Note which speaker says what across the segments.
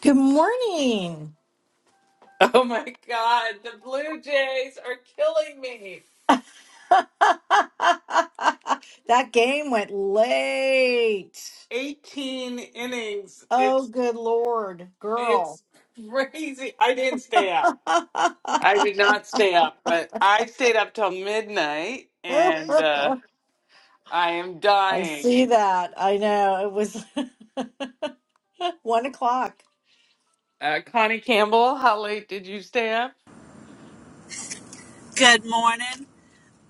Speaker 1: Good morning.
Speaker 2: Oh my God, the Blue Jays are killing me.
Speaker 1: that game went late.
Speaker 2: 18 innings.
Speaker 1: Oh,
Speaker 2: It's
Speaker 1: good Lord, girl.
Speaker 2: it's crazy. I didn't stay up.
Speaker 1: I
Speaker 2: I did not stay up, but I stayed up till midnight and uh, I am dying.
Speaker 1: see that. I know. It was one o'clock.
Speaker 2: Uh, Connie Campbell, how late did you stay up?
Speaker 3: Good morning.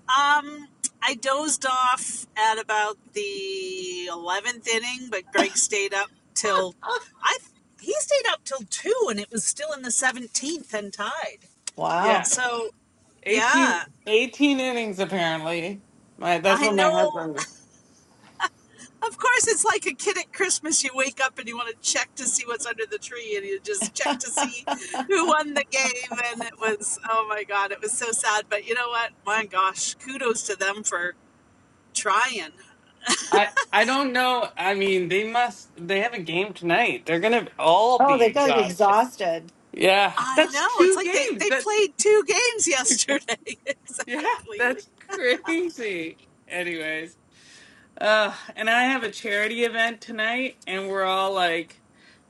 Speaker 3: Um, I dozed off at about the eleventh inning, but Greg stayed up till I. He stayed up till two, and it was still in the seventeenth and tied.
Speaker 2: Yeah,
Speaker 1: Wow.
Speaker 3: So,
Speaker 2: 18,
Speaker 3: yeah,
Speaker 2: 18 innings apparently. My that's
Speaker 3: I
Speaker 2: what my
Speaker 3: know.
Speaker 2: husband
Speaker 3: Of course, it's like a kid at Christmas. You wake up and you want to check to see what's under the tree, and you just check to see who won the game. And it was, oh my God, it was so sad. But you know what? My gosh, kudos to them for trying.
Speaker 2: I I don't know. I mean, they must. They have a game tonight. They're gonna all
Speaker 1: Oh,
Speaker 2: be
Speaker 1: they've got to be
Speaker 2: exhausted.
Speaker 1: exhausted.
Speaker 2: Yeah,
Speaker 3: I
Speaker 2: that's
Speaker 3: know. It's
Speaker 2: two
Speaker 3: like they,
Speaker 2: games.
Speaker 3: they
Speaker 2: That's
Speaker 3: played two games yesterday.
Speaker 2: yeah,
Speaker 3: exactly.
Speaker 2: that's crazy. Anyways, uh, and I have a charity event tonight, and we're all like,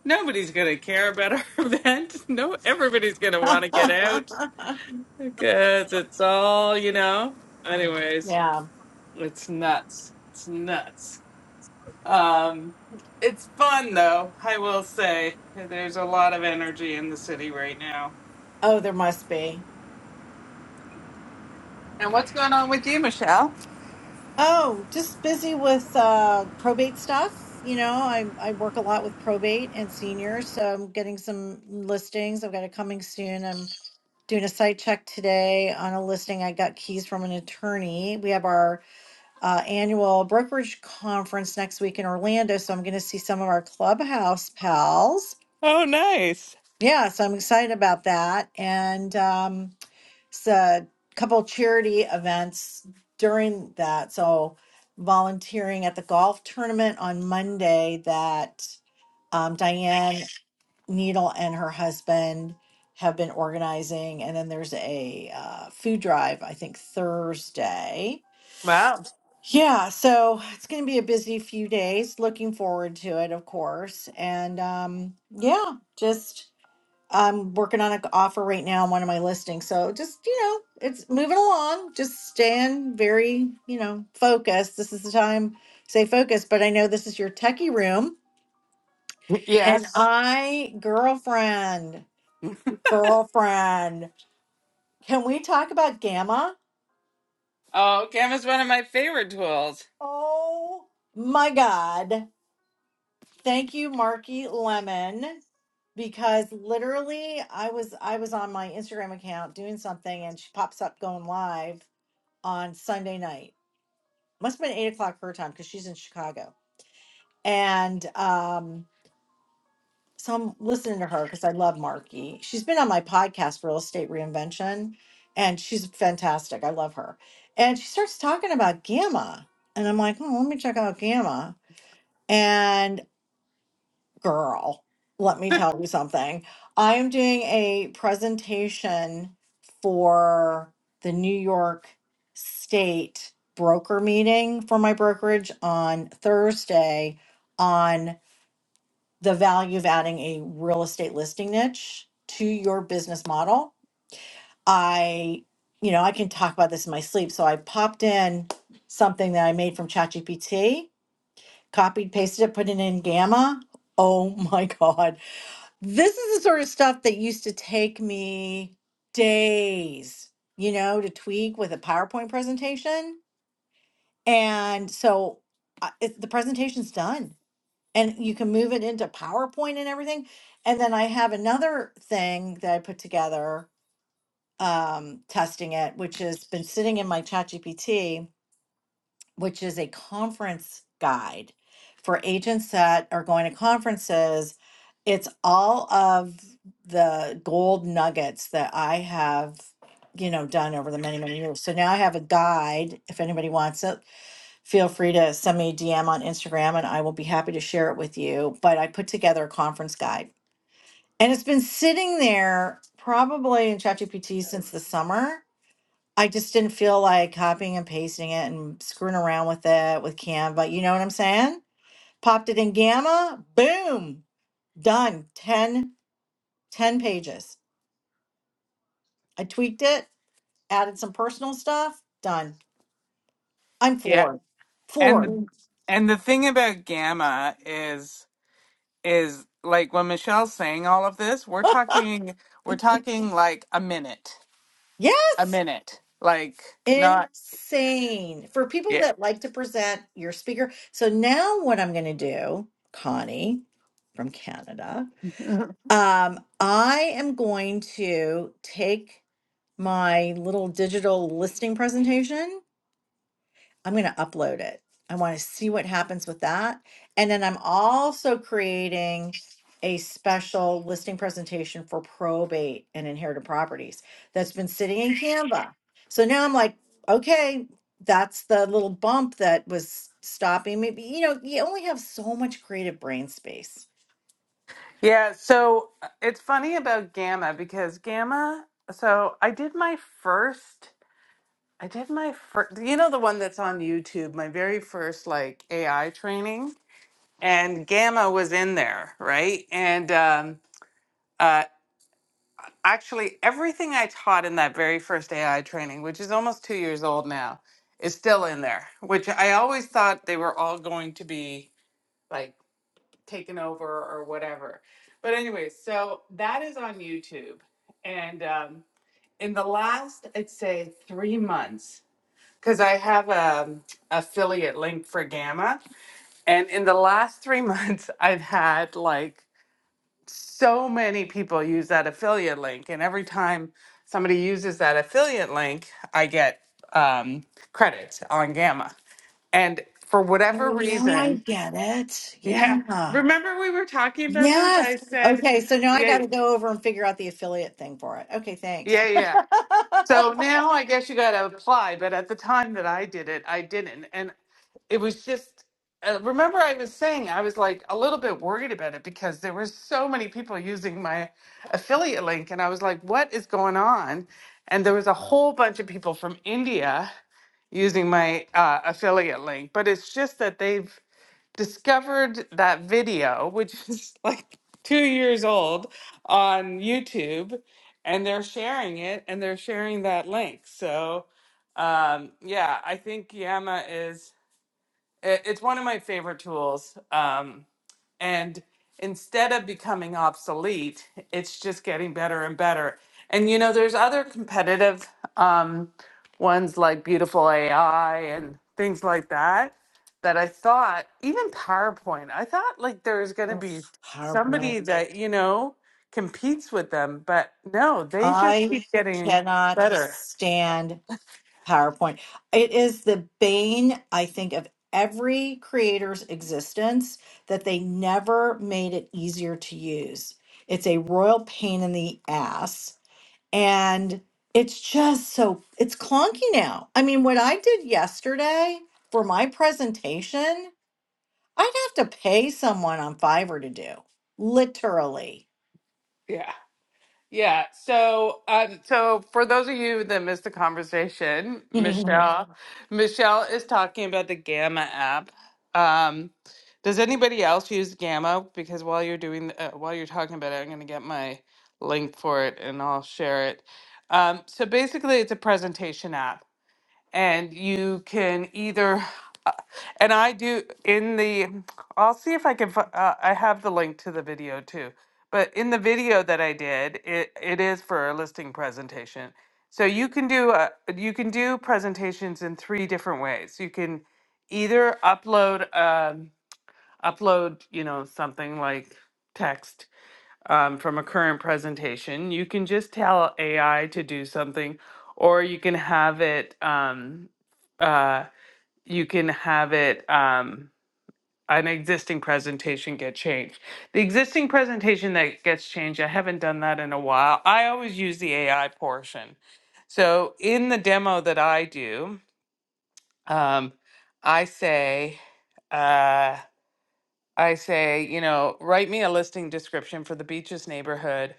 Speaker 2: nobody's gonna care about our event. No, everybody's gonna want to get out because it's all you know. Anyways,
Speaker 1: yeah.
Speaker 2: it's nuts. It's nuts. Um, it's fun though. I will say there's a lot of energy in the city right now.
Speaker 1: Oh, there must be.
Speaker 2: And what's going on with you, Michelle?
Speaker 1: Oh, just busy with uh, probate stuff. You know, I I work a lot with probate and seniors, so I'm getting some listings. I've got it coming soon. I'm doing a site check today on a listing. I got keys from an attorney. We have our uh, annual brokerage conference next week in Orlando, so I'm going to see some of our clubhouse pals.
Speaker 2: Oh, nice.
Speaker 1: Yeah, so I'm excited about that, and um, s- a couple charity events during that. So volunteering at the golf tournament on Monday that um, Diane Needle and her husband have been organizing, and then there's a uh, food drive I think Thursday.
Speaker 2: Wow.
Speaker 1: Yeah, so it's going to be a busy few days. Looking forward to it, of course. And um, yeah, just I'm working on an offer right now on one of my listings. So just, you know, it's moving along. Just staying very, you know, focused. This is the time, stay focused. But I know this is your techie room. And
Speaker 2: Yes.
Speaker 1: I, girlfriend, girlfriend, can we talk about Gamma?
Speaker 2: Oh, Gamma's one of my favorite tools.
Speaker 1: Oh my God. Thank you, Marky Lemon. Because literally I was I was on my Instagram account doing something and she pops up going live on Sunday night must have been eight o'clock her time because she's in Chicago. And um, so I'm listening to her because I love Marky. She's been on my podcast, Real Estate Reinvention, and she's fantastic. I love her. And she starts talking about Gamma. And I'm like, oh, let me check out Gamma. and. girl, let me tell you something. I am doing a presentation for the New York State broker meeting for my brokerage on Thursday on the value of adding a real estate listing niche to your business model. I, you know, I can talk about this in my sleep. So I popped in something that I made from ChatGPT, copied, pasted it, put it in Gamma. Oh my God this is the sort of stuff that used to take me days, you know, to tweak with a PowerPoint presentation. And so uh, it, the presentation's done and you can move it into PowerPoint and everything. And then I have another thing that I put together um, testing it, which has been sitting in my ChatGPT which is a conference guide for agents that are going to conferences. It's all of the gold nuggets that I have, you know, done over the many, many years. So now I have a guide. If anybody wants it, feel free to send me a DM on Instagram and I will be happy to share it with you. But I put together a conference guide and it's been sitting there probably in ChatGPT since the summer I just didn't feel like copying and pasting it and screwing around with it with Canva. You know what I'm saying? Popped it in Gamma, boom, done. Ten ten pages. I tweaked it, added some personal stuff, done. I'm
Speaker 2: Yeah.
Speaker 1: floored.
Speaker 2: And
Speaker 1: Floored.
Speaker 2: the
Speaker 1: Mm.
Speaker 2: and the thing about gamma is is like when Michelle's saying all of this, we're talking we're talking like a minute. A
Speaker 1: Yes.
Speaker 2: minute. Like not
Speaker 1: Insane. For people
Speaker 2: yeah.
Speaker 1: that like to present your speaker. So now what I'm going to do, Connie from Canada, um, I am going to take my little digital listing presentation. I'm going to upload it. I want to see what happens with that. And then I'm also creating a special listing presentation for probate and inherited properties that's been sitting in Canva. So now I'm like, okay, that's the little bump that was stopping me. But, You know, you only have so much creative brain space.
Speaker 2: yeah, so uh, it's funny about gamma because gamma so I did my first I did my first you know the one that's on YouTube, my very first like AI training. and gamma was in there, right? And um, uh, actually, everything I taught in that very first AI training, which is almost two years old now, is still in there. Which I always thought they were all going to be like taken over or whatever. But anyway, so that is on YouTube, and um, in the last, I'd say three months, because I have a affiliate link for Gamma, and in the last three months, I've had like so many people use that affiliate link and every time somebody uses that affiliate link i get um, credits on gamma and for whatever
Speaker 1: Oh, now I
Speaker 2: reason
Speaker 1: get it.
Speaker 2: yeah
Speaker 1: Yeah.
Speaker 2: remember we were talking about this i
Speaker 1: Yes.
Speaker 2: said
Speaker 1: Okay. So now I
Speaker 2: yeah
Speaker 1: got to go over and figure out the affiliate thing for it. Okay. Thanks.
Speaker 2: yeah yeah so now i guess you got to apply but at the time that i did it i didn't And. it was just uh, remember i was saying i was like a little bit worried about it because there were so many people using my affiliate link and i was like what is going on and there was a whole bunch of people from india using my uh, affiliate link but it's just that they've discovered that video which is like two years old on youtube and they're sharing it and they're sharing that link so um, yeah i think yama is it, it's one of my favorite tools. Um, and instead of becoming obsolete, it's just getting better and better. And you know, there's other competitive um, ones like Beautiful AI and things like that. That I thought, even PowerPoint, I thought like there was going to
Speaker 1: Ugh,
Speaker 2: be somebody
Speaker 1: PowerPoint.
Speaker 2: that, you know, competes with them. But no, they just
Speaker 1: I
Speaker 2: keep getting
Speaker 1: cannot
Speaker 2: better.
Speaker 1: stand PowerPoint. It is the bane, I think, of every creator's existence that they never made it easier to use. It's a royal pain in the ass. And it's just so, it's clunky now. I mean, what I did yesterday for my presentation. I'd have to pay someone on Fiverr to do, literally.
Speaker 2: Yeah. Yeah. So, um, so for those of you that missed the conversation, Michelle, Michelle is talking about the Gamma app. Um, does anybody else use Gamma? Because while you're doing, uh, while you're talking about it, I'm going to get my link for it and I'll share it. Um, so basically, it's a presentation app and you can either uh, and i do in the i'll see if i can fi- uh, i have the link to the video too but in the video that i did it, it is for a listing presentation so you can do a, you can do presentations in three different ways you can either upload um, upload you know something like text um, from a current presentation. You can just tell AI to do something, or you can have it. Um, uh, you can have it. Um, an existing presentation get changed. The existing presentation that gets changed, I haven't done that in a while. I always use the AI portion. So in the demo that I do, um, I say. uh, I say, you know, write me a listing description for the beaches neighborhood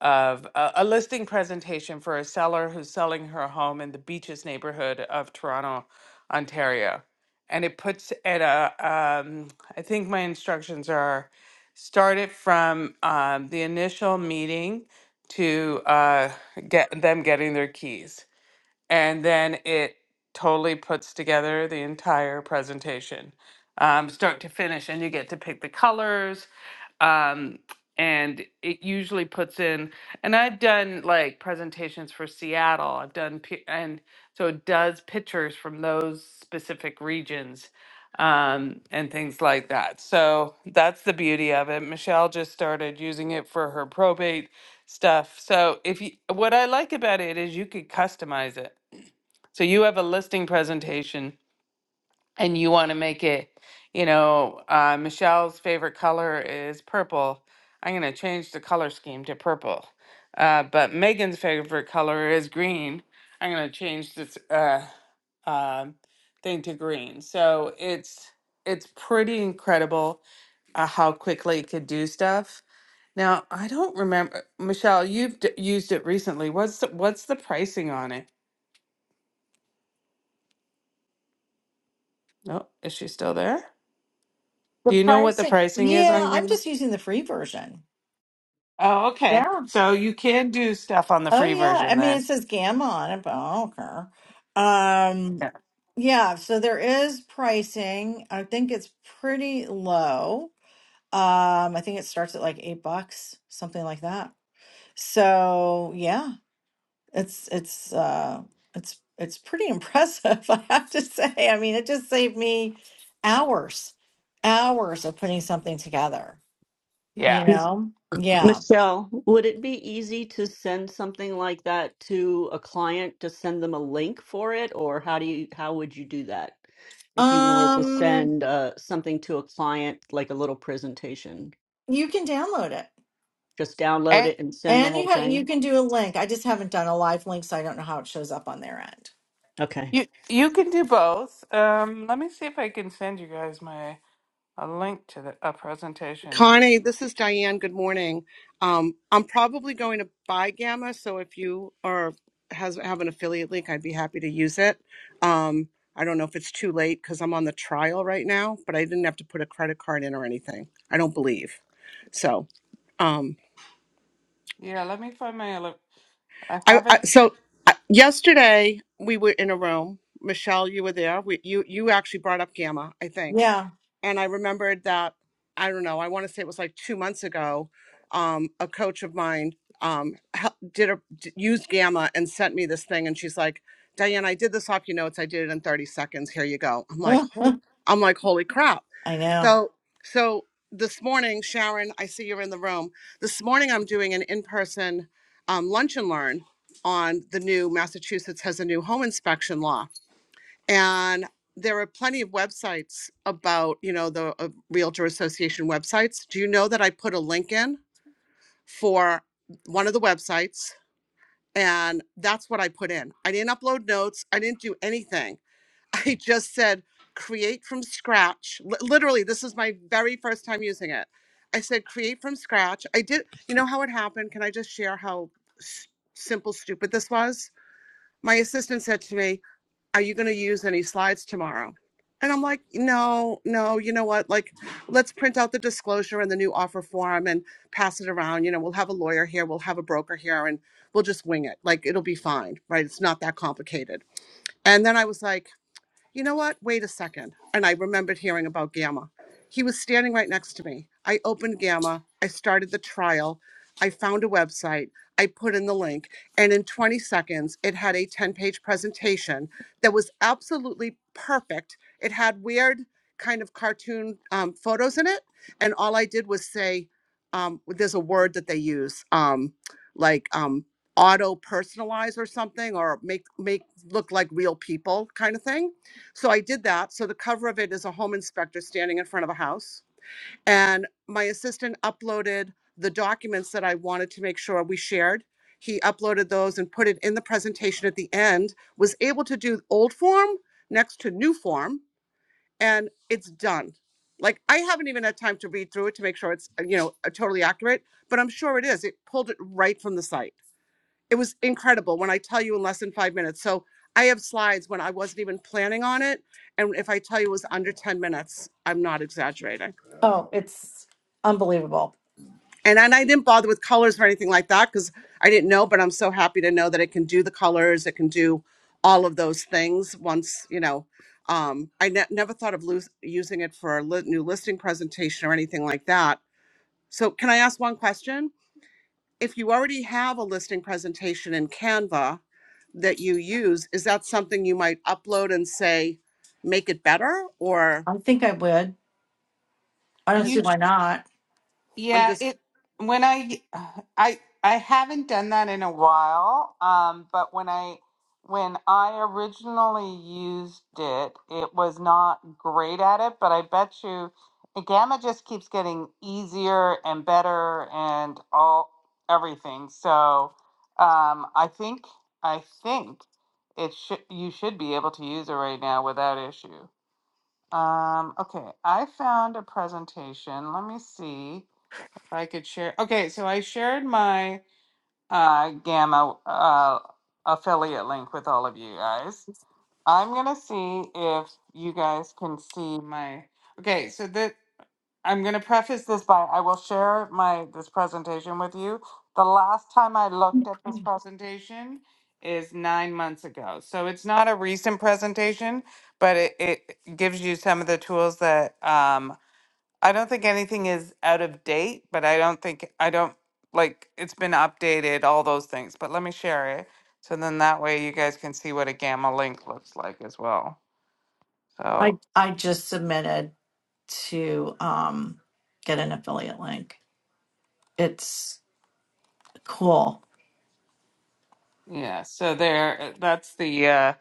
Speaker 2: of a, a listing presentation for a seller who's selling her home in the beaches neighborhood of Toronto, Ontario. And it puts at a, um, I think my instructions are start it from um, the initial meeting to uh, get them getting their keys and then it totally puts together the entire presentation, um, start to finish, and you get to pick the colors. Um, and it usually puts in, and I've done like presentations for Seattle. I've done, pi- and so it does pictures from those specific regions um, and things like that. So that's the beauty of it. Michelle just started using it for her probate stuff. So if you, what I like about it is you could customize it. So you have a listing presentation and you want to make it, you know, uh, Michelle's favorite color is purple. I'm going to change the color scheme to purple. Uh, but Megan's favorite color is green. I'm going to change this uh, um thing to green. So it's it's pretty incredible uh, how quickly it could do stuff. Now I don't remember Michelle. You've d- used it recently. What's the, what's the pricing on it? No, is she still there?
Speaker 1: The
Speaker 2: Do you know what the
Speaker 1: pricing.
Speaker 2: pricing is
Speaker 1: Yeah,
Speaker 2: on
Speaker 1: I'm
Speaker 2: Gamma?
Speaker 1: just using the free version.
Speaker 2: Oh, okay.
Speaker 1: Yeah.
Speaker 2: So you can do stuff on the
Speaker 1: Oh
Speaker 2: free
Speaker 1: yeah.
Speaker 2: version
Speaker 1: I mean,
Speaker 2: then.
Speaker 1: it says Gamma on it, but I don't care.
Speaker 2: Yeah.
Speaker 1: Um, yeah. So there is pricing. I think it's pretty low. Um, I think it starts at like eight bucks, something like that. So yeah. It's it's uh it's it's pretty impressive, I have to say. I mean, it just saved me hours, hours of putting something together, you
Speaker 2: Yeah.
Speaker 1: know? Yeah.
Speaker 4: Michelle, would it be easy to send something like that to a client to send them a link for it, or how do you how would you do that if you wanted to
Speaker 1: Um,
Speaker 4: send uh, something to a client like a little presentation?
Speaker 1: you can download it.
Speaker 4: Just download
Speaker 2: And
Speaker 4: it and send the
Speaker 1: And you
Speaker 4: whole
Speaker 1: ha you
Speaker 4: thing.
Speaker 1: can do a link. I just haven't done a live link, so I don't know how it shows up on their end.
Speaker 4: Okay,
Speaker 2: you you can do both. Um, let me see if I can send you guys my a link to the a presentation.
Speaker 5: Connie, this is Diane. Good morning. Um, I'm probably going to buy Gamma, so if you are has have an affiliate link, I'd be happy to use it. Um, I don't know if it's too late because I'm on the trial right now, but I didn't have to put a credit card in or anything. I don't believe so. Um,
Speaker 2: Yeah, let me find my ele- I
Speaker 5: I, I
Speaker 2: haven't
Speaker 5: so uh, yesterday we were in a room. Michelle, you were there. We, you you actually brought up Gamma, I think,
Speaker 1: Yeah.
Speaker 5: and I remembered that I don't know. I want to say it was like two months ago. Um, a coach of mine um, hel- did a d- used Gamma and sent me this thing, and she's like, "Diane, I did this off your notes. I did it in 30 seconds. Here you go." I'm like,
Speaker 1: Huh.
Speaker 5: "Ho- "I'm like, holy crap!"
Speaker 1: I know.
Speaker 5: So, so this morning, Sharon, I see you're in the room. This morning, I'm doing an in-person um, lunch and learn on the new Massachusetts has a new home inspection law and there are plenty of websites about you know the uh, realtor association websites do you know that i put a link in for one of the websites and that's what i put in i didn't upload notes i didn't do anything i just said create from scratch Li- literally this is my very first time using it i said create from scratch i did you know how it happened can i just share how s- simple stupid this was my assistant said to me are you going to use any slides tomorrow? And I'm like, no, no, you know what? Like, let's print out the disclosure and the new offer form and pass it around. You know, we'll have a lawyer here, we'll have a broker here, and we'll just wing it. Like, it'll be fine, right? It's not that complicated. And then I was like, you know what? Wait a second. And I remembered hearing about Gamma. He was standing right next to me. I opened Gamma. I started the trial. I found a website. I put in the link. And in 20 seconds, it had a 10 page presentation that was absolutely perfect. It had weird kind of cartoon um, photos in it. And all I did was say, um, there's a word that they use, um, like um, auto personalize or something, or make make look like real people kind of thing so I did that. So the cover of it is a home inspector standing in front of a house. And my assistant uploaded the documents that I wanted to make sure we shared. He uploaded those and put it in the presentation at the end, was able to do old form next to new form, and it's done. Like I haven't even had time to read through it to make sure it's, uh, you know, uh, totally accurate, but I'm sure it is. It pulled it right from the site it was incredible when I tell you in less than five minutes. So I have slides when I wasn't even planning on it. And if I tell you it was under 10 minutes, I'm not exaggerating.
Speaker 1: Oh, it's unbelievable.
Speaker 5: And, and I didn't bother with colors or anything like that because I didn't know, but I'm so happy to know that it can do the colors, it can do all of those things once, you know. Um, I ne- never thought of lose- using it for a li- new listing presentation or anything like that. So, can I ask one question? if you already have a listing presentation in Canva that you use, is that something you might upload and say, make it better? Or
Speaker 1: I think I would. I don't
Speaker 5: has,
Speaker 1: see
Speaker 5: it,
Speaker 1: why not.
Speaker 5: I'm
Speaker 2: Yeah,
Speaker 5: just,
Speaker 2: it when I I I haven't done that in a while. Um, but when I when I originally used it, it was not great at it, but I bet you Gamma just keeps getting easier and better and all everything. So, um, I think I think it should you should be able to use it right now without issue. Um, okay, I found a presentation. Let me see. I could share. Okay, so I shared my uh, Gamma uh, affiliate link with all of you guys. I'm gonna see if you guys can see my. Okay, so that I'm gonna preface this by I will share my this presentation with you. The last time I looked at this presentation is nine months ago, so it's not a recent presentation, but it, it gives you some of the tools that um, I don't think anything is out of date, but I don't think I don't like it's been updated, all those things. But let me share it. So then that way you guys can see what a gamma link looks like as well. So
Speaker 1: I I just submitted to um get an affiliate link. It's cool.
Speaker 2: yeah, so there uh, that's the uh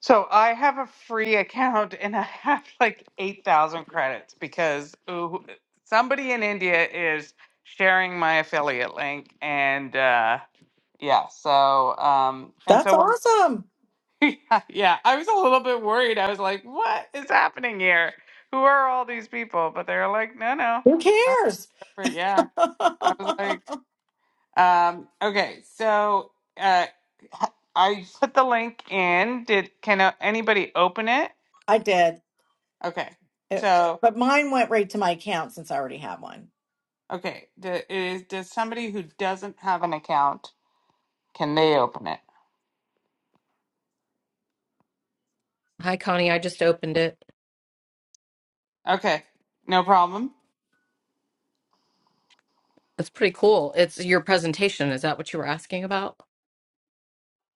Speaker 2: so I have a free account and I have like 8,000 credits because ooh, somebody in India is sharing my affiliate link and uh yeah, so um and
Speaker 1: That's
Speaker 2: so when
Speaker 1: awesome.
Speaker 2: yeah, yeah. I was a little bit worried. I was like, what is happening here? Who are all these people? But they're like, no, no,
Speaker 1: Who
Speaker 2: it's not.
Speaker 1: cares?
Speaker 2: Right. Yeah. I was like, um, okay, so uh, h- I put the link in. Did can uh, anybody open it?
Speaker 1: I did.
Speaker 2: Okay,
Speaker 1: It,
Speaker 2: so
Speaker 1: but mine went right to my account since I already have one.
Speaker 2: okay, do, is does somebody who doesn't have an account can they open it?
Speaker 6: Hi, Connie. I just opened it.
Speaker 2: Okay, no problem.
Speaker 6: It's pretty cool. It's your presentation. Is that what you were asking about?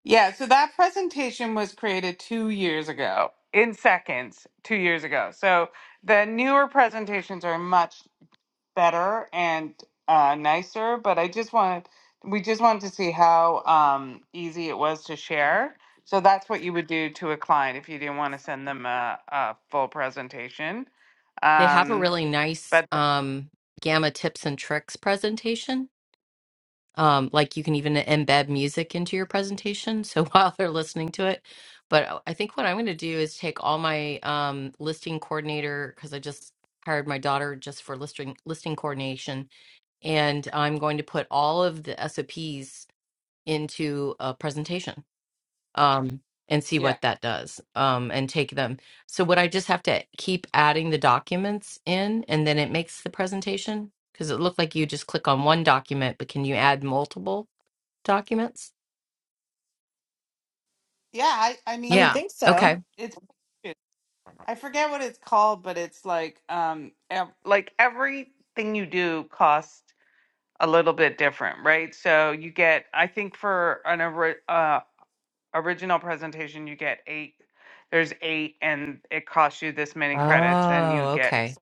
Speaker 2: Yeah, so that presentation was created two years ago, in seconds, two years ago. So the newer presentations are much better and uh, nicer, but I just wanted, we just wanted to see how um, easy it was to share. So that's what you would do to a client if you didn't want to send them a, a full presentation.
Speaker 6: They have a
Speaker 2: Um,
Speaker 6: really nice
Speaker 2: but
Speaker 6: um, Gamma tips and tricks presentation. Um, like you can even embed music into your presentation. So while they're listening to it, but uh, I think what I'm going to do is take all my um, listing coordinator because I just hired my daughter just for listing listing coordination, and I'm going to put all of the SOPs into a presentation. um, and see
Speaker 2: yeah,
Speaker 6: what that does um, and take them. So would I just have to keep adding the documents in and then it makes the presentation? Because it looked like you just click on one document, but can you add multiple documents?
Speaker 2: yeah, I, I
Speaker 1: I would
Speaker 2: mean,
Speaker 6: Yeah.
Speaker 1: think so.
Speaker 6: Okay.
Speaker 2: it's I forget what it's called, but it's like um ev- like everything you do costs a little bit different, right? So you get I think for an ori- uh, original presentation you get 8 there's 8 and it costs you this many credits and
Speaker 6: Oh,
Speaker 2: you get
Speaker 6: okay.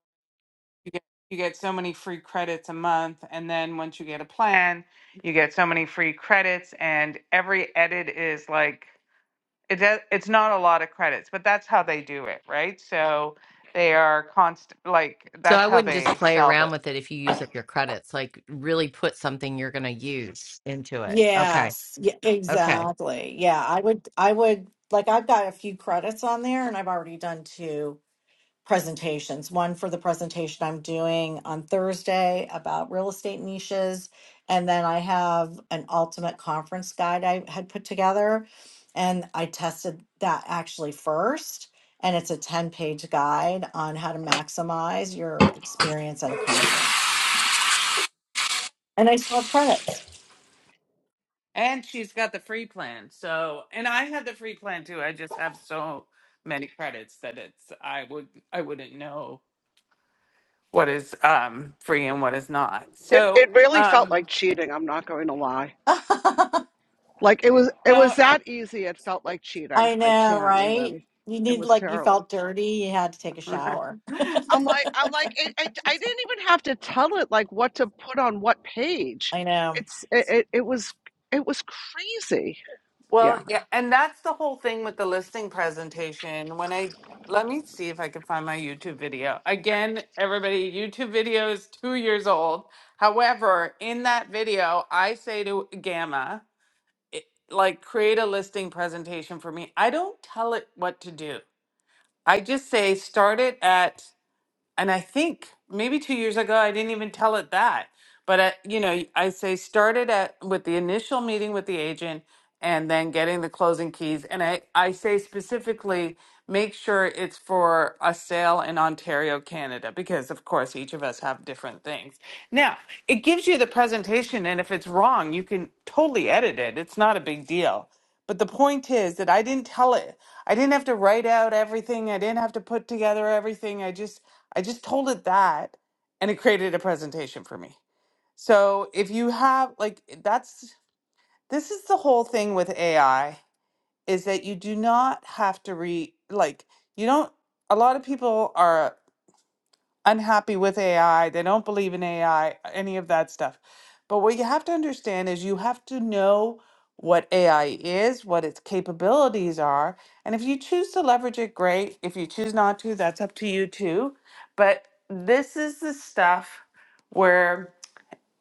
Speaker 2: you get you get so many free credits a month and then once you get a plan, you get so many free credits and every edit is like it does, it's not a lot of credits, but that's how they do it, right? So they are constant, like
Speaker 6: So
Speaker 2: that's
Speaker 6: I
Speaker 2: how
Speaker 6: wouldn't just
Speaker 2: they
Speaker 6: play
Speaker 2: sell the.
Speaker 6: around with it if you use up your credits, like really put something you're going to use into it. Okay.
Speaker 1: Yes, yeah,
Speaker 6: Okay.
Speaker 1: exactly. Yeah, I would, I would, like, I've got a few credits on there and I've already done two presentations. One for the presentation I'm doing on Thursday about real estate niches. And then I have an ultimate conference guide I had put together. And I tested that actually first. And it's a 10 page guide on how to maximize your experience at a conference. And I still have credits.
Speaker 2: And she's got the free plan. So, and I had the free plan too. I just have so many credits that it's I would I wouldn't know what is um free and what is not.
Speaker 5: It
Speaker 2: So,
Speaker 5: it really felt
Speaker 2: um
Speaker 5: like cheating, I'm not going to lie. Like it was it
Speaker 2: no,
Speaker 5: was that easy, it felt like cheating.
Speaker 1: I
Speaker 5: I
Speaker 1: know,
Speaker 5: can't
Speaker 1: right?
Speaker 5: even
Speaker 1: You
Speaker 5: it
Speaker 1: need
Speaker 5: was
Speaker 1: like you
Speaker 5: terrible.
Speaker 1: felt dirty, you had to take a shower.
Speaker 5: I'm like I'm like it, it, I didn't even have to tell it like what to put on what page.
Speaker 1: I know.
Speaker 5: It's it, it, it was it was crazy.
Speaker 2: Well,
Speaker 5: Yeah.
Speaker 2: yeah, and that's the whole thing with the listing presentation. When I let me see if I can find my YouTube video. Again, everybody, YouTube video is two years old. However, in that video, I say to Gamma, it, like, create a listing presentation for me. I don't tell it what to do. I just say start it at and I think maybe two years ago I didn't even tell it that. But I, you know, I say started at with the initial meeting with the agent and then getting the closing keys. And I, I say specifically make sure it's for a sale in Ontario, Canada, because of course each of us have different things. Now, it gives you the presentation and if it's wrong, you can totally edit it. It's not a big deal. But the point is that I didn't tell it. I didn't have to write out everything. I didn't have to put together everything. I just I just told it that and it created a presentation for me. So if you have like that's this is the whole thing with AI is that you do not have to re like you don't a lot of people are unhappy with AI, they don't believe in AI, any of that stuff. But what you have to understand is you have to know what AI is, what its capabilities are. And if you choose to leverage it, great. If you choose not to, that's up to you too. But this is the stuff where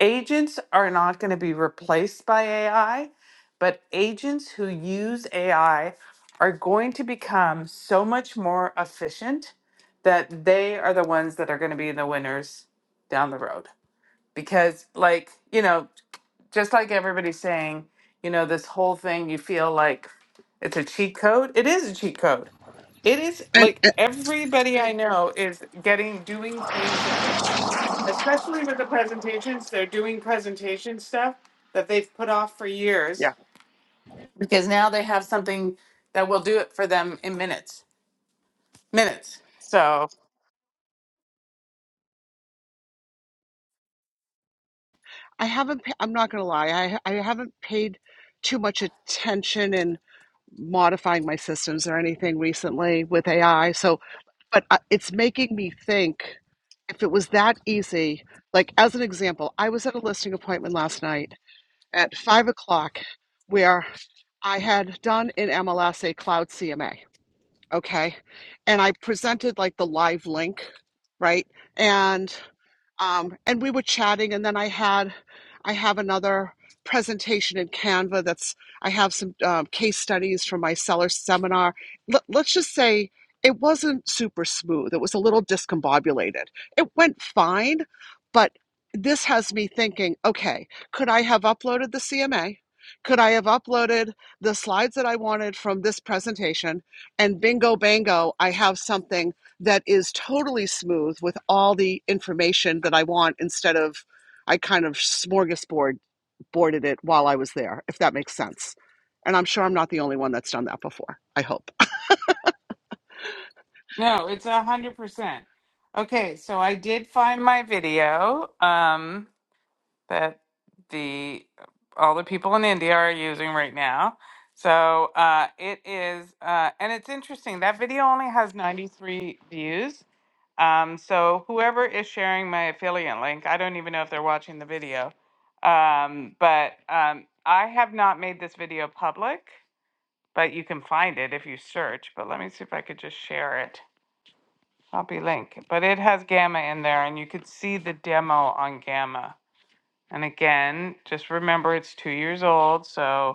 Speaker 2: agents are not going to be replaced by AI, but agents who use AI are going to become so much more efficient that they are the ones that are going to be the winners down the road. Because, like, you know, just like everybody's saying, you know, this whole thing, you feel like it's a cheat code. It is a cheat code. It is
Speaker 5: and,
Speaker 2: like
Speaker 5: and
Speaker 2: everybody I know is getting doing things that they especially with the presentations. They're doing presentation stuff that they've put off for
Speaker 5: Yeah.
Speaker 2: years because now they have something that will do it for them in minutes. Minutes. So,
Speaker 5: I haven't, pa- I'm not going to lie, I, I haven't paid too much attention in modifying my systems or anything recently with AI. So, but I- it's making me think if it was that easy. Like, as an example, I was at a listing appointment last night at five o'clock where I had done in MLS cloud CMA. Okay. And I presented like the live link, right? And um, and we were chatting and then i had i have another presentation in canva that's i have some um, case studies from my seller seminar Let, let's just say it wasn't super smooth it was a little discombobulated it went fine but this has me thinking okay could i have uploaded the cma could i have uploaded the slides that i wanted from this presentation and bingo bango i have something that is totally smooth with all the information that i want instead of i kind of smorgasbord boarded it while i was there if that makes sense and i'm sure i'm not the only one that's done that before i hope
Speaker 2: no, it's a 100%. Okay, so I did find my video um, that the all the people in India are using right now. So uh, it is, uh, and it's interesting. That video only has 93 views Um, so whoever is sharing my affiliate link, I don't even know if they're watching the video, um, but um, I have not made this video public, but you can find it if you search. But let me see if I could just share it. Copy link, but it has Gamma in there, and you could see the demo on Gamma. And again, just remember it's two years old, so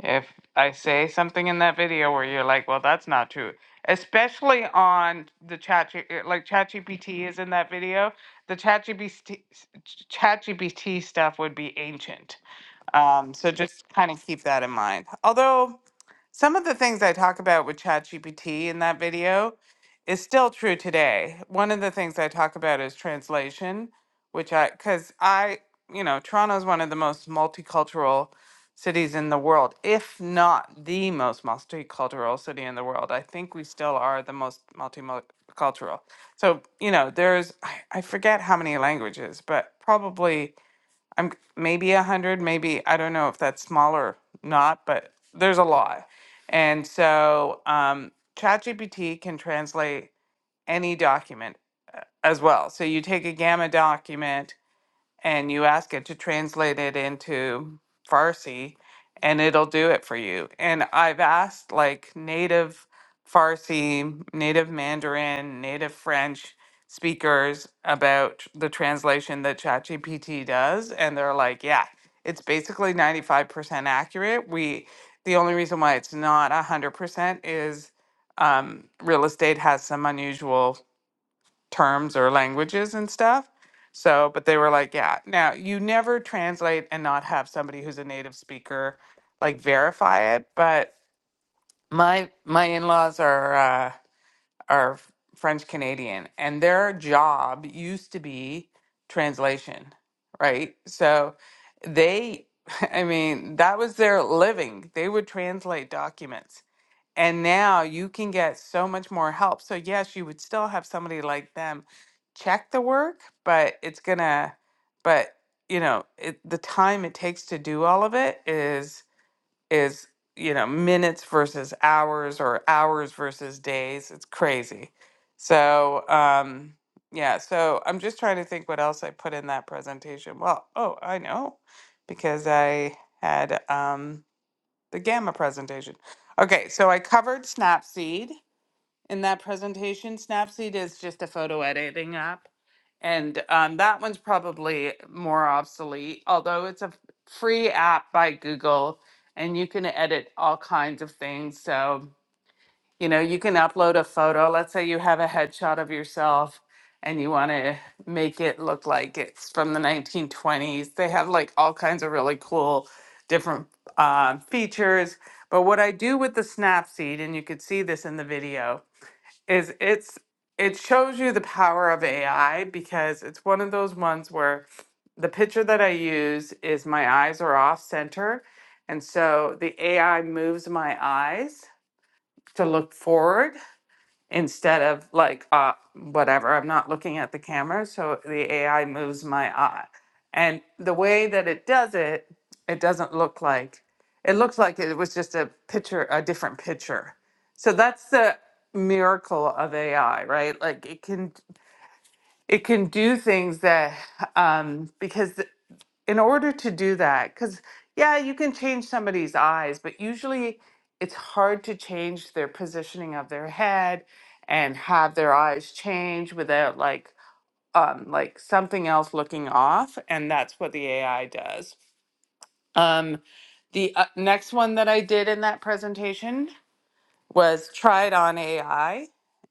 Speaker 2: if I say something in that video where you're like, well, that's not true, especially on the chat, uh, like ChatGPT is in that video, the ChatGPT, ChatGPT stuff would be ancient. Um, so just kind of keep that in mind. Although some of the things I talk about with ChatGPT in that video is still true today. One of the things I talk about is translation, which I, because I, you know, Toronto is one of the most multicultural cities in the world, if not the most multicultural city in the world. I think we still are the most multicultural. So, you know, there's, I I forget how many languages, but probably I'm maybe a hundred, maybe I don't know if that's small or not, but there's a lot. And so um, ChatGPT can translate any document as well. So you take a gamma document and you ask it to translate it into Farsi and it'll do it for you. And I've asked like native Farsi, native Mandarin, native French speakers about the translation that ChatGPT does and they're like, yeah, it's basically 95% accurate. We the only reason why it's not 100% is um, real estate has some unusual terms or languages and stuff. So, but they were like, yeah. Now, you never translate and not have somebody who's a native speaker like verify it, but my my in-laws are uh are French Canadian and their job used to be translation, right? So, they I mean, that was their living. They would translate documents and now you can get so much more help. So, yes, you would still have somebody like them check the work, but it's gonna, but you know, it, the time it takes to do all of it is, is, you know, minutes versus hours or hours versus days. It's crazy. So, um, yeah, so I'm just trying to think what else I put in that presentation. Well, oh, I know because I had, um, the gamma presentation. Okay, so I covered Snapseed in that presentation. Snapseed is just a photo editing app, and um, that one's probably more obsolete, although it's a free app by Google, and you can edit all kinds of things. So you know, you can upload a photo. Let's say you have a headshot of yourself and you want to make it look like it's from the 1920s. They have like all kinds of really cool different uh, features. But what I do with the Snapseed, and you could see this in the video, is it's it shows you the power of AI because it's one of those ones where the picture that I use is my eyes are off center. And so the AI moves my eyes to look forward instead of like uh whatever i'm not looking at the camera so the ai moves my eye and the way that it does it it doesn't look like it looks like it was just a picture a different picture so that's the miracle of ai right like it can it can do things that um because in order to do that, because yeah, you can change somebody's eyes, but usually it's hard to change their positioning of their head and have their eyes change without like um, like something else looking off, and that's what the AI does. Um, the uh, next one that I did in that presentation was tried on AI,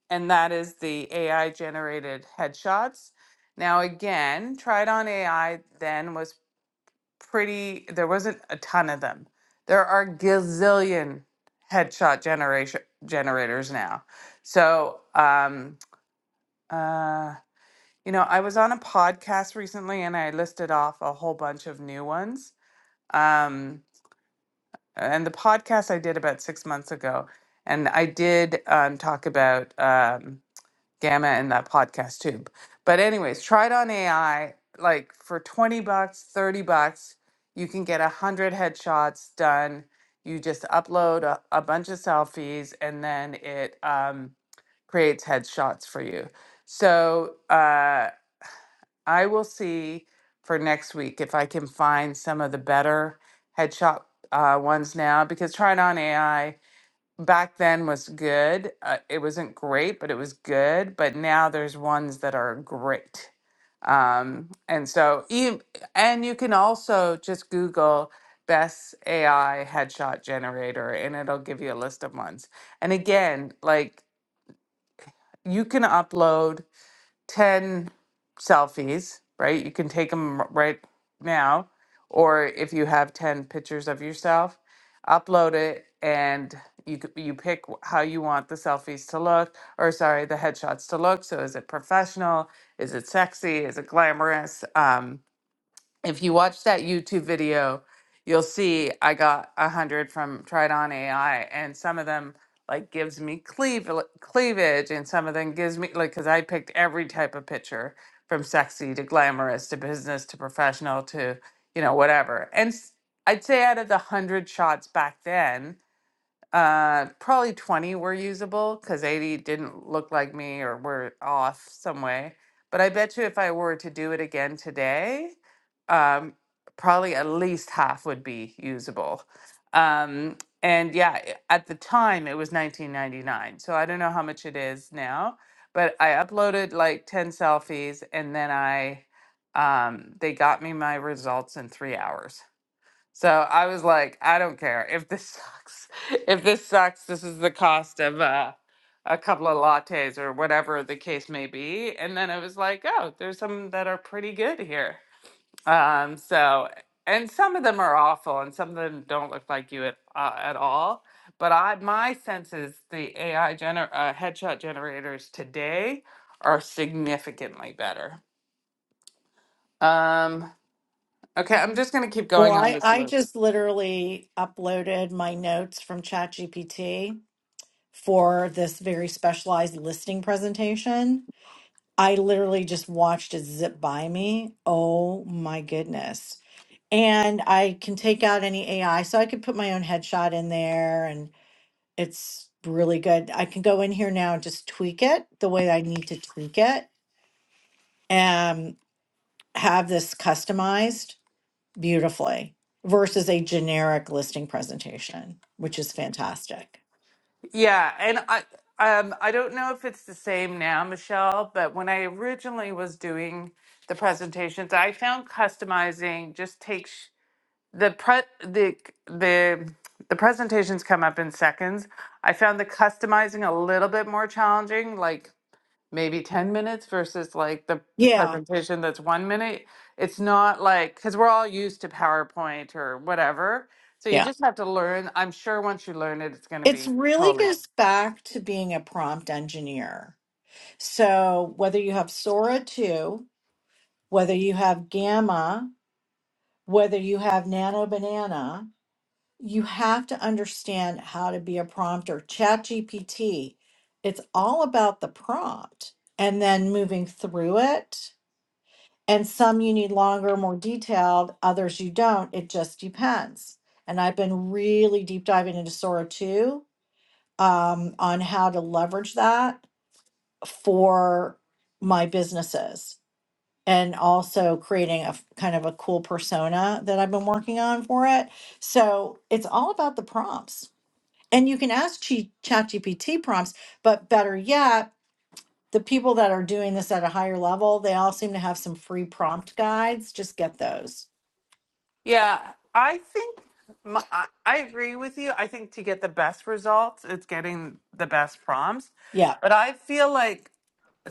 Speaker 2: and that is the AI generated headshots. Now again, tried on AI then was pretty there wasn't a ton of them there are gazillion headshot generation generators now so um uh you know i was on a podcast recently and i listed off a whole bunch of new ones um and the podcast i did about six months ago and i did um, talk about um, Gamma and that podcast tube, But anyways, try it on AI. Like for 20 bucks, 30 bucks, you can get a hundred headshots done. You just upload a, a bunch of selfies and then it um, creates headshots for you. So uh, I will see for next week if I can find some of the better headshot uh, ones now because trying on AI back then was good. Uh, it wasn't great, but it was good. But now there's ones that are great. Um, and so, e- and you can also just Google best AI headshot generator and it'll give you a list of ones. And again, like you can upload. 10 selfies, right? You can take them right now. Or if you have 10 pictures of yourself, upload it and you, c- you pick wh- how you want the selfies to look, or sorry, the headshots to look. So is it professional? Is it sexy? Is it glamorous? Um, if you watch that YouTube video, you'll see I got a hundred from Tried On AI, and some of them like gives me cleave, cleavage, and some of them gives me like because I picked every type of picture from sexy to glamorous to business to professional to you know whatever. And s- I'd say out of the hundred shots back then, uh, probably 20 were usable because 80 didn't look like me or were off some way. But I bet you if I were to do it again today, um, probably at least half would be usable. Um, and yeah, i- at the time it was 1999. So I don't know how much it is now, but I uploaded like 10 selfies and then I, um, they got me my results in three hours. So I was like, I don't care if this sucks. If this sucks, this is the cost of uh, a couple of lattes or whatever the case may be. And then I was like, oh, there's some that are pretty good here. Um, so, and some of them are awful, and some of them don't look like you at uh, at all. But I, my sense is the AI gener- uh, headshot generators today are significantly better. Um, okay, I'm just gonna keep
Speaker 1: Well,
Speaker 2: going on
Speaker 1: I
Speaker 2: this
Speaker 1: I
Speaker 2: loop.
Speaker 1: just literally uploaded my notes from ChatGPT for this very specialized listing presentation. I literally just watched it zip by me. Oh my goodness. And I can take out any AI. So I could put my own headshot in there and it's really good. I can go in here now and just tweak it the way I need to tweak it and have this customized beautifully versus a generic listing presentation, which is fantastic.
Speaker 2: Yeah, and I um I don't know if it's the same now, Michelle, but when I originally was doing the presentations, I found customizing just takes the pre the the the presentations come up in seconds. I found the customizing a little bit more challenging, like maybe 10 minutes versus like the
Speaker 1: Yeah.
Speaker 2: presentation that's 1 minute. It's not like cuz we're all used to PowerPoint or whatever. So you
Speaker 1: Yeah.
Speaker 2: just have to learn. I'm sure once you learn it, it's going to
Speaker 1: It's
Speaker 2: be
Speaker 1: really
Speaker 2: totally
Speaker 1: goes back to being a prompt engineer So whether you have Sora 2, whether you have Gamma, whether you have Nano Banana, you have to understand how to be a prompter. ChatGPT, it's all about the prompt and then moving through it. And some you need longer, more detailed, others you don't. It just depends. And I've been really deep diving into Sora 2 um, on how to leverage that for my businesses and also creating a f- kind of a cool persona that I've been working on for it. So it's all about the prompts. And you can ask Chi- ChatGPT prompts, but better yet, the people that are doing this at a higher level, they all seem to have some free prompt guides. Just get those.
Speaker 2: Yeah, I think my, I I agree with you. I think to get the best results, it's getting the best prompts.
Speaker 1: Yeah.
Speaker 2: But I feel like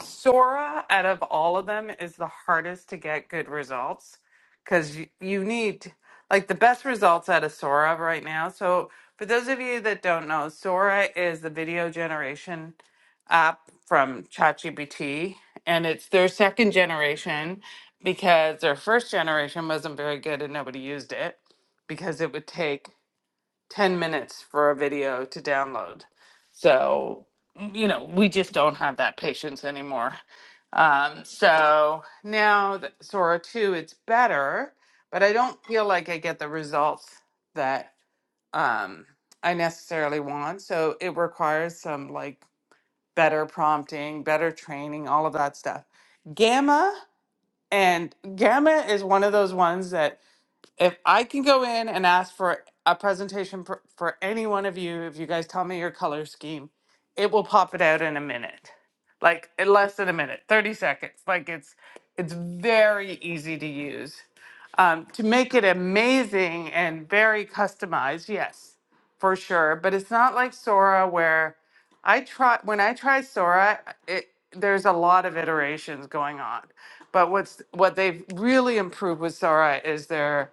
Speaker 2: Sora, out of all of them, is the hardest to get good results because you, you need like the best results out of Sora right now. So, for those of you that don't know, Sora is the video generation app from ChatGPT, and it's their second generation because their first generation wasn't very good and nobody used it because it would take 10 minutes for a video to download. So, mm, you know, we just don't have that patience anymore. Um, so now that Sora 2, it's better, but I don't feel like I get the results that um, I necessarily want. So it requires some like better prompting, better training, all of that stuff. Gamma and Gamma is one of those ones that if I can go in and ask for a presentation for, for any one of you, if you guys tell me your color scheme, it will pop it out in a minute. Like in less than a minute, 30 seconds. Like it's it's very easy to use. Um, to make it amazing and very customized, yes, for sure. But it's not like Sora where I try when I try Sora, it there's a lot of iterations going on. But what's what they've really improved with Sora is their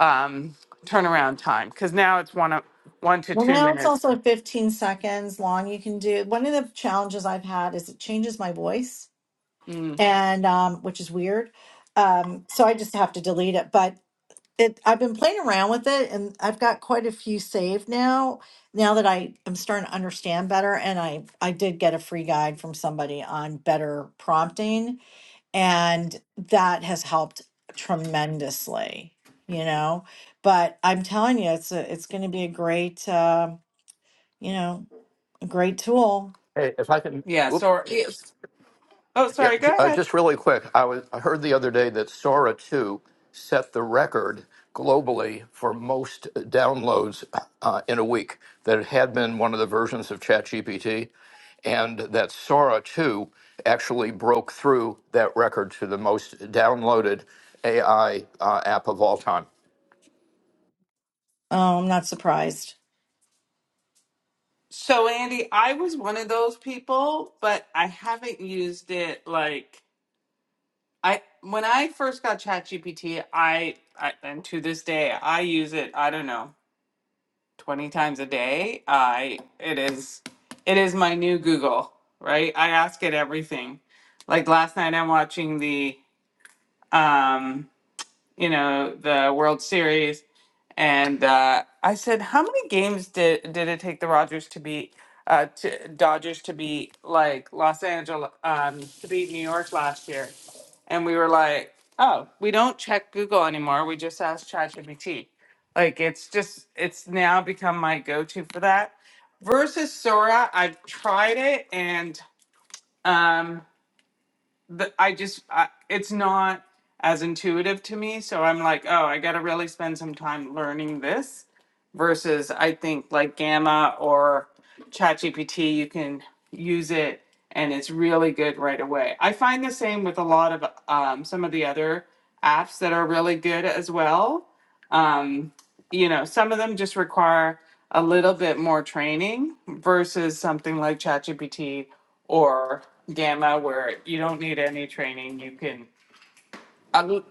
Speaker 2: um, turnaround time because now it's one o- one to
Speaker 1: Well,
Speaker 2: two
Speaker 1: now it's
Speaker 2: minutes.
Speaker 1: also 15 seconds long. You can do one of the challenges I've had is it changes my voice,
Speaker 2: Mm,
Speaker 1: and um, which is weird. Um, so I just have to delete it. But it I've been playing around with it and I've got quite a few saved now now that I am starting to understand better and I I did get a free guide from somebody on better prompting and that has helped tremendously you know but I'm telling you it's a, it's going to be a great uh, you know a great tool
Speaker 7: Hey, if I can,
Speaker 2: yeah.
Speaker 7: whoop,
Speaker 2: So it's- oh,
Speaker 7: yeah,
Speaker 2: sorry. Go
Speaker 7: j- uh,
Speaker 2: ahead.
Speaker 7: just really quick, I was I heard the other day that Sora 2 set the record globally for most uh, downloads uh, in a week. That it had been one of the versions of ChatGPT, and that Sora 2 actually broke through that record to the most downloaded AI uh, app of all time.
Speaker 1: oh, I'm not surprised
Speaker 2: So Andy, I was one of those people, but I haven't used it like I when I first got ChatGPT, I, I and to this day I use it, I don't know, 20 times a day. I it is it is my new Google, right? I ask it everything. Like last night I'm watching the um you know, the World Series. And uh, I said, how many games did did it take the Rogers to beat uh, to Dodgers to beat like Los Angeles um, to beat New York last year? And we were like, oh, we don't check Google anymore. We just ask ChatGPT. Like it's just it's now become my go to for that. Versus Sora, I've tried it and. Um, the, I just I, it's not as intuitive to me. So I'm like, oh, I got to really spend some time learning this versus I think like Gamma or ChatGPT, you can use it and it's really good right away. I find the same with a lot of um, some of the other apps that are really good as well. Um, you know, some of them just require a little bit more training versus something like ChatGPT or Gamma, where you don't need any training. You can um,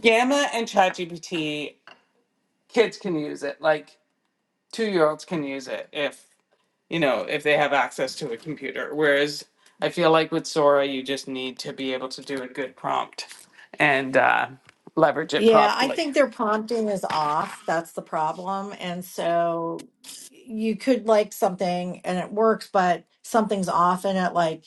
Speaker 2: Gamma and ChatGPT. Kids can use it. Like two-year-olds can use it if you know if they have access to a computer. Whereas I feel like with Sora, you just need to be able to do a good prompt and uh, leverage it
Speaker 1: Yeah, I
Speaker 2: properly.
Speaker 1: think their prompting is off. That's the problem. And so you could like something and it works, but something's off in it, like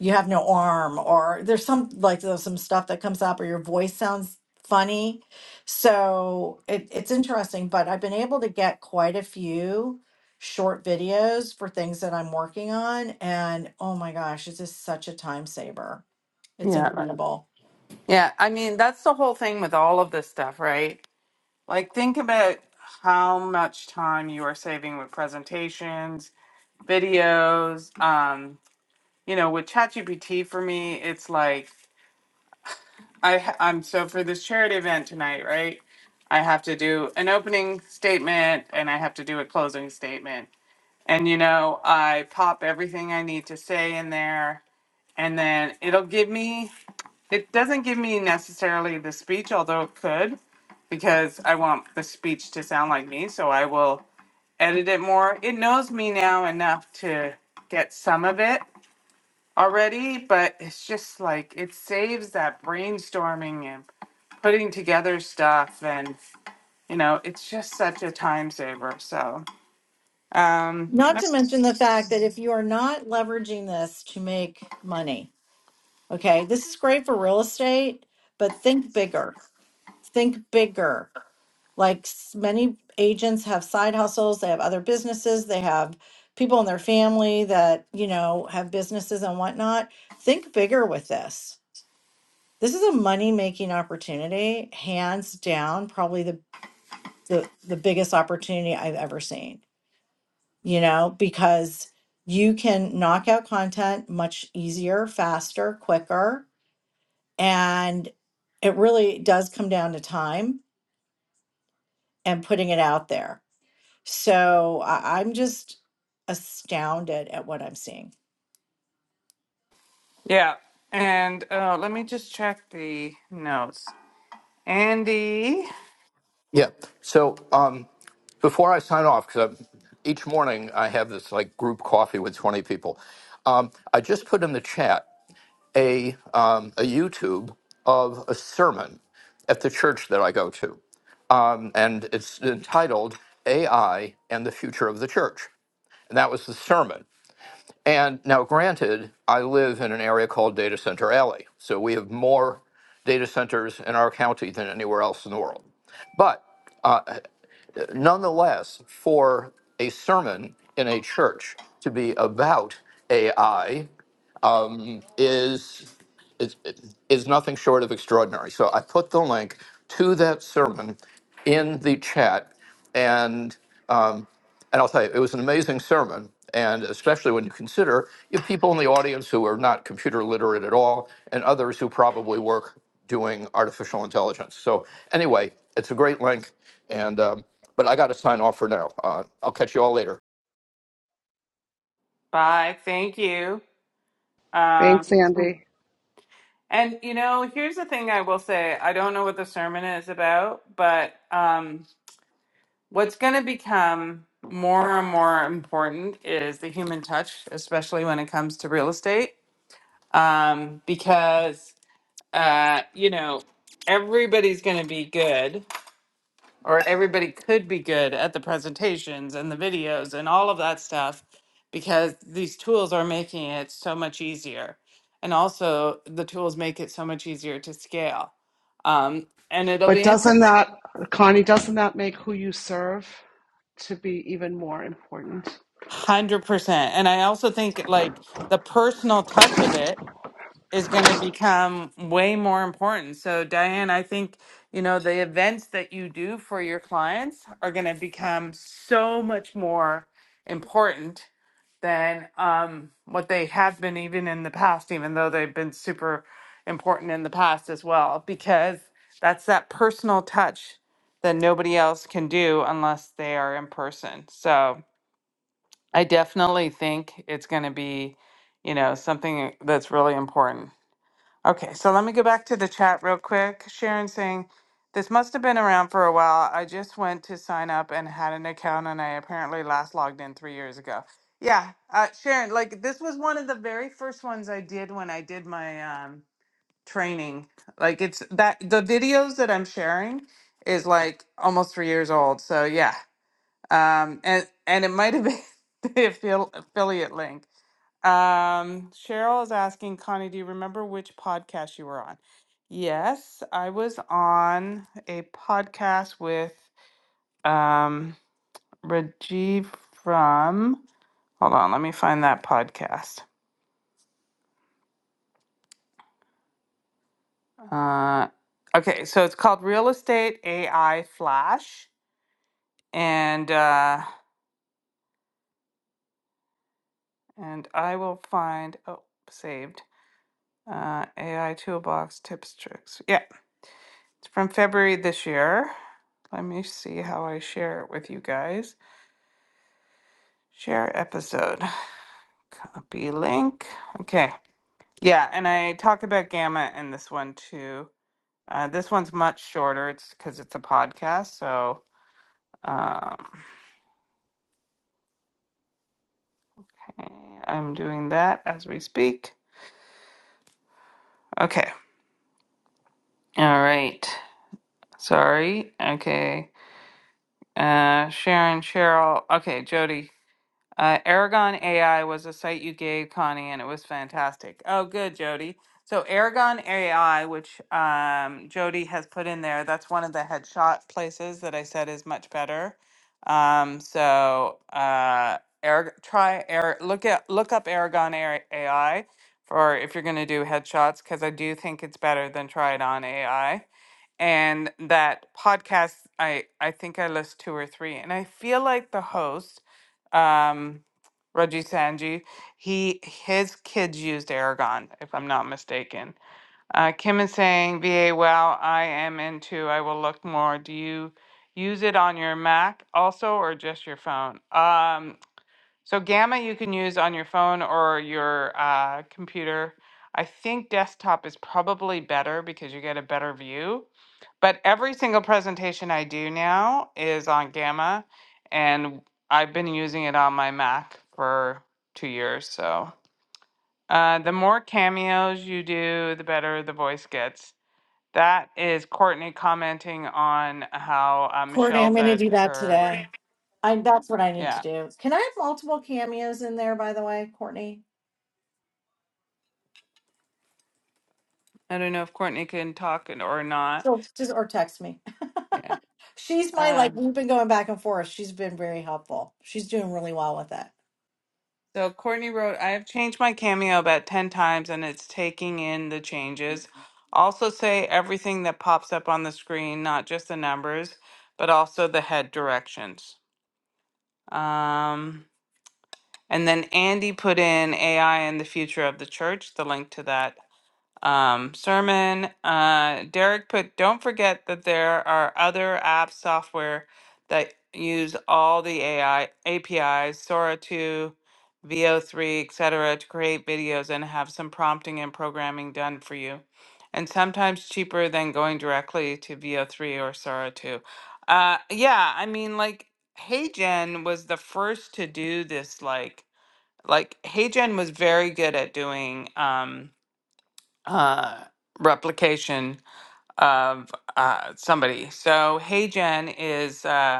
Speaker 1: you have no arm or there's some like there's some stuff that comes up or your voice sounds funny. So it, it's interesting, but I've been able to get quite a few short videos for things that I'm working on. And oh my gosh, it's just such a time saver. It's
Speaker 2: Yeah,
Speaker 1: incredible.
Speaker 2: yeah. I mean, that's the whole thing with all of this stuff, right? Like, think about how much time you are saving with presentations videos. Um, you know, with ChatGPT for me, it's like I ha- I'm so for this charity event tonight, right? I have to do an opening statement and I have to do a closing statement. And you know, I pop everything I need to say in there and then it'll give me it doesn't give me necessarily the speech, although it could, because I want the speech to sound like me, so I will edit it more. It knows me now enough to get some of it, already, but it's just like it saves that brainstorming and putting together stuff and you know, it's just such a time saver. So, um
Speaker 1: Not to mention the fact that if you are not leveraging this to make money, okay, this is great for real estate, but think bigger. Think bigger. Like s- many agents have side hustles, they have other businesses, they have people in their family that, you know, have businesses and whatnot. Think bigger with this. This is a money making opportunity, hands down, probably the, the, the biggest opportunity I've ever seen. you know, because you can knock out content much easier, faster, quicker. And it really does come down to time and putting it out there. So I- I'm just astounded at what I'm seeing.
Speaker 2: yeah. And uh, let me just check the notes. Andy,
Speaker 7: Yeah. So um, before I sign off, because each morning I have this like group coffee with 20 people, um, I just put in the chat a, um, a YouTube of a sermon at the church that I go to. Um, and it's entitled AI and the Future of the Church. And that was the sermon. And now, granted, I live in an area called Data Center Alley. So we have more data centers in our county than anywhere else in the world. But nonetheless, for a sermon in a church to be about AI is is, is nothing short of extraordinary. So I put the link to that sermon in the chat, and and I'll tell you, it was an amazing sermon. And especially when you consider you have people in the audience who are not computer literate at all, and others who probably work doing artificial intelligence. So, anyway, it's a great link. And, um, but I got to sign off for now. Uh, I'll catch you all later.
Speaker 2: bye. Thank you.
Speaker 5: thanks
Speaker 2: Um
Speaker 5: andy
Speaker 2: and you know, here's the thing I will say. I don't know what the sermon is about, but um What's going to become more and more important is the human touch, especially when it comes to real estate, um, because uh, you know everybody's going to be good, or everybody could be good at the presentations and the videos and all of that stuff, because these tools are making it so much easier, and also the tools make it so much easier to scale. Um, and it'll
Speaker 5: but
Speaker 2: be interesting.
Speaker 5: doesn't that connie doesn't that make who you serve to be even more important
Speaker 2: 100%. And I also think like the personal touch of it is going to become way more important. So, Diane, I think, you know, the events that you do for your clients are going to become so much more important than um, what they have been even in the past, even though they've been super important in the past as well, because that's that personal touch that nobody else can do unless they are in person. So, I definitely think it's going to be, you know, something that's really important. Okay, so let me go back to the chat real quick. Sharon saying, this must have been around for a while. I just went to sign up and had an account, and I apparently last logged in three years ago. Yeah, uh, Sharon, like this was one of the very first ones I did when I did my um, training. Like it's that the videos that I'm sharing is like almost three years old. So yeah, um, and and it might have been the affil- affiliate link. Um, Cheryl is asking Connie, do you remember which podcast you were on? Yes, I was on a podcast with um, Rajiv from. Hold on, let me find that podcast. Uh, okay, so it's called Real Estate AI Flash, and uh, and I will find. Oh, saved uh, AI toolbox tips tricks. Yeah. It's from February this year. Let me see how I share it with you guys. Share episode. Copy link. Okay. Yeah, and I talk about Gamma in this one too. Uh, this one's much shorter. It's because it's a podcast. So um, okay, I'm doing that as we speak. Okay. All right. Sorry. Okay. Uh, Sharon, Cheryl. Okay, Jody. Uh, Aragon AI was a site you gave Connie, and it was fantastic. Oh, good, Jody. So Aragon AI, which um, Jody has put in there, that's one of the headshot places that I said is much better. Um, so uh, Arag- try Ar- look at look up Aragon AI for if you're going to do headshots, because I do think it's better than try it on AI and that podcast i i think i list two or three and i feel like the host um Raji Sanji, he his kids used Aragon, if I'm not mistaken. Uh, Kim is saying, "VA, wow, I am into. I will look more. Do you use it on your Mac also, or just your phone?" Um, so Gamma you can use on your phone or your uh, computer. I think desktop is probably better because you get a better view. But every single presentation I do now is on Gamma, and I've been using it on my Mac for two years. So uh, the more cameos you do, the better the voice gets. That is Courtney commenting on how uh,
Speaker 1: Courtney,
Speaker 2: Michelle
Speaker 1: I'm going to
Speaker 2: said
Speaker 1: do that
Speaker 2: her. Courtney.
Speaker 1: today. I, that's what I need to
Speaker 2: Yeah.
Speaker 1: do. Can I have multiple cameos in there, by the way, Courtney?
Speaker 2: I don't know if Courtney can talk and- or not.
Speaker 1: So just or text me. She's my like
Speaker 2: Um,
Speaker 1: we've been going back and forth. She's been very helpful. She's doing really well with it.
Speaker 2: so Courtney wrote, I have changed my cameo about 10 times and it's taking in the changes. Also, say everything that pops up on the screen, not just the numbers, but also the head directions. Um, and then Andy put in AI and the future of the church, the link to that Um, Sermon, uh, Derek put, don't forget that there are other app software that use all the AI APIs, Sora 2, VO3, etc., to create videos and have some prompting and programming done for you. And sometimes cheaper than going directly to VO3 or Sora 2. Uh, yeah, I mean, like, HeyGen was the first to do this, like, like HeyGen was very good at doing. Um, uh, replication of uh, somebody. So Hey Jen is. Uh,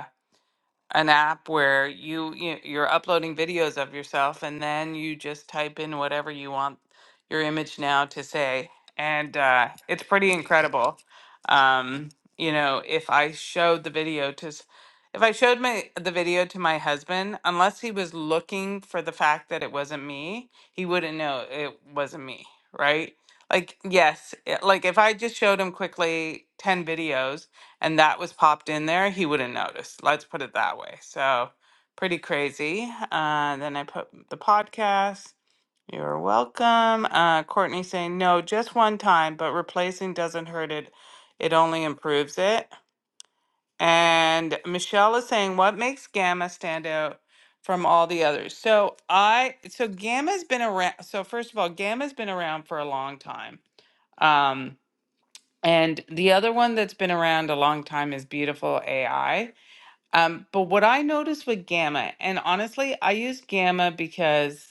Speaker 2: an app where you, you you're uploading videos of yourself and then you just type in whatever you want your image now to say and uh, it's pretty incredible um, you know if i showed the video to s- if i showed my the video to my husband unless he was looking for the fact that it wasn't me he wouldn't know it wasn't me right like yes it, like if i just showed him quickly 10 videos and that was popped in there, he would not notice. Let's put it that way. So pretty crazy. Uh, then I put the podcast. You're welcome. Uh, Courtney saying no, just one time, but replacing doesn't hurt it. It only improves it. And Michelle is saying, what makes Gamma stand out from all the others? So I, so Gamma's been around. So first of all, Gamma's been around for a long time. Um, and the other one that's been around a long time is Beautiful AI um, but what I noticed with Gamma, and honestly, I use Gamma because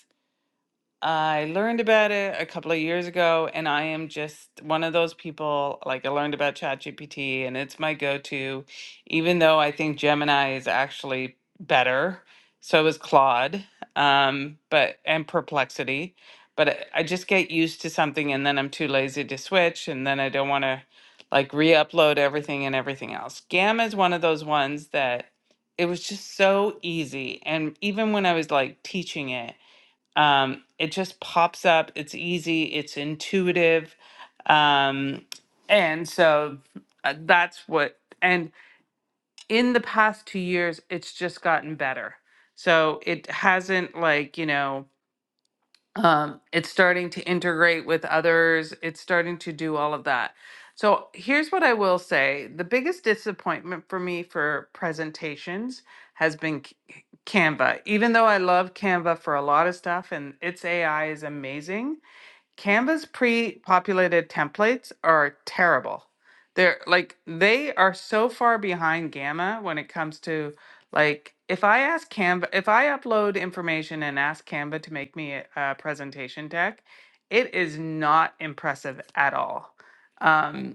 Speaker 2: I learned about it a couple of years ago, and I am just one of those people. Like, I learned about ChatGPT, and it's my go to, even though I think Gemini is actually better. So is Claude, um, but and Perplexity. But I I just get used to something, and then I'm too lazy to switch, and then I don't want to like re upload everything and everything else. Gamma is one of those ones that it was just so easy. And even when I was like teaching it, um, it just pops up. It's easy. It's intuitive. Um, and so uh, that's what, and in the past two years, it's just gotten better. So it hasn't like, you know, um, it's starting to integrate with others it's starting to do all of that so here's what i will say the biggest disappointment for me for presentations has been C- canva even though i love canva for a lot of stuff and its ai is amazing Canva's pre-populated templates are terrible. They're like they are so far behind Gamma when it comes to like if I ask Canva if I upload information and ask Canva to make me a, a presentation deck, it is not impressive at all. Um,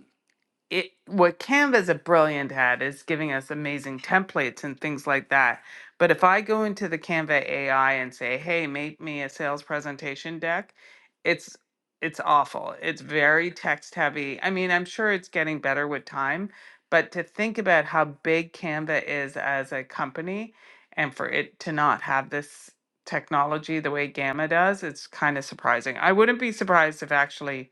Speaker 2: it what Canva's a brilliant at is giving us amazing templates and things like that. But if I go into the Canva AI and say, "Hey, make me a sales presentation deck," it's it's awful. It's very text heavy. I mean, I'm sure it's getting better with time, but to think about how big Canva is as a company and for it to not have this technology the way Gamma does, it's kind of surprising. I wouldn't be surprised if actually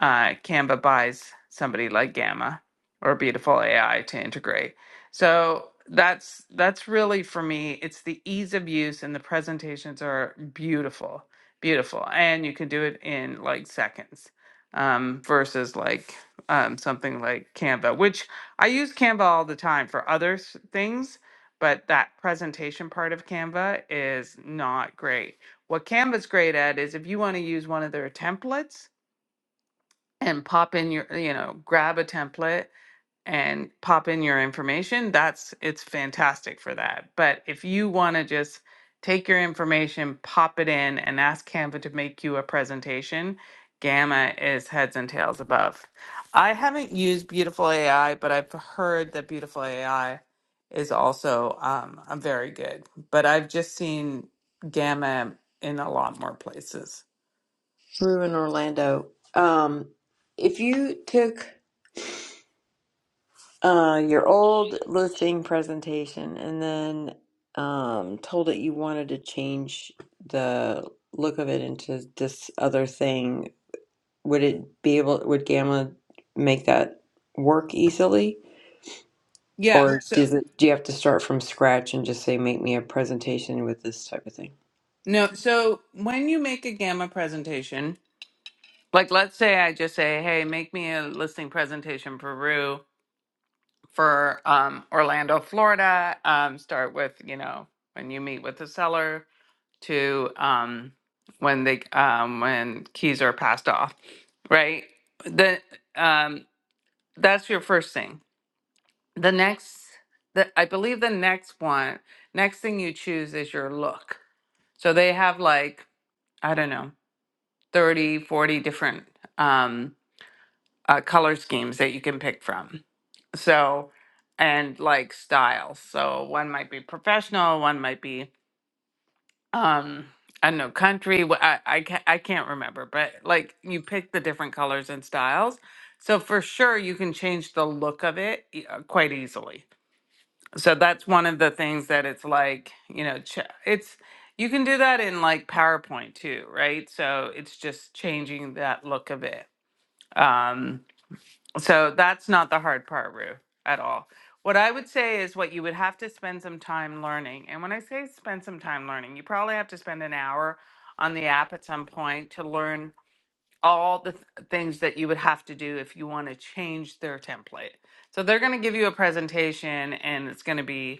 Speaker 2: uh, Canva buys somebody like Gamma or Beautiful AI to integrate. So that's that's really for me. It's the ease of use, and the presentations are beautiful, beautiful, and you can do it in like seconds um, versus like um, something like Canva, which I use Canva all the time for other s- things. But that presentation part of Canva is not great. What Canva's great at is if you want to use one of their templates, and pop in your you know grab a template and pop in your information that's it's fantastic for that but if you want to just take your information pop it in and ask canva to make you a presentation gamma is heads and tails above i haven't used beautiful ai but i've heard that beautiful ai is also um, a very good but i've just seen gamma in a lot more places
Speaker 8: Brew in Orlando. Um, if you took uh, your old listing presentation and then um, told it you wanted to change the look of it into this other thing, would it be able, would Gamma make that work easily?
Speaker 2: yeah
Speaker 8: Or
Speaker 2: so
Speaker 8: does it, do you have to start from scratch and just say, make me a presentation with this type of thing?
Speaker 2: No, so when you make a gamma presentation, like let's say I just say, "Hey, make me a listing presentation for Rue for um, Orlando, Florida." Um, start with you know when you meet with the seller to um, when they um, when keys are passed off, right? The um, that's your first thing. The next, the I believe the next one, next thing you choose is your look. So they have like I don't know 30, 40 different um, uh, color schemes that you can pick from. So, and like styles. So one might be professional, one might be, um, I don't know, country. wh- I, I, can't, I can't remember, but like you pick the different colors and styles. So for sure, you can change the look of it e- uh, quite easily. So that's one of the things that it's like, you know, ch- it's, you can do that in like PowerPoint too, right? So it's just changing that look of it. Um, so that's not the hard part, Rue, at all. What I would say is what you would have to spend some time learning. And when I say spend some time learning, you probably have to spend an hour on the app at some point to learn all the th- things that you would have to do if you want to change their template. So they're going to give you a presentation and it's going to be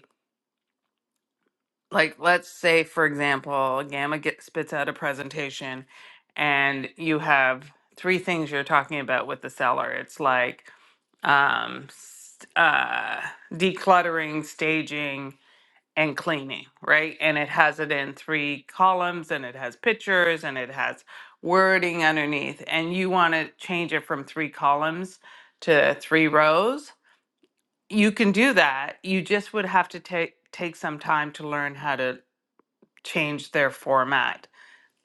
Speaker 2: like let's say for example gamma get, spits out a presentation and you have three things you're talking about with the seller it's like um s- uh decluttering staging and cleaning right and it has it in three columns and it has pictures and it has wording underneath and you want to change it from three columns to three rows you can do that you just would have to take take some time to learn how to change their format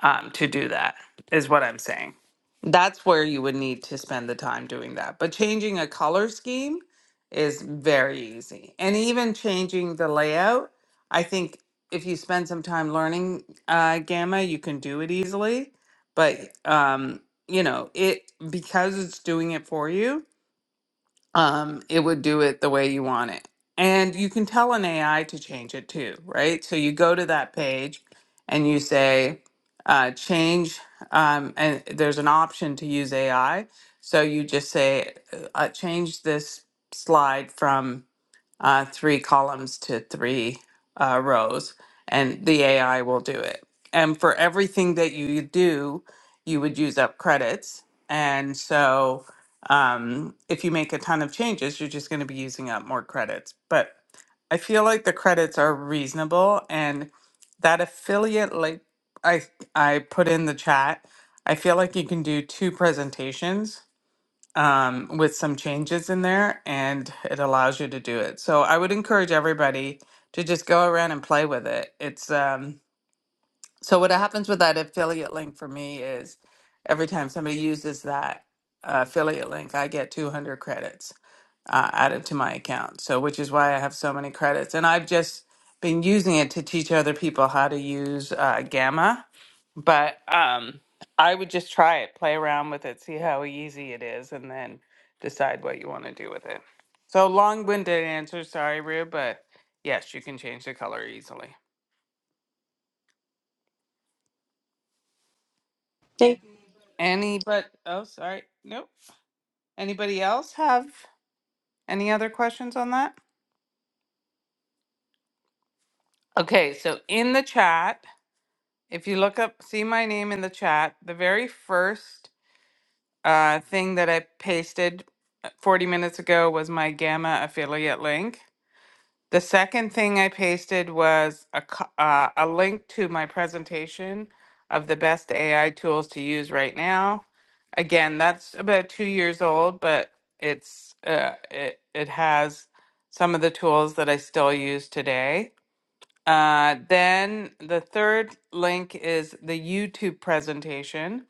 Speaker 2: um, to do that, is what I'm saying. That's where you would need to spend the time doing that. But changing a color scheme is very easy. And even changing the layout, I think if you spend some time learning uh, Gamma, you can do it easily. But, um, you know, it because it's doing it for you, um, it would do it the way you want it. And you can tell an AI to change it too, right? So you go to that page and you say, uh, change, um, and there's an option to use AI. So you just say, uh, uh, change this slide from uh, three columns to three uh, rows, and the AI will do it. And for everything that you do, you would use up credits. And so um, if you make a ton of changes, you're just going to be using up more credits. But I feel like the credits are reasonable, and that affiliate, like I I put in the chat, I feel like you can do two presentations um, with some changes in there, and it allows you to do it. So I would encourage everybody to just go around and play with it. It's um, so what happens with that affiliate link for me is every time somebody uses that uh, affiliate link, I get 200 credits uh, added to my account. So which is why I have so many credits, and I've just been using it to teach other people how to use uh, Gamma. But um, I would just try it, play around with it, see how easy it is, and then decide what you want to do with it. So long-winded answer, sorry, Rue, but yes, you can change the color easily.
Speaker 8: Thank
Speaker 2: Any but oh, sorry, nope. Anybody else have any other questions on that? Okay, so in the chat, if you look up, see my name in the chat, the very first uh, thing that I pasted uh, 40 minutes ago was my Gamma affiliate link. The second thing I pasted was a, co- uh, a link to my presentation of the best AI tools to use right now. Again, that's about two years old, but it's uh, it it has some of the tools that I still use today. Uh, then the third link is the YouTube presentation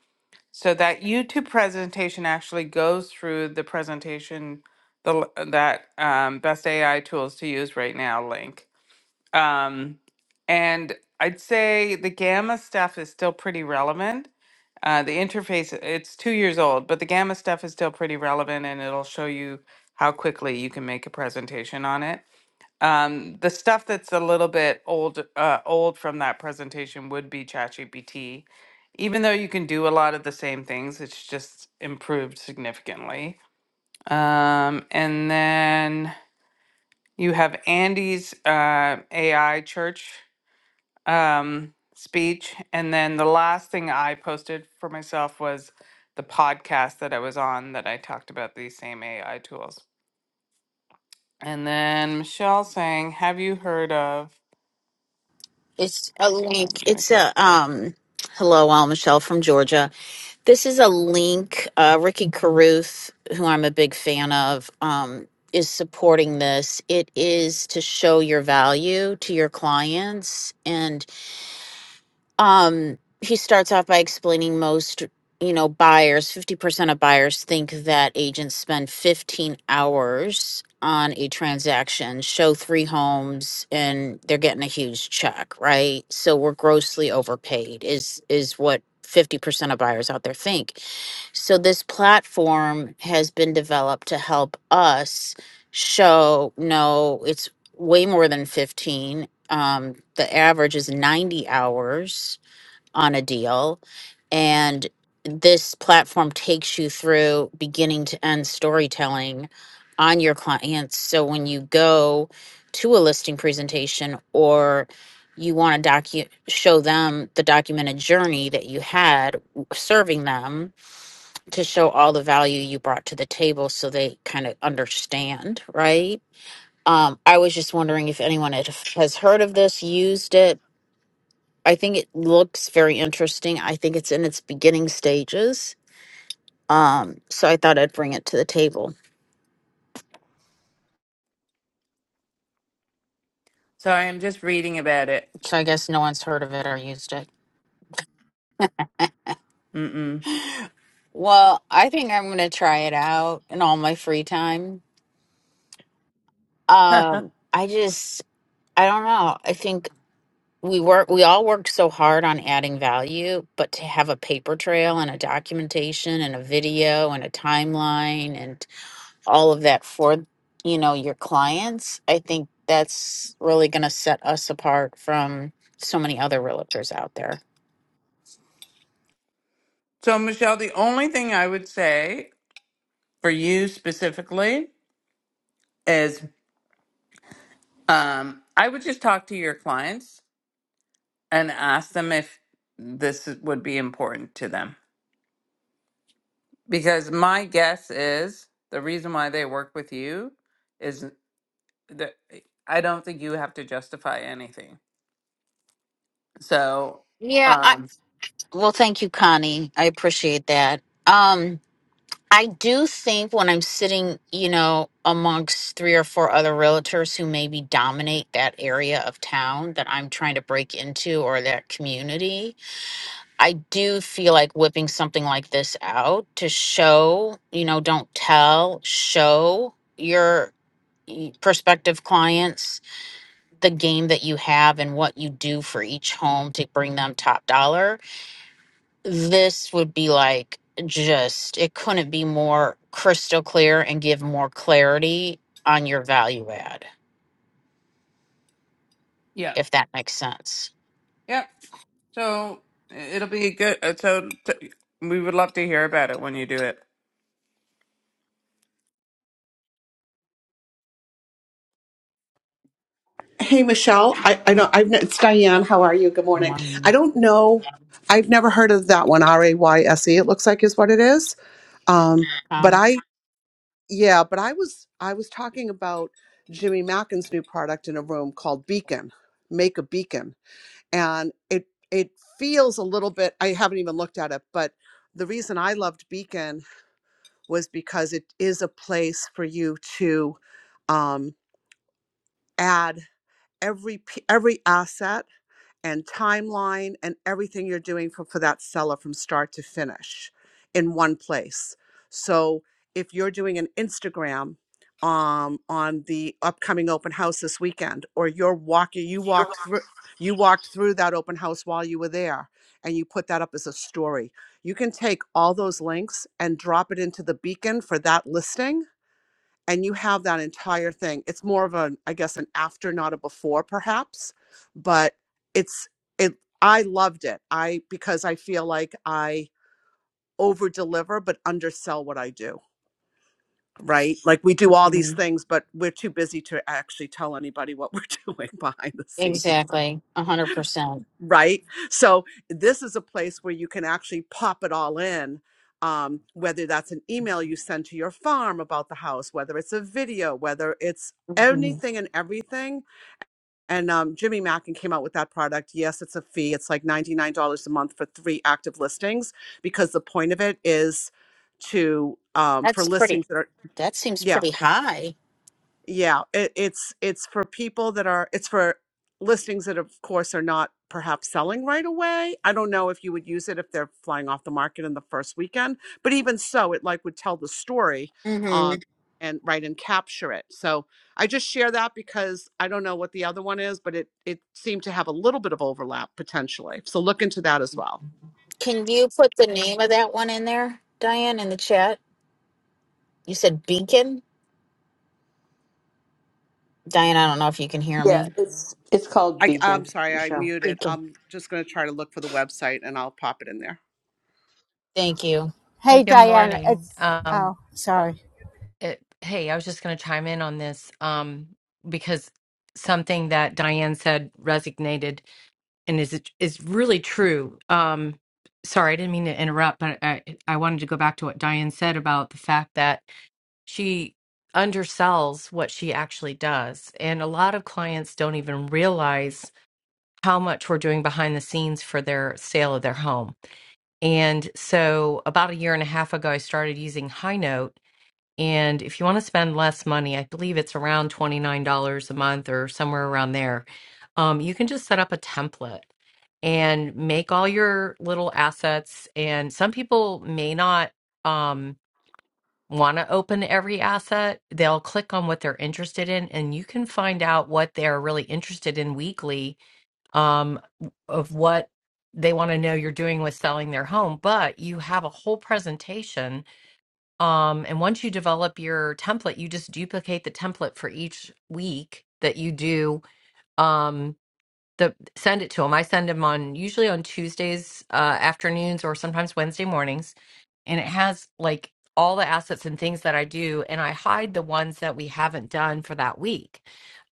Speaker 2: so that YouTube presentation actually goes through the presentation, the l- uh, that um, best AI tools to use right now link. Um, and I'd say the Gamma stuff is still pretty relevant. Uh, the interface it's two years old, but the Gamma stuff is still pretty relevant, and it'll show you how quickly you can make a presentation on it. Um, the stuff that's a little bit old, uh, old from that presentation would be ChatGPT. Even though you can do a lot of the same things, it's just improved significantly. Um, and then you have Andy's uh, AI church um, speech. And then the last thing I posted for myself was the podcast that I was on that I talked about these same AI tools. And then Michelle saying, Have you heard of?
Speaker 9: It's a
Speaker 2: I'm
Speaker 9: link.
Speaker 2: going
Speaker 9: It's
Speaker 2: to
Speaker 9: a
Speaker 2: go.
Speaker 9: um. Hello, I'm Michelle from Georgia. This is a link. Uh, Ricky Carruth, who I'm a big fan of, um, is supporting this. It is to show your value to your clients and um he starts off by explaining most you know buyers 50% of buyers think that agents spend 15 hours on a transaction show three homes and they're getting a huge check right so we're grossly overpaid is is what 50% of buyers out there think so this platform has been developed to help us show no it's way more than 15 um, the average is 90 hours on a deal and this platform takes you through beginning to end storytelling on your clients so when you go to a listing presentation or you want to docu- show them the documented journey that you had w- serving them to show all the value you brought to the table so they kind of understand right um, I was just wondering if anyone had, has heard of this, used it. I think it looks very interesting. I think it's in its beginning stages. Um, so I thought I'd bring it to the table.
Speaker 2: Sorry, I'm just reading about it.
Speaker 9: So I guess no one's heard of it or used it.
Speaker 2: Mm-mm.
Speaker 9: Well, I think I'm going to try it out in all my free time. Um, I just, I don't know. I think we work, we all worked so hard on adding value, but to have a paper trail and a documentation and a video and a timeline and all of that for you know your clients i think that's really going to set us apart from so many other realtors out there
Speaker 2: so, Michelle, the only thing I would say for you specifically is um, I would just talk to your clients and ask them if this is- would be important to them. Because my guess is the reason why they work with you is that I don't think you have to justify anything. So,
Speaker 9: yeah i
Speaker 2: um,
Speaker 9: well thank you connie i appreciate that um i do think when i'm sitting you know amongst three or four other realtors who maybe dominate that area of town that i'm trying to break into or that community I do feel like whipping something like this out to show, you know, don't tell, show your y- prospective clients the game that you have and what you do for each home to bring them top dollar. This would be like just, it couldn't be more crystal clear and give more clarity on your value add,
Speaker 2: yeah.
Speaker 9: if that makes sense.
Speaker 2: Yep. So it'll be good. uh, So t- we would love to hear about it when you do it.
Speaker 5: Hey, Michelle. I, I know I've, it's Diane. How are you? Good morning. I
Speaker 9: One.
Speaker 5: don't know. I've never heard of that one. R A Y S E. It looks like is what it is. Um, but
Speaker 9: Um,
Speaker 5: I, yeah, but I was, I was talking about Jimmy Mackin's new product in a room called Beacon, Make a Beacon, and it, it feels a little bit. I haven't even looked at it, but the reason I loved Beacon was because it is a place for you to um, add every p- every asset and timeline and everything you're doing for, for that seller from start to finish in one place. So if you're doing an Instagram um, on the upcoming open house this weekend, or you're walking, you walked through, you walked through that open house while you were there, and you put that up as a story. You can take all those links and drop it into the beacon for that listing and you have that entire thing it's more of an i guess an after not a before perhaps but it's it i loved it i because i feel like i over deliver but undersell what i do right like we do all these
Speaker 9: mhm.
Speaker 5: things but we're too busy to actually tell anybody what we're doing behind the scenes
Speaker 9: exactly. 100%. percent percent
Speaker 5: right? So this is a place where you can actually pop it all in. Um, whether that's an email you send to your farm about the house, whether it's a video, whether it's
Speaker 9: Mm-hmm.
Speaker 5: anything and everything. And um, Jimmy Mackin came out with that product. Yes, it's a fee. It's like $99 a month for three active listings because the point of it is to, um, for
Speaker 9: That's pretty.
Speaker 5: listings that are,
Speaker 9: That seems
Speaker 5: yeah,
Speaker 9: pretty high.
Speaker 5: yeah, it, it's it's for people that are it's for listings that of course are not perhaps selling right away. I don't know if you would use it if they're flying off the market in the first weekend, but even so, it like would tell the story
Speaker 9: hmm
Speaker 5: um and right and capture it. So I just share that because I don't know what the other one is, but it it seemed to have a little bit of overlap potentially. So look into that as well.
Speaker 9: Can you put the name of that one in there, Diane, in the chat? You said Beacon? Diane, I don't know if you can hear
Speaker 8: Yeah,
Speaker 9: me.
Speaker 8: it's it's called
Speaker 5: I, I'm
Speaker 8: Beacon,
Speaker 5: sorry, I
Speaker 8: Michelle.
Speaker 5: muted.
Speaker 9: Beacon.
Speaker 5: I'm just going to try to look for the website and I'll pop it in there.
Speaker 9: Thank you.
Speaker 6: Hey,
Speaker 10: Hey,
Speaker 6: good
Speaker 10: Diane.
Speaker 6: morning.
Speaker 10: It's,
Speaker 6: Um,
Speaker 10: oh, sorry.
Speaker 6: it, hey, I was just going to chime in on this um, because something that Diane said resonated and is is really true. Um, sorry, I didn't mean to interrupt, but I I wanted to go back to what Diane said about the fact that she undersells what she actually does, and a lot of clients don't even realize how much we're doing behind the scenes for their sale of their home. And so, about a year and a half ago, I started using High Note and if you want to spend less money, I believe it's around $29 a month or somewhere around there. Um, you can just set up a template and make all your little assets. And some people may not um, want to open every asset. They'll click on what they're interested in, and you can find out what they're really interested in weekly um, of what they want to know you're doing with selling their home. But you have a whole presentation um, and once you develop your template, you just duplicate the template for each week that you do. Um, the send it to them. I send them on usually on Tuesdays uh, afternoons or sometimes Wednesday mornings and it has like all the assets and things that I do, and I hide the ones that we haven't done for that week.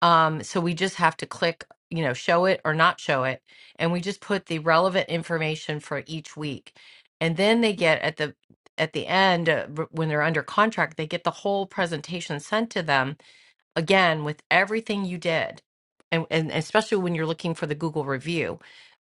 Speaker 6: Um, so we just have to click, you know, show it or not show it, and we just put the relevant information for each week, and then they get at the at the end uh, r- when they're under contract, they get the whole presentation sent to them again with everything you did, and and especially when you're looking for the Google review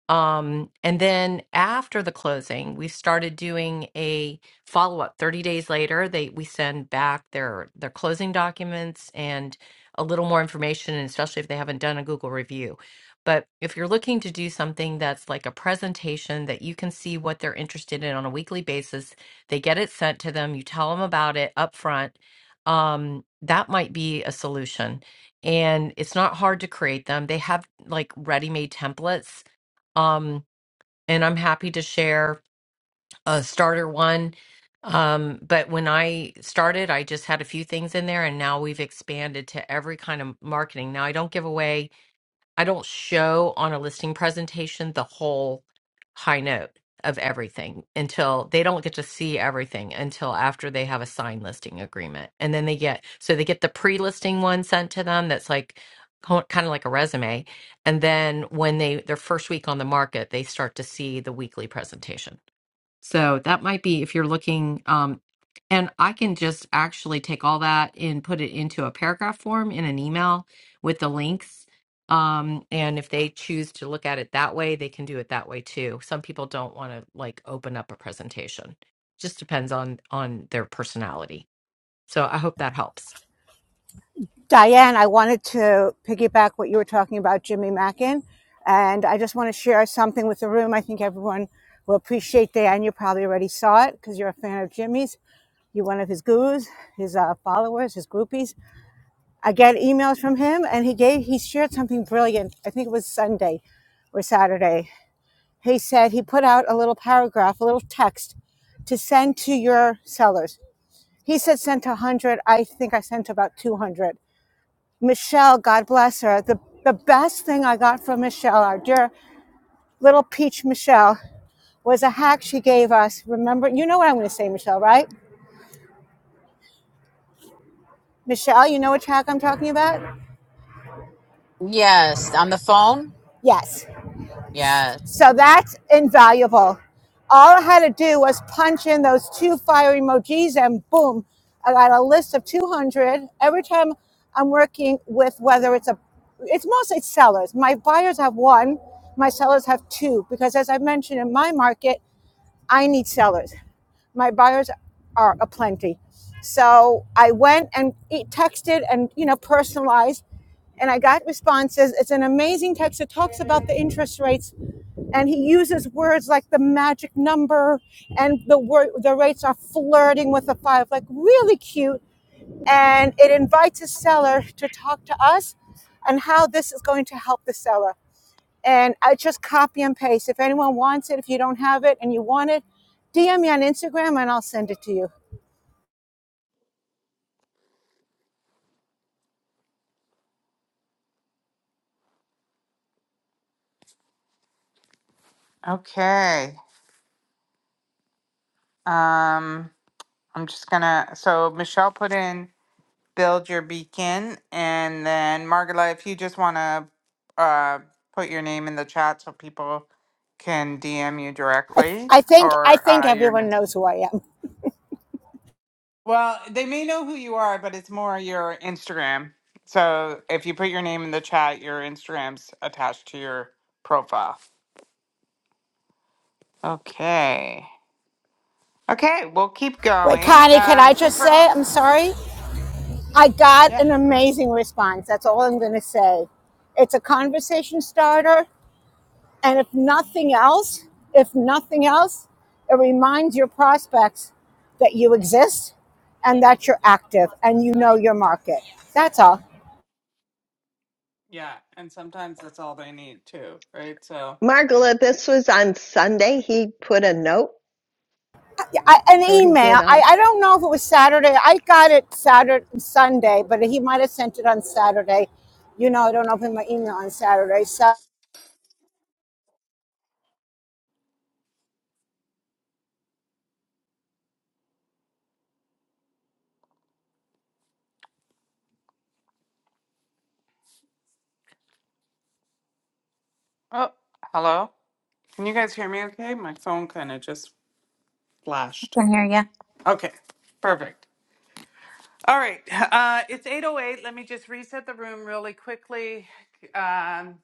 Speaker 6: um, and then after the closing, we started doing a follow up. Thirty days later, they we send back their their closing documents and a little more information, and especially if they haven't done a Google review. But if you're looking to do something that's like a presentation that you can see what they're interested in on a weekly basis, they get it sent to them. You tell them about it up front. Um, that might be a solution and it's not hard to create them. They have like ready made templates um, and I'm happy to share a starter one. Um, but when I started, I just had a few things in there, and now we've expanded to every kind of marketing. Now I don't give away I don't show on a listing presentation the whole high note of everything until they don't get to see everything until after they have a signed listing agreement. And then they get, so they get the pre listing one sent to them that's like kind of like a resume. And then when they, their first week on the market, they start to see the weekly presentation. So that might be if you're looking, um, and I can just actually take all that and put it into a paragraph form in an email with the links. Um, and if they choose to look at it that way, they can do it that way too. Some people don't want to like open up a presentation. Just depends on on their personality. So I hope that helps.
Speaker 10: Diane, I wanted to piggyback what you were talking about, Jimmy Mackin. And I just want to share something with the room. I think everyone will appreciate Diane. You probably already saw it because you're a fan of Jimmy's. You're one of his gurus, his uh, followers, his groupies. I get emails from him and he gave, he shared something brilliant. I think it was Sunday or Saturday. He said he put out a little paragraph, a little text to send to your sellers He said sent 100. I think I sent about 200. Michelle, God bless her. The, the best thing I got from Michelle, our dear little peach Michelle, was a hack she gave us. Remember, you know what I'm going to say, Michelle, right? Michelle, you know which hack I'm talking about?
Speaker 9: Yes. On the phone?
Speaker 10: Yes.
Speaker 9: Yes.
Speaker 10: So that's invaluable. All I had to do was punch in those two fire emojis and boom, I got a list of 200. Every time I'm working with whether it's a, it's mostly sellers. My buyers have one, my sellers have two, because as I mentioned in my market, I need sellers. My buyers are aplenty. So I went and e- texted and, you know, personalized and I got responses. It's an amazing text. It talks about the interest rates and he uses words like the magic number and the word the rates are flirting with the five like really cute and it invites a seller to talk to us and how this is going to help the seller and i just copy and paste if anyone wants it if you don't have it and you want it dm me on instagram and i'll send it to you
Speaker 2: Okay. Um, I'm just gonna. So Michelle put in build your beacon, and then Margola, if you just wanna uh, put your name in the chat so people can DM you
Speaker 10: i, th-
Speaker 2: directly
Speaker 10: I think i
Speaker 2: or
Speaker 10: think
Speaker 2: uh, your.
Speaker 10: everyone knows who i am
Speaker 2: Well, they may know who you are, but it's more your Instagram. So if you put your name in the chat, your Instagram's attached to your profile. Okay. Okay, we'll keep
Speaker 10: wait
Speaker 2: going.
Speaker 10: connie can
Speaker 2: Um,
Speaker 10: i
Speaker 2: since
Speaker 10: just
Speaker 2: we're
Speaker 10: say
Speaker 2: on,
Speaker 10: i'm sorry I got
Speaker 2: yeah,
Speaker 10: an amazing response. That's all I'm going to say. It's a conversation starter. And if nothing else, if nothing else, it reminds your prospects that you exist and that you're active and you know your market. That's all.
Speaker 2: yeah, and sometimes that's all they need too, right? So,
Speaker 11: Margola, this was on Sunday. He put a note,
Speaker 10: Yeah, I, an
Speaker 11: or he did
Speaker 10: email.
Speaker 11: a
Speaker 10: I, I don't know if it was Saturday. I got it Saturday, Sunday, but he might have sent it on Saturday. You know, I don't open my email on Saturday. So
Speaker 2: oh, hello. Can you guys hear me? Okay, my phone kind of just flashed.
Speaker 12: Can hear you.
Speaker 2: Okay, perfect. All right, uh, it's eight oh eight. Let me just reset the room really quickly. Um,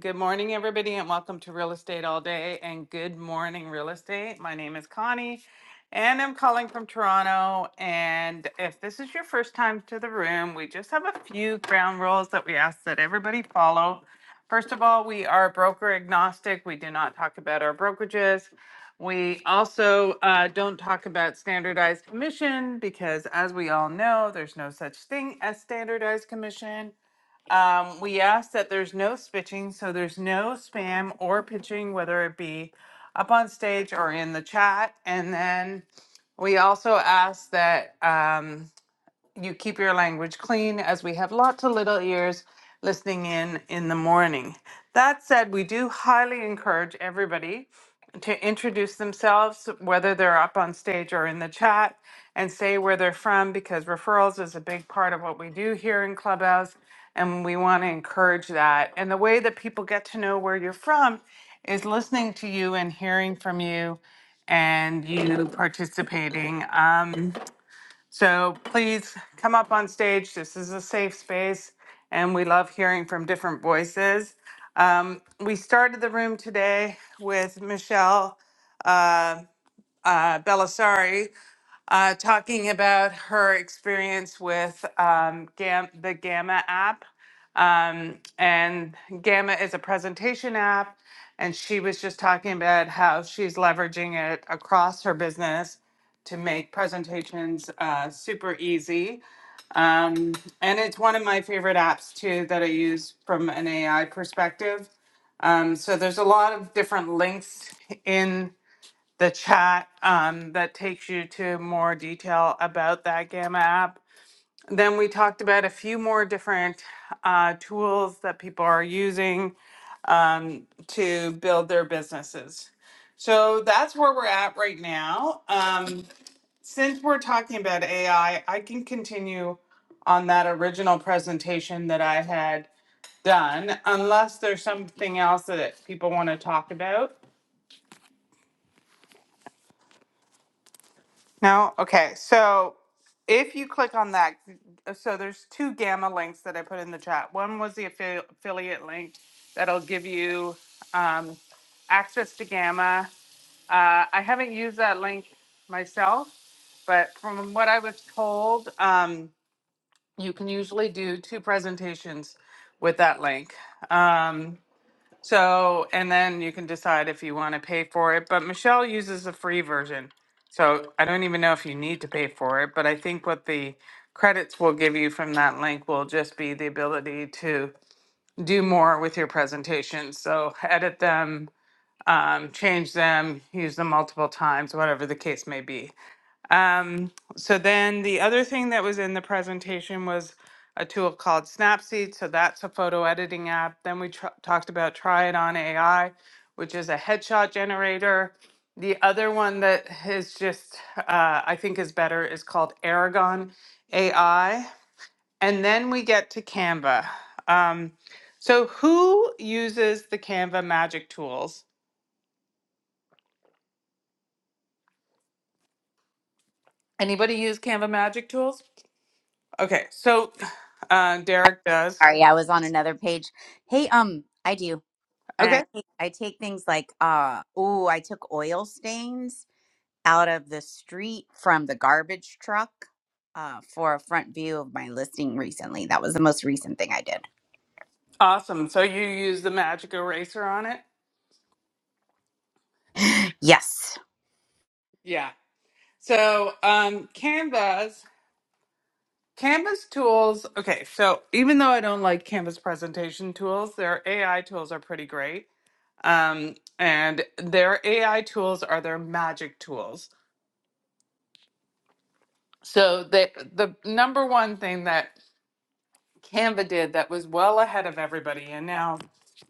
Speaker 2: Good morning, everybody, and welcome to Real Estate All Day and Good Morning Real Estate. My name is Connie and I'm calling from Toronto. And if this is your first time to the room, we just have a few ground rules that we ask that everybody follow. First of all, we are broker agnostic, we do not talk about our brokerages. We also uh, don't talk about standardized commission because, as we all know, there's no such thing as standardized commission. Um, we ask that there's no spitching, so there's no spam or pitching, whether it be up on stage or in the chat. And then we also ask that. Um, you keep your language clean as we have lots of little ears listening in in the morning. That said, we do highly encourage everybody to introduce themselves, whether they're up on stage or in the chat, and say where they're from because referrals is a big part of what we do here in Clubhouse. And we want to encourage that. And the way that people get to know where you're from is listening to you and hearing from you and you participating. Um, so please come up on stage. This is a safe space, and we love hearing from different voices. Um, we started the room today with Michelle uh, uh, Belisari uh, talking about her experience with um, Gam- the Gamma app. Um, and Gamma is a presentation app. And she was just talking about how she's leveraging it across her business to make presentations uh, super easy. Um, and it's one of my favorite apps too that I use from an AI perspective. Um, so there's a lot of different links in the chat um, that takes you to more detail about that Gamma app. Then we talked about a few more different uh, tools that people are using um, to build their businesses. So that's where we're at right now. Um, since we're talking about AI, I I can continue on that original presentation that I had done, unless there's something else that people want to talk about. No? Okay. So if you click on that, uh, so there's two gamma links that I put in the chat. One was the affi- affiliate link that'll give you um, access to gamma. Uh, I haven't used that link myself, but from what I was told, um, you can usually do two presentations with that link. Um, so, and then you can decide if you want to pay for it. But Michelle uses a free version. So I don't even know if you need to pay for it, but I think what the credits will give you from that link will just be the ability to do more with your presentations. So edit them, um, change them, use them multiple times, whatever the case may be. Um, so then the other thing that was in the presentation was a tool called Snapseed. So that's a photo editing app. Then we tr- talked about Try It On AI, which is a headshot generator. The other one that is just, uh, I think is better is called Aragon AI. And then we get to Canva. Um, so who uses the Canva magic tools? Anybody use Canva magic tools? Okay, so uh,
Speaker 12: I
Speaker 2: Derek does.
Speaker 12: sorry, I was on another page. Hey, um, I do, and
Speaker 2: Okay.
Speaker 12: I take, I take things like uh, oh, I took oil stains out of the street from the garbage truck uh, for a front view of my listing recently. That was the most recent thing I
Speaker 2: Awesome. So you use the magic eraser on it?
Speaker 12: did. Yes.
Speaker 2: Yeah. So um Canva's Canva's tools, okay, so even though I don't like Canva's presentation tools, their AI tools are pretty great. Um and their AI tools are their magic tools. So the the number one thing that Canva did that was well ahead of everybody and now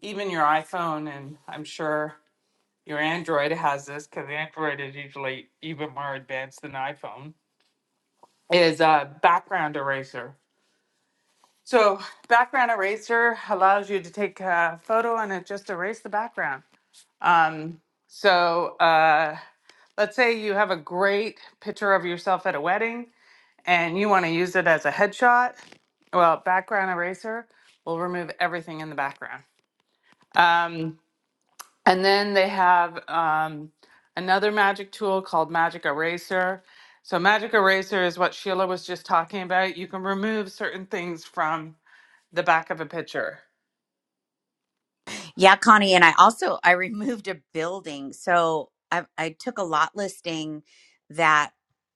Speaker 2: even your iPhone and I'm sure your Android has this because Android is usually even more advanced than iPhone is a background eraser. So background eraser allows you to take a photo and it just erase the background. Um, so uh, let's say you have a great picture of yourself at a wedding and you want to use it as a headshot. Well, background eraser will remove everything in the background. Um, and then they have um, another magic tool called Magic Eraser. So, Magic Eraser is what Sheila was just talking about. You can remove certain things from the back of a picture.
Speaker 12: Yeah, Connie, and I also I removed a building. So I I took a lot listing that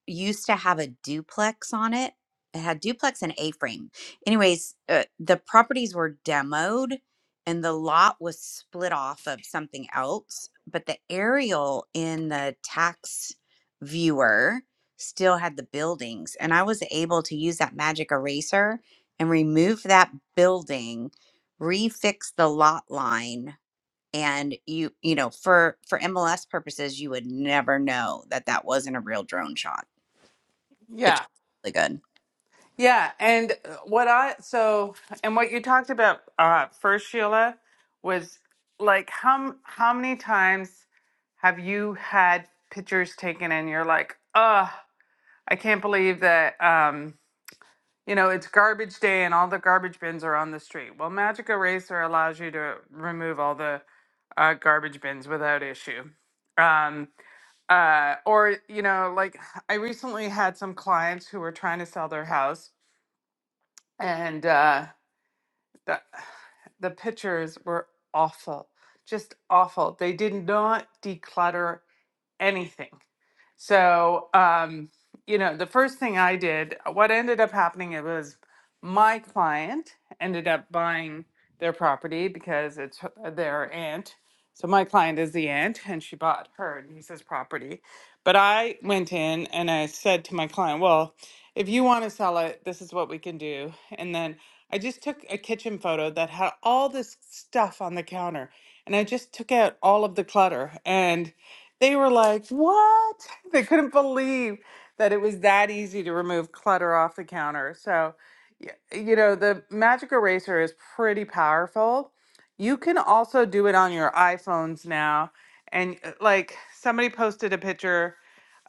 Speaker 12: used to have a duplex on it. It had duplex and A-frame. Anyways, uh, the properties were demoed and the lot was split off of something else, but the aerial in the tax viewer still had the buildings and I was able to use that magic eraser and remove that building refix the lot line and you you know for for mls purposes you would never know that that wasn't a real drone shot it
Speaker 2: Yeah.
Speaker 12: turned out really good
Speaker 2: Yeah. And uh, what I, so, and what you talked about uh, first, Sheila, was like, how, m- how many times have you had pictures taken and you're like, oh, I can't believe that. um, you know, it's garbage day and all the garbage bins are on the street. Well, Magic Eraser allows you to remove all the uh, garbage bins without issue. Um, uh, or, you know, like I recently had some clients who were trying to sell their house and uh, the, the pictures were awful, just awful. They did not declutter anything. So, um, you know, the first thing I did, what ended up happening, it was my client ended up buying their property because it's her- their aunt. So my client is the aunt, and she bought her niece's property. But I went in and I said to my client, "Well, if you want to sell it, this is what we can do." And then I just took a kitchen photo that had all this stuff on the counter, and I just took out all of the clutter and they were like, what? They couldn't believe that it was that easy to remove clutter off the counter. So, y- you know, the Magic Eraser is pretty powerful. You can also do it on your iPhones now. And uh, like somebody posted a picture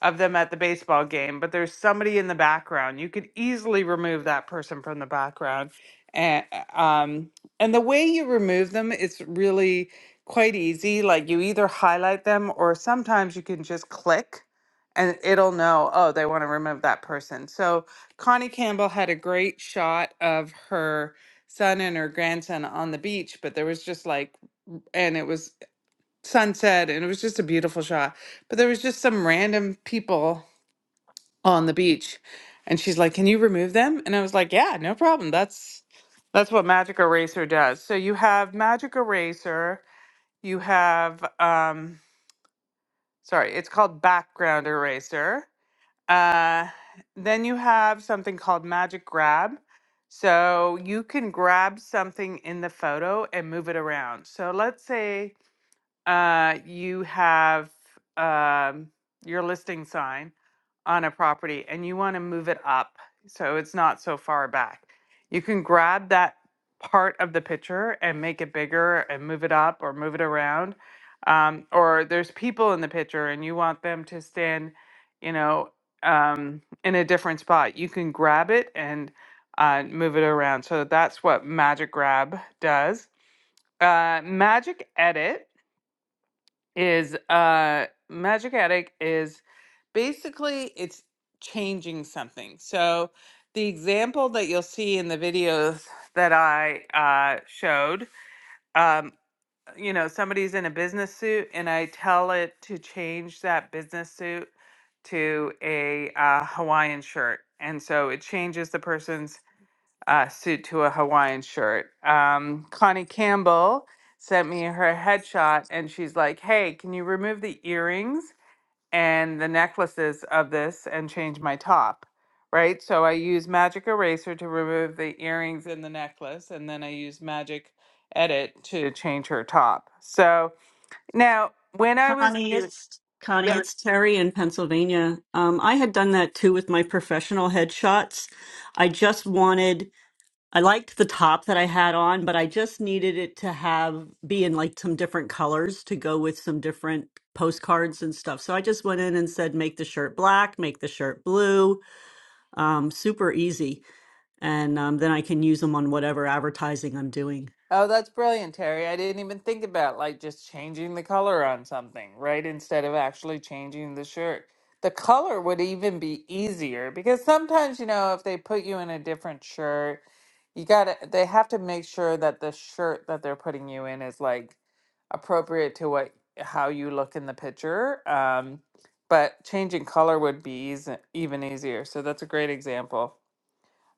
Speaker 2: of them at the baseball game, but there's somebody in the background. You could easily remove that person from the background. And uh, um and the way you remove them is really quite easy. Like you either highlight them or sometimes you can just click and it'll know, oh, they want to remove that person. So Connie Campbell had a great shot of her son and her grandson on the beach, but there was just like, and it was sunset and it was just a beautiful shot, but there was just some random people on the beach. And she's like, can you remove them? And I was like, yeah, no problem. That's. That's what Magic Eraser does. So you have Magic Eraser, you have, um, sorry, it's called Background Eraser. Uh, then you have something called Magic Grab. So you can grab something in the photo and move it around. So let's say uh, you have um, your listing sign on a property and you want to move it up so it's not so far back, you can grab that part of the picture and make it bigger and move it up or move it around. Um, or there's people in the picture and you want them to stand, you know, um, in a different spot. You can grab it and uh, move it around. So that's what Magic Grab does. Uh, Magic Edit is uh magic attic is basically it's changing something so the example that you'll see in the videos that i uh, showed um, you know somebody's in a business suit and i tell it to change that business suit to a uh, hawaiian shirt and so it changes the person's uh, suit to a Hawaiian shirt. Um, Connie Campbell sent me her headshot and she's like, hey, can you remove the earrings and the necklaces of this and change my top? Right? So I use Magic Eraser to remove the earrings and the necklace, and then I use Magic Edit to change her top. So now when I was
Speaker 4: Connie,
Speaker 2: doing,
Speaker 4: it's Connie, it's Terry in Pennsylvania. Um, I had done that too with my professional headshots. I just wanted I liked the top that I had on, but I just needed it to have be in like some different colors to go with some different postcards and stuff. So I just went in and said, make the shirt black, make the shirt blue. Um, super easy, and um, then I can use them on whatever advertising I'm doing.
Speaker 2: Oh, that's brilliant, Terry. I didn't even think about like just changing the color on something, right? Instead of actually changing the shirt. The color would even be easier because sometimes, you know, if they put you in a different shirt, you gotta, they have to make sure that the shirt that they're putting you in is like appropriate to what, how you look in the picture. Um, but changing color would be easy, even easier. So that's a great example.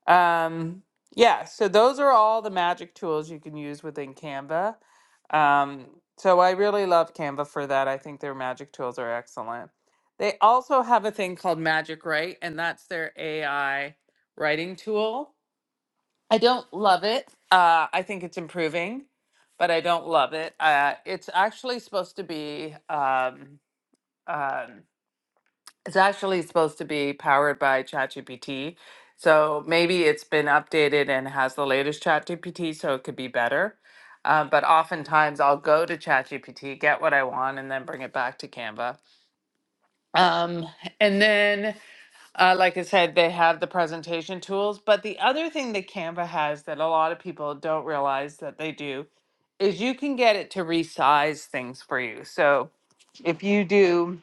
Speaker 2: Um, yeah, so those are all the magic tools you can use within Canva. Um, so I really love Canva for that. I think their magic tools are excellent. They also have a thing called Magic Write, and that's their AI writing tool. I don't love it. Uh, I think it's improving, but I don't love it. Uh, it's actually supposed to be um, um, it's actually supposed to be powered by ChatGPT. So maybe it's been updated and has the latest ChatGPT, so it could be better. Um, but oftentimes I'll go to ChatGPT, get what I want, and then bring it back to Canva. Um, and then, uh, like I said, they have the presentation tools. But the other thing that Canva has that a lot of people don't realize that they do is you can get it to resize things for you. So if you do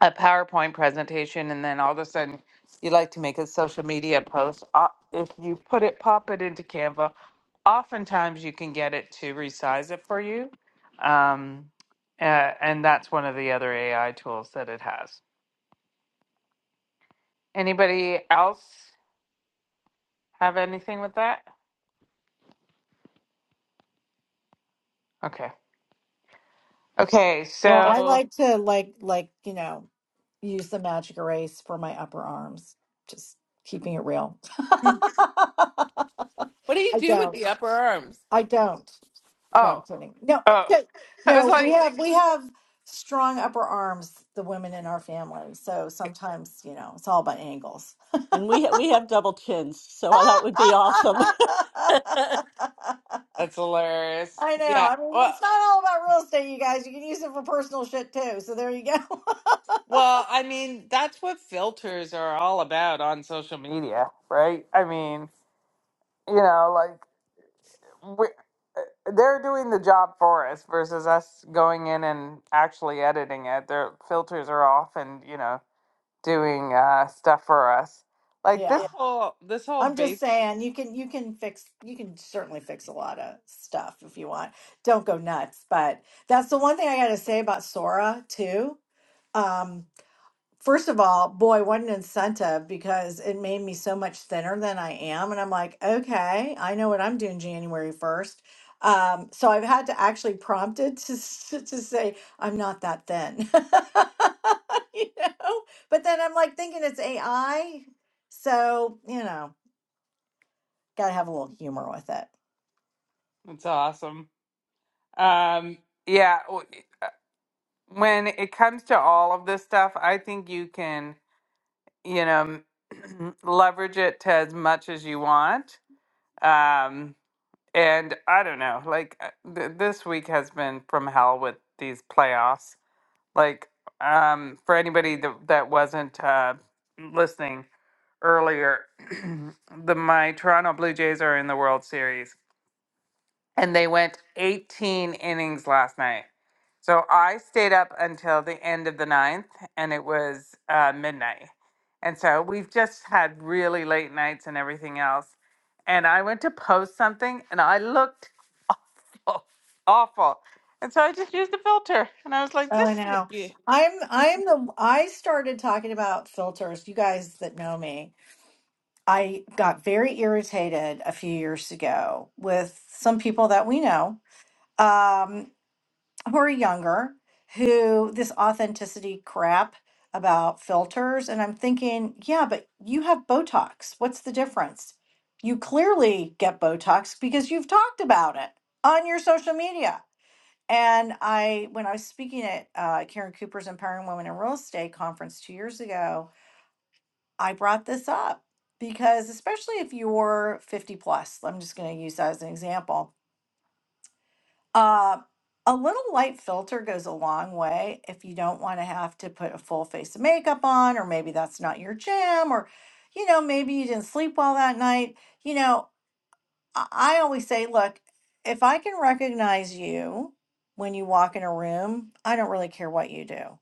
Speaker 2: a PowerPoint presentation and then all of a sudden you like to make a social media post, o- if you put it, pop it into Canva, oftentimes you can get it to resize it for you. Um, uh, and that's one of the other AI tools that it has. Anybody else have anything with that? Okay. Okay.
Speaker 1: Well, I
Speaker 2: So,
Speaker 1: like to like like, you know, use the magic erase for my upper arms. Just keeping it real.
Speaker 2: What do you
Speaker 1: I
Speaker 2: do with
Speaker 1: don't.
Speaker 2: the upper arms?
Speaker 1: I don't. No, I'm
Speaker 2: oh,
Speaker 1: kidding. No,
Speaker 2: oh,
Speaker 1: no,
Speaker 2: I was
Speaker 1: no, we
Speaker 2: like,
Speaker 1: have we have strong upper arms, the women in our family. So sometimes, you know, it's all about angles.
Speaker 4: And we ha- we have double chins, so that would be awesome.
Speaker 2: that's hilarious.
Speaker 1: I know.
Speaker 2: Yeah.
Speaker 1: I mean,
Speaker 2: Well.
Speaker 1: it's not all about real estate, you guys. You can use it for personal shit too. So there you go.
Speaker 2: Well, I mean, that's what filters are all about on social media, right? I mean, you know, like we, eh, they're doing the job for us versus us going in and actually editing it. Their filters are off and, you know, doing uh, stuff for us. Like this Yeah.
Speaker 1: yeah.
Speaker 2: whole this whole
Speaker 1: I'm just
Speaker 2: base
Speaker 1: saying you can you can fix you can certainly fix a lot of stuff if you want. Don't go nuts. But that's the one thing I gotta say about Sora too. Um, first of all, boy, what an incentive because it made me so much thinner than I am. And I'm like, okay, I know what I'm doing January 1st. Um, so I've had to actually prompt it to, s- to say, I'm not that thin, you know? But then I'm like thinking it's AI. So, you know, got to have a little humor with it.
Speaker 2: it's awesome. Um yeah, w- uh, when it comes to all of this stuff, I think you can, you know, leverage it to as much as you want Um, and I don't know, like uh, th- this week has been from hell with these playoffs. Like, um, for anybody that, that wasn't uh, listening earlier, the my Toronto Blue Jays are in the World Series and they went 18 innings last night. So I stayed up until the end of the ninth, and it was uh, midnight. And so we've just had really late nights and everything else. And I went to post something, and I looked awful, awful. And so I just used the filter, and I was like,
Speaker 1: Oh,
Speaker 2: "This
Speaker 1: I
Speaker 2: is a
Speaker 1: know.
Speaker 2: be-
Speaker 1: I'm I'm the I started talking about filters. You guys that know me, I got very irritated a few years ago with some people that we know um, who are younger who this authenticity crap about filters and I'm thinking, yeah, but you have Botox. What's the difference? You clearly get Botox because you've talked about it on your social media. And I, when I was speaking at uh, Karen Cooper's Empowering Women in Real Estate conference two years ago, I brought this up because, especially if you're 50 plus, I'm just going to use that as an example. Uh, a little light filter goes a long way if you don't want to have to put a full face of makeup on, or maybe that's not your jam, or, you know, maybe you didn't sleep well that night. You know, I I always say, look, if I can recognize you when you walk in a room, I don't really care what you do.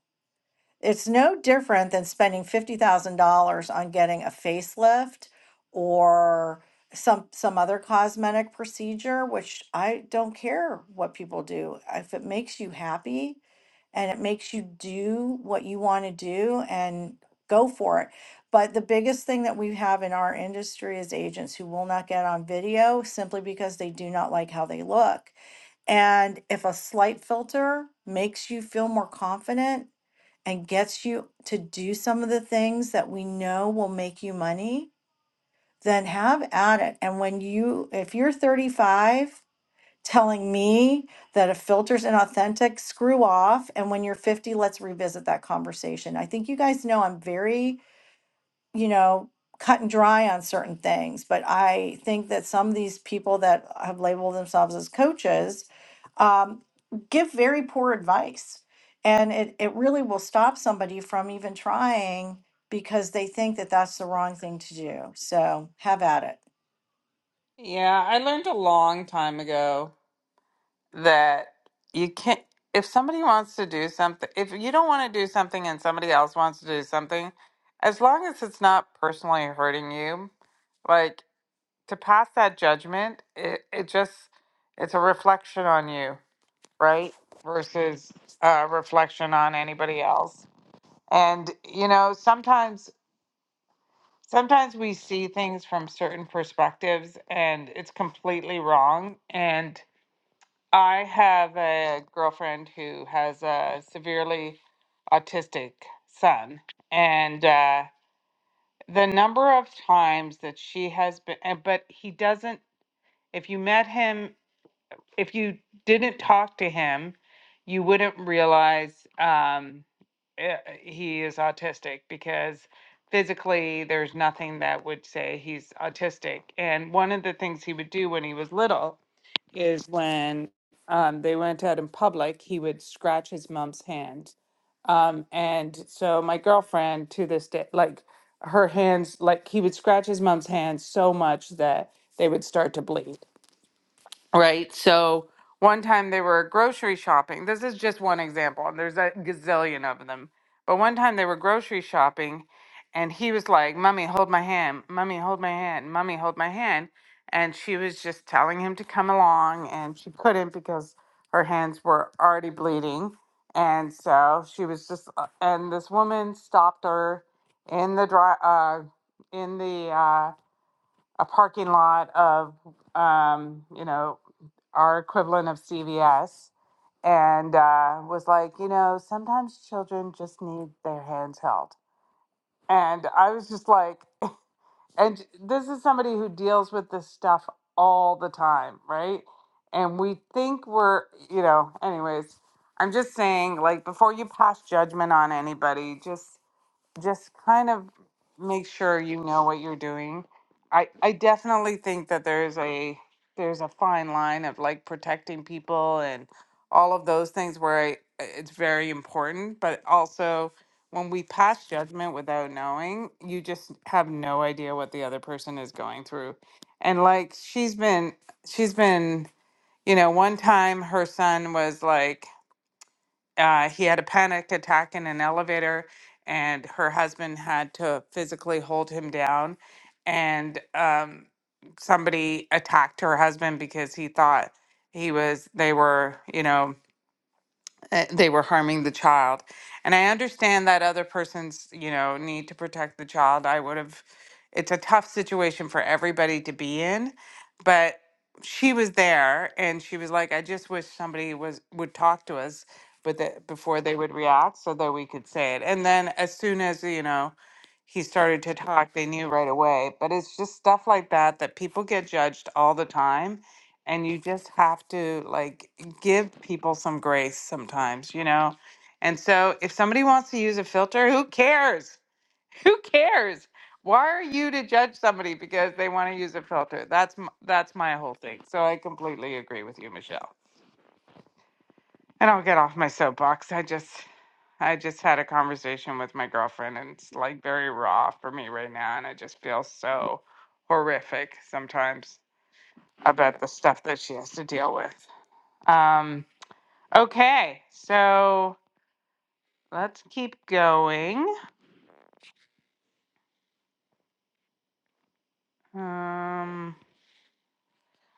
Speaker 1: It's no different than spending $50,000 on getting a facelift or some some other cosmetic procedure, which I don't care what people do. If it makes you happy, and it makes you do what you want to do and go for it. But the biggest thing that we have in our industry is agents who will not get on video simply because they do not like how they look. And if a slight filter makes you feel more confident and gets you to do some of the things that we know will make you money, then have at it. And when you, if you're 35 telling me that a filter's inauthentic, screw off. And when you're 50, let's revisit that conversation. I think you guys know I'm very, you know, cut and dry on certain things, but I think that some of these people that have labeled themselves as coaches um, give very poor advice. And it, it really will stop somebody from even trying because they think that that's the wrong thing to do. So have at it.
Speaker 2: yeah." I learned a long time ago that you can't if somebody wants to do something if you don't want to do something and somebody else wants to do something as long as it's not personally hurting you like to pass that judgment it, it just it's a reflection on you right versus a reflection on anybody else and you know sometimes sometimes we see things from certain perspectives and it's completely wrong and I have a girlfriend who has a severely autistic son, and uh, the number of times that she has been, and- but he doesn't, if you met him, if you didn't talk to him, you wouldn't realize um, eh, he is autistic because physically there's nothing that would say he's autistic. And one of the things he would do when he was little is when um, they went out in public, he would scratch his mom's hand. Um, and so my girlfriend to this day, like her hands, like he would scratch his mom's hands so much that they would start to bleed right? So one time they were grocery shopping. This is just one example, and there's a gazillion of them. But one time they were grocery shopping, and he was like, "Mummy, hold my hand. Mummy, hold my hand. Mummy, hold my hand." And she was just telling him to come along, and she couldn't because her hands were already bleeding. And so she was just, uh, and this woman stopped her in the dri uh, in the uh, a parking lot of um, you know our equivalent of CVS, and uh, was like, you know, sometimes children just need their hands held. And I was just like, and this is somebody who deals with this stuff all the time, right? And we think we're, you know, anyways, I'm just saying, like, before you pass judgment on anybody, just just kind of make sure you know what you're doing. I I definitely think that there's a there's a fine line of like protecting people and all of those things where I, it's very important, but also when we pass judgment without knowing, you just have no idea what the other person is going through. And like she's been she's been, you know, one time her son was like uh, he had a panic attack in an elevator, and her husband had to physically hold him down. And um, somebody attacked her husband because he thought he was, they were, you know, uh, they were harming the child. And I understand that other person's, you know, need to protect the child. I would have, it's a tough situation for everybody to be in, but she was there and she was like, I just wish somebody was, would talk to us but that before they would react so that we could say it. And then as soon as, you know, he started to talk, they knew right away. But it's just stuff like that that people get judged all the time and you just have to like give people some grace sometimes, you know? And so if somebody wants to use a filter, who cares? Who cares? Why are you to judge somebody because they want to use a filter? That's m- that's my whole thing. So I completely agree with you, Michelle. And I will get off my soapbox. I just I just had a conversation with my girlfriend and it's like very raw for me right now and I just feel so horrific sometimes about the stuff that she has to deal with. Um Okay, so let's keep going. Um,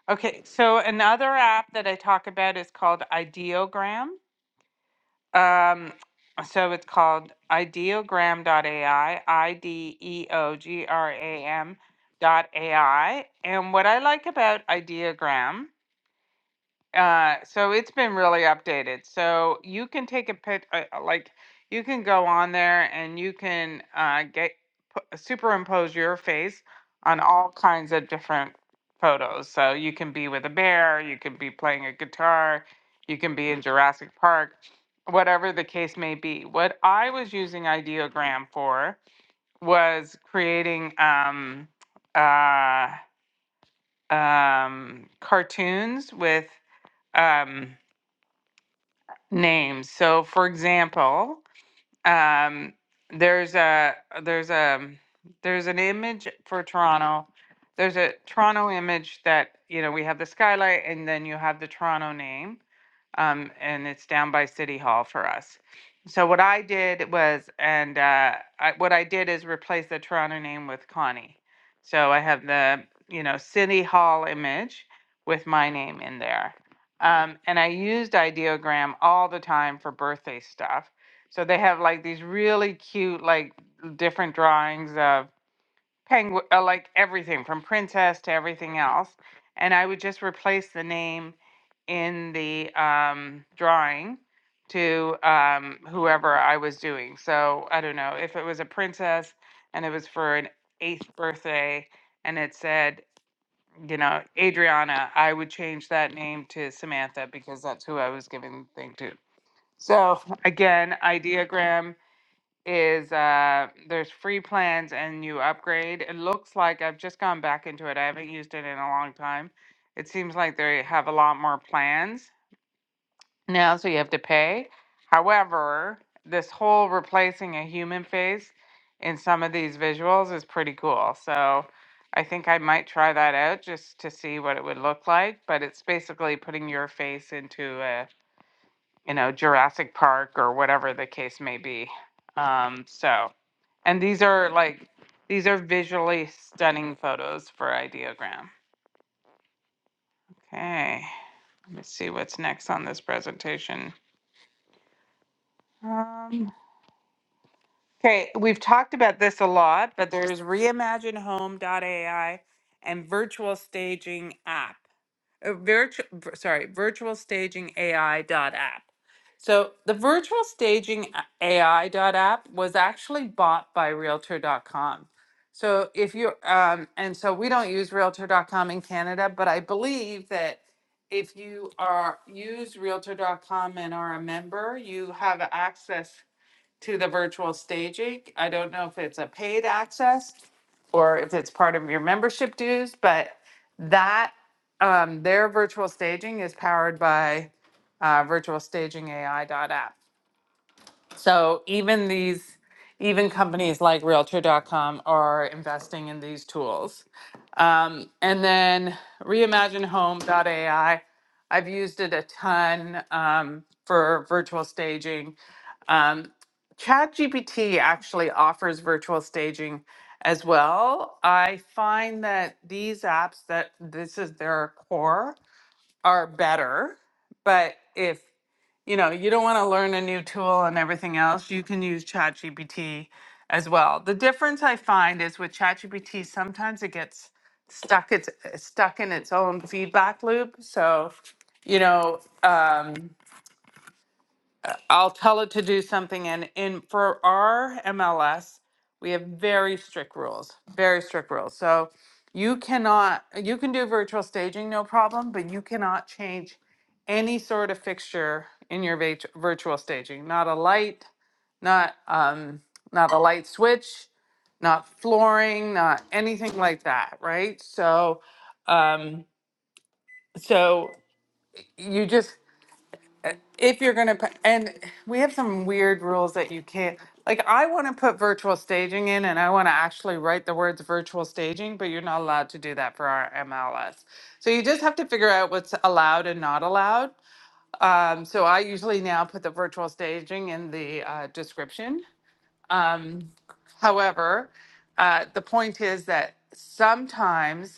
Speaker 2: okay, so another app that I talk about is called Ideogram. Um, so it's called Ideogram ideogram.ai, I I D E O G R A M dot AI. And what I like about Ideogram Uh, so it's been really updated. So you can take a pic, uh, uh, like you can go on there and you can uh, get pu- superimpose your face on all kinds of different photos. So you can be with a bear, you can be playing a guitar, you can be in Jurassic Park, whatever the case may be. What I was using Ideogram for was creating um, uh, um, cartoons with. Um, names. So, for example, um, there's a there's a there's an image for Toronto. There's a Toronto image that you know we have the skylight, and then you have the Toronto name, um, and it's down by City Hall for us. So what I did was, and uh, I, what I did is replace the Toronto name with Connie. So I have the you know City Hall image with my name in there. Um, and I used ideogram all the time for birthday stuff so they have like these really cute, like different drawings of penguin, uh, like everything from princess to everything else. And I would just replace the name in the um, drawing to um, whoever I was doing. So I don't know if it was a princess and it was for an eighth birthday and it said, you know, Adriana, I would change that name to Samantha because that's who I was giving the thing to. So again, ideogram is uh there's free plans and you upgrade. It looks like I've just gone back into it. I haven't used it in a long time. It seems like they have a lot more plans now, so you have to pay. However, this whole replacing a human face in some of these visuals is pretty cool. So I think I might try that out just to see what it would look like. But it's basically putting your face into a you know, Jurassic Park or whatever the case may be. Um, so, and these are like, these are visually stunning photos for Ideogram. Okay, let me see what's next on this presentation. Um, okay, we've talked about this a lot, but there's AI and virtual staging app. uh, virtual sorry virtual staging ai dot app so the virtual staging ai dot app was actually bought by Realtor dot com. so if you um, and so we don't use Realtor dot com in canada but i believe that if you are use Realtor dot com and are a member you have access to the virtual staging. I don't know if it's a paid access or if it's part of your membership dues, but that um, their virtual staging is powered by uh, virtual staging A I dot app. So even these, even companies like Realtor.com are investing in these tools. Um, and then Reimagine Home reimaginehome.ai, I've used it a ton um, for virtual staging um, ChatGPT actually offers virtual staging as well. I find that these apps that this is their core are better, but if you know you don't want to learn a new tool and everything else, you can use ChatGPT as well. The difference I find is with ChatGPT sometimes it gets stuck it's stuck in its own feedback loop. So you know. Um, I'll tell it to do something. And in for our MLS, we have very strict rules, very strict rules. So you cannot, you can do virtual staging, no problem, but you cannot change any sort of fixture in your vit- virtual staging. Not a light, not um, not a light switch, not flooring, not anything like that, right? So, um, so you just if you're going to put, and we have some weird rules that you can't like i want to put virtual staging in and i want to actually write the words virtual staging but you're not allowed to do that for our mls so you just have to figure out what's allowed and not allowed um, so i usually now put the virtual staging in the uh, description um, however uh, the point is that sometimes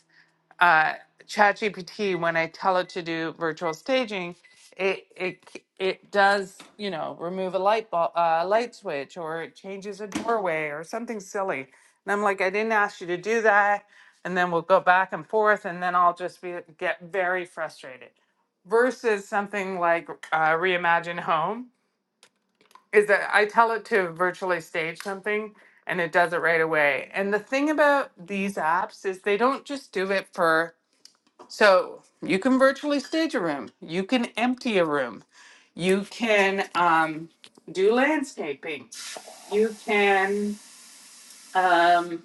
Speaker 2: uh, ChatGPT, when I tell it to do virtual staging, it it it does you know remove a light bulb, uh, light switch, or it changes a doorway, or something silly. And I'm like, I didn't ask you to do that. And then we'll go back and forth, and then I'll just be get very frustrated. Versus something like uh, Reimagine Home is that I tell it to virtually stage something, and it does it right away. And the thing about these apps is they don't just do it for so you can virtually stage a room. You can empty a room. You can um, do landscaping. You can. Um,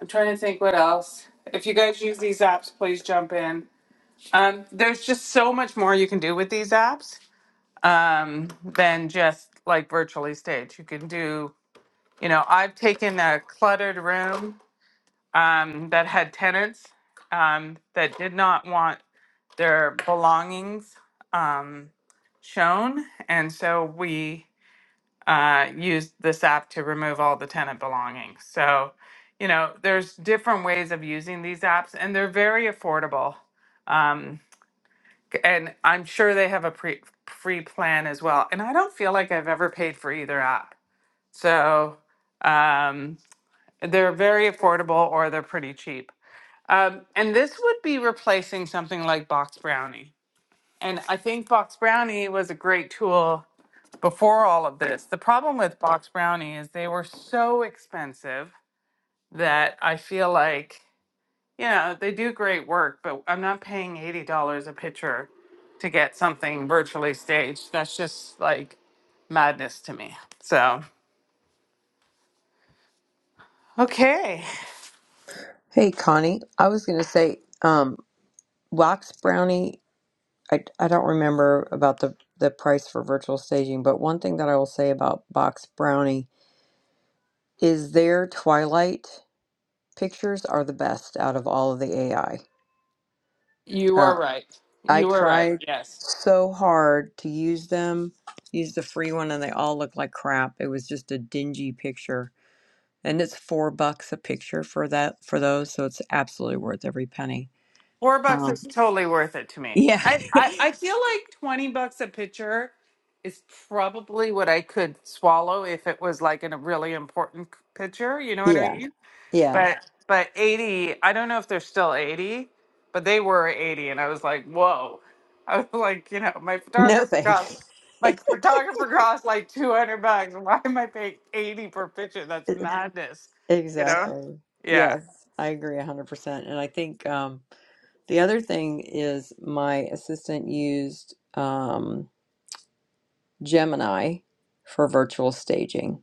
Speaker 2: I'm trying to think what else. If you guys use these apps, please jump in. Um, there's just so much more you can do with these apps um, than just like virtually stage. You can do, you know, I've taken a cluttered room um, that had tenants um, that did not want their belongings um, shown. And so we uh, used this app to remove all the tenant belongings. So, you know, there's different ways of using these apps, and they're very affordable. Um, and I'm sure they have a pre- free plan as well. And I don't feel like I've ever paid for either app. So um, they're very affordable or they're pretty cheap. Um, and this would be replacing something like Box Brownie. And I think Box Brownie was a great tool before all of this. The problem with Box Brownie is they were so expensive that I feel like, you know, they do great work, but I'm not paying $80 a picture to get something virtually staged. That's just like madness to me. So, okay.
Speaker 8: Hey, Connie. I was going to say, Wax Brownie, I, I don't remember about the, the price for virtual staging, but one thing that I will say about Box Brownie is their Twilight pictures are the best out of all of the AI.
Speaker 2: You are
Speaker 8: Uh,
Speaker 2: right.
Speaker 8: I
Speaker 2: You are right.
Speaker 8: tried
Speaker 2: Yes.
Speaker 8: so hard to use them, use the free one, and they all look like crap. It was just a dingy picture. And it's four bucks a picture for that for those, so it's absolutely worth every penny.
Speaker 2: Four bucks is
Speaker 8: Um,
Speaker 2: totally worth it to me.
Speaker 8: yeah,
Speaker 2: I, I, I feel like 20 bucks a picture is probably what I could swallow if it was like in a really important c- picture. You know what I
Speaker 8: yeah,
Speaker 2: mean? But,
Speaker 8: yeah.
Speaker 2: Yeah. but 80, I don't know if they're still 80, but they were 80. And I was like, whoa. I was like, you know, my
Speaker 8: No
Speaker 2: photographer
Speaker 8: thanks.
Speaker 2: cost, my photographer cost like 200 bucks. Why am I paying 80 per picture? That's madness. You know?
Speaker 8: Exactly.
Speaker 2: Yeah.
Speaker 8: Yes, I agree 100%. And I think um, the other thing is my assistant used um, Gemini for virtual staging,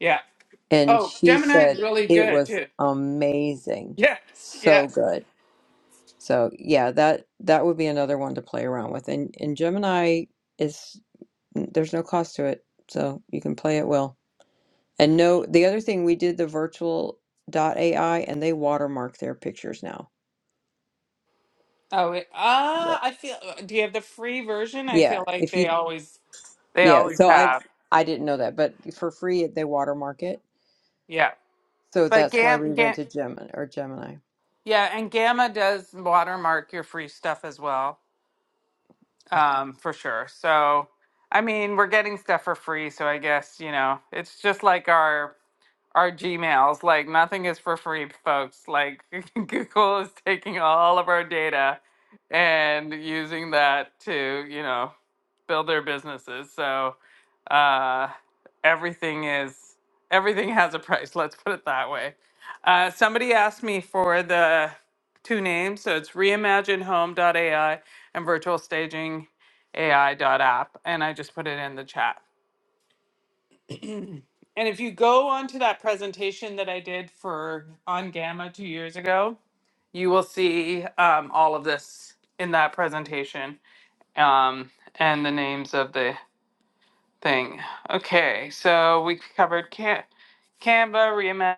Speaker 2: Yeah.
Speaker 8: and
Speaker 2: Oh,
Speaker 8: she
Speaker 2: Gemini is
Speaker 8: said
Speaker 2: really
Speaker 8: it
Speaker 2: good
Speaker 8: was
Speaker 2: too.
Speaker 8: amazing.
Speaker 2: Yes,
Speaker 8: So
Speaker 2: yes.
Speaker 8: good. So yeah, that that would be another one to play around with. And and Gemini is mm, there's no cost to it, so you can play at will. And no, the other thing we did the virtual dot AI and they watermark their pictures now.
Speaker 2: Oh, it, ah, I feel. uh, Do you have the free version? I
Speaker 8: Yeah,
Speaker 2: feel like
Speaker 8: if
Speaker 2: they
Speaker 8: you
Speaker 2: always they
Speaker 8: yeah,
Speaker 2: always
Speaker 8: so I
Speaker 2: have.
Speaker 8: I didn't know that, but for free they watermark it.
Speaker 2: Yeah,
Speaker 8: So
Speaker 2: but
Speaker 8: that's why
Speaker 2: Gam,
Speaker 8: we went
Speaker 2: Gam
Speaker 8: to Gemini or Gemini.
Speaker 2: yeah, and Gamma does watermark your free stuff as well,
Speaker 8: Oh.
Speaker 2: um, for sure. So, I mean, we're getting stuff for free, so I guess you know it's just like our our Gmails. Like nothing is for free, folks. Like Google is taking all of our data and using that to, you know, build their businesses. So uh, everything is everything has a price. Let's put it that way. Uh, somebody asked me for the two names, so it's AI and virtualstaging App, and I just put it in the chat. And if you go onto that presentation that I did for on Gamma two years ago, you will see um, all of this in that presentation um, and the names of the thing. Okay, so we covered Ca- Canva,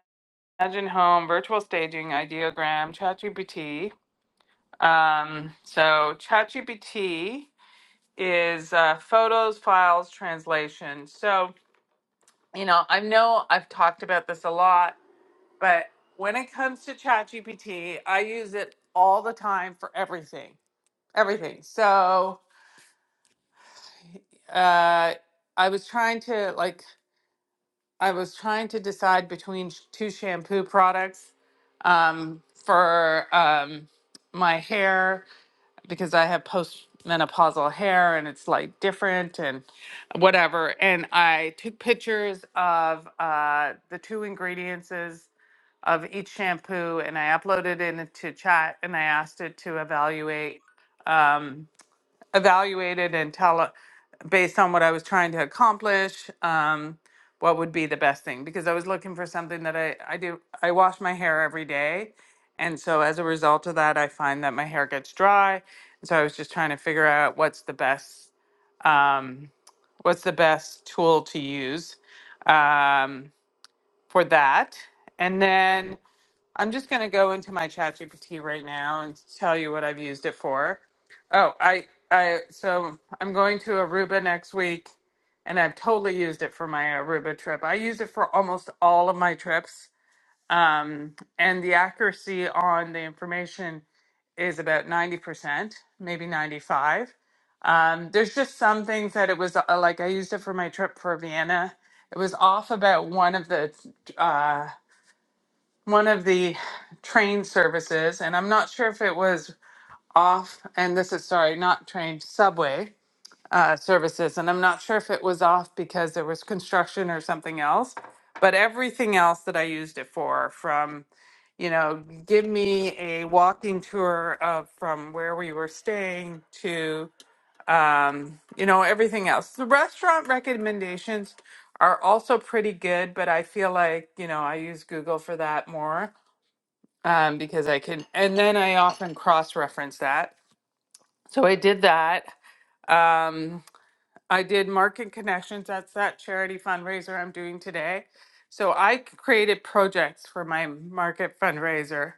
Speaker 2: Reimagine Home, Virtual Staging, Ideogram, ChatGPT. Um, so ChatGPT is uh, photos, files, translation. So you know, I know I've talked about this a lot But when it comes to ChatGPT, I use it all the time for everything. Everything. So uh, I was trying to like I was trying to decide between sh- two shampoo products um, for um, my hair because I have postmenopausal hair and it's like different and whatever. And I took pictures of uh, the two ingredients of each shampoo and I uploaded it into chat and I asked it to evaluate um, evaluate it and tell based on what I was trying to accomplish um, what would be the best thing because I was looking for something that I, I do I wash my hair every day and so as a result of that I find that my hair gets dry and so I was just trying to figure out what's the best um, what's the best tool to use um, for that and then I'm just going to go into my ChatGPT right now and tell you what I've used it for. Oh, I I so I'm going to Aruba next week and I've totally used it for my Aruba trip. I use it for almost all of my trips. Um, and the accuracy on the information is about 90%, maybe 95. Um, there's just some things that it was uh, like I used it for my trip for Vienna. It was off about one of the uh, one of the train services, and I'm not sure if it was off, and this is sorry, not train, subway uh, services, and I'm not sure if it was off because there was construction or something else, but everything else that I used it for, from, you know, give me a walking tour of from where we were staying to, um, you know, everything else. The restaurant recommendations are also pretty good, but I feel like, you know, I use Google for that more um, because I can, and then I often cross reference that. So I did that. Um, I did Market Connections. That's that charity fundraiser I'm doing today. So I c- created projects for my market fundraiser.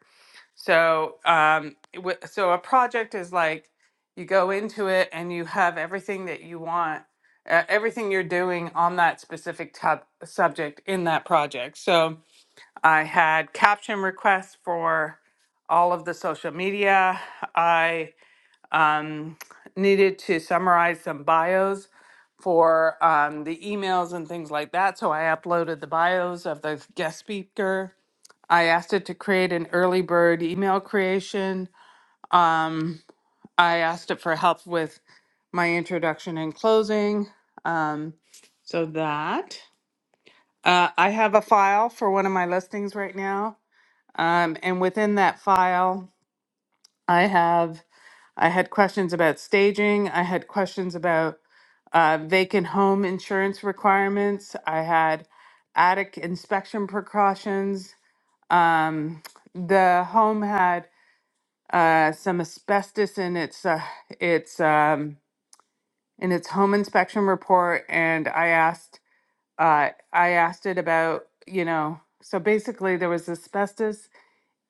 Speaker 2: So, um, it wa- so a project is like you go into it and you have everything that you want, uh, everything you're doing on that specific tub subject in that project. So, I had caption requests for all of the social media. I um, needed to summarize some bios for um, the emails and things like that. So I uploaded the bios of the guest speaker. I asked it to create an early bird email creation. Um, I asked it for help with my introduction and closing. Um, so that uh, I have a file for one of my listings right now Um, and within that file, I have I had questions about staging. I had questions about uh, vacant home insurance requirements. I had attic inspection precautions. Um, the home had uh, some asbestos in its uh, its um, in its home inspection report, and I asked uh, I asked it about you know so basically there was asbestos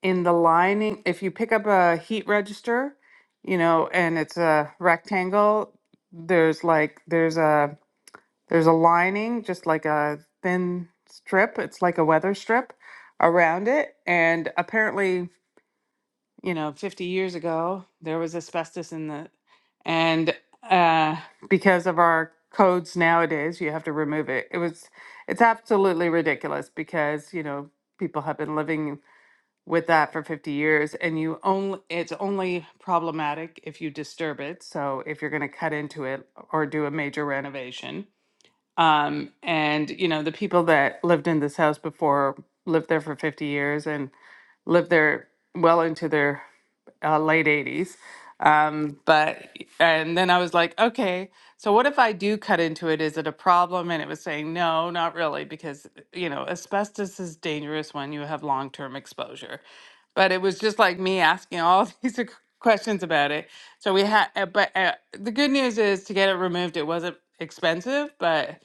Speaker 2: in the lining, if you pick up a heat register, you know, and it's a rectangle, there's like there's a there's a lining, just like a thin strip. It's like a weather strip around it. And apparently, you know, 50 years ago, there was asbestos in the and uh because of our codes nowadays, you have to remove it. It was it's absolutely ridiculous because, you know, people have been living with that for 50 years and you only it's only problematic if you disturb it so if you're going to cut into it or do a major renovation um, and you know, the people that lived in this house before lived there for 50 years and lived there well into their uh, late 80s. Um, but, and then I was like, okay, so what if I do cut into it? Is it a problem? And it was saying, no, not really, because, you know, asbestos is dangerous when you have long term exposure. But it was just like me asking all these questions about it. So we had, uh, but uh, the good news is to get it removed, it wasn't expensive, but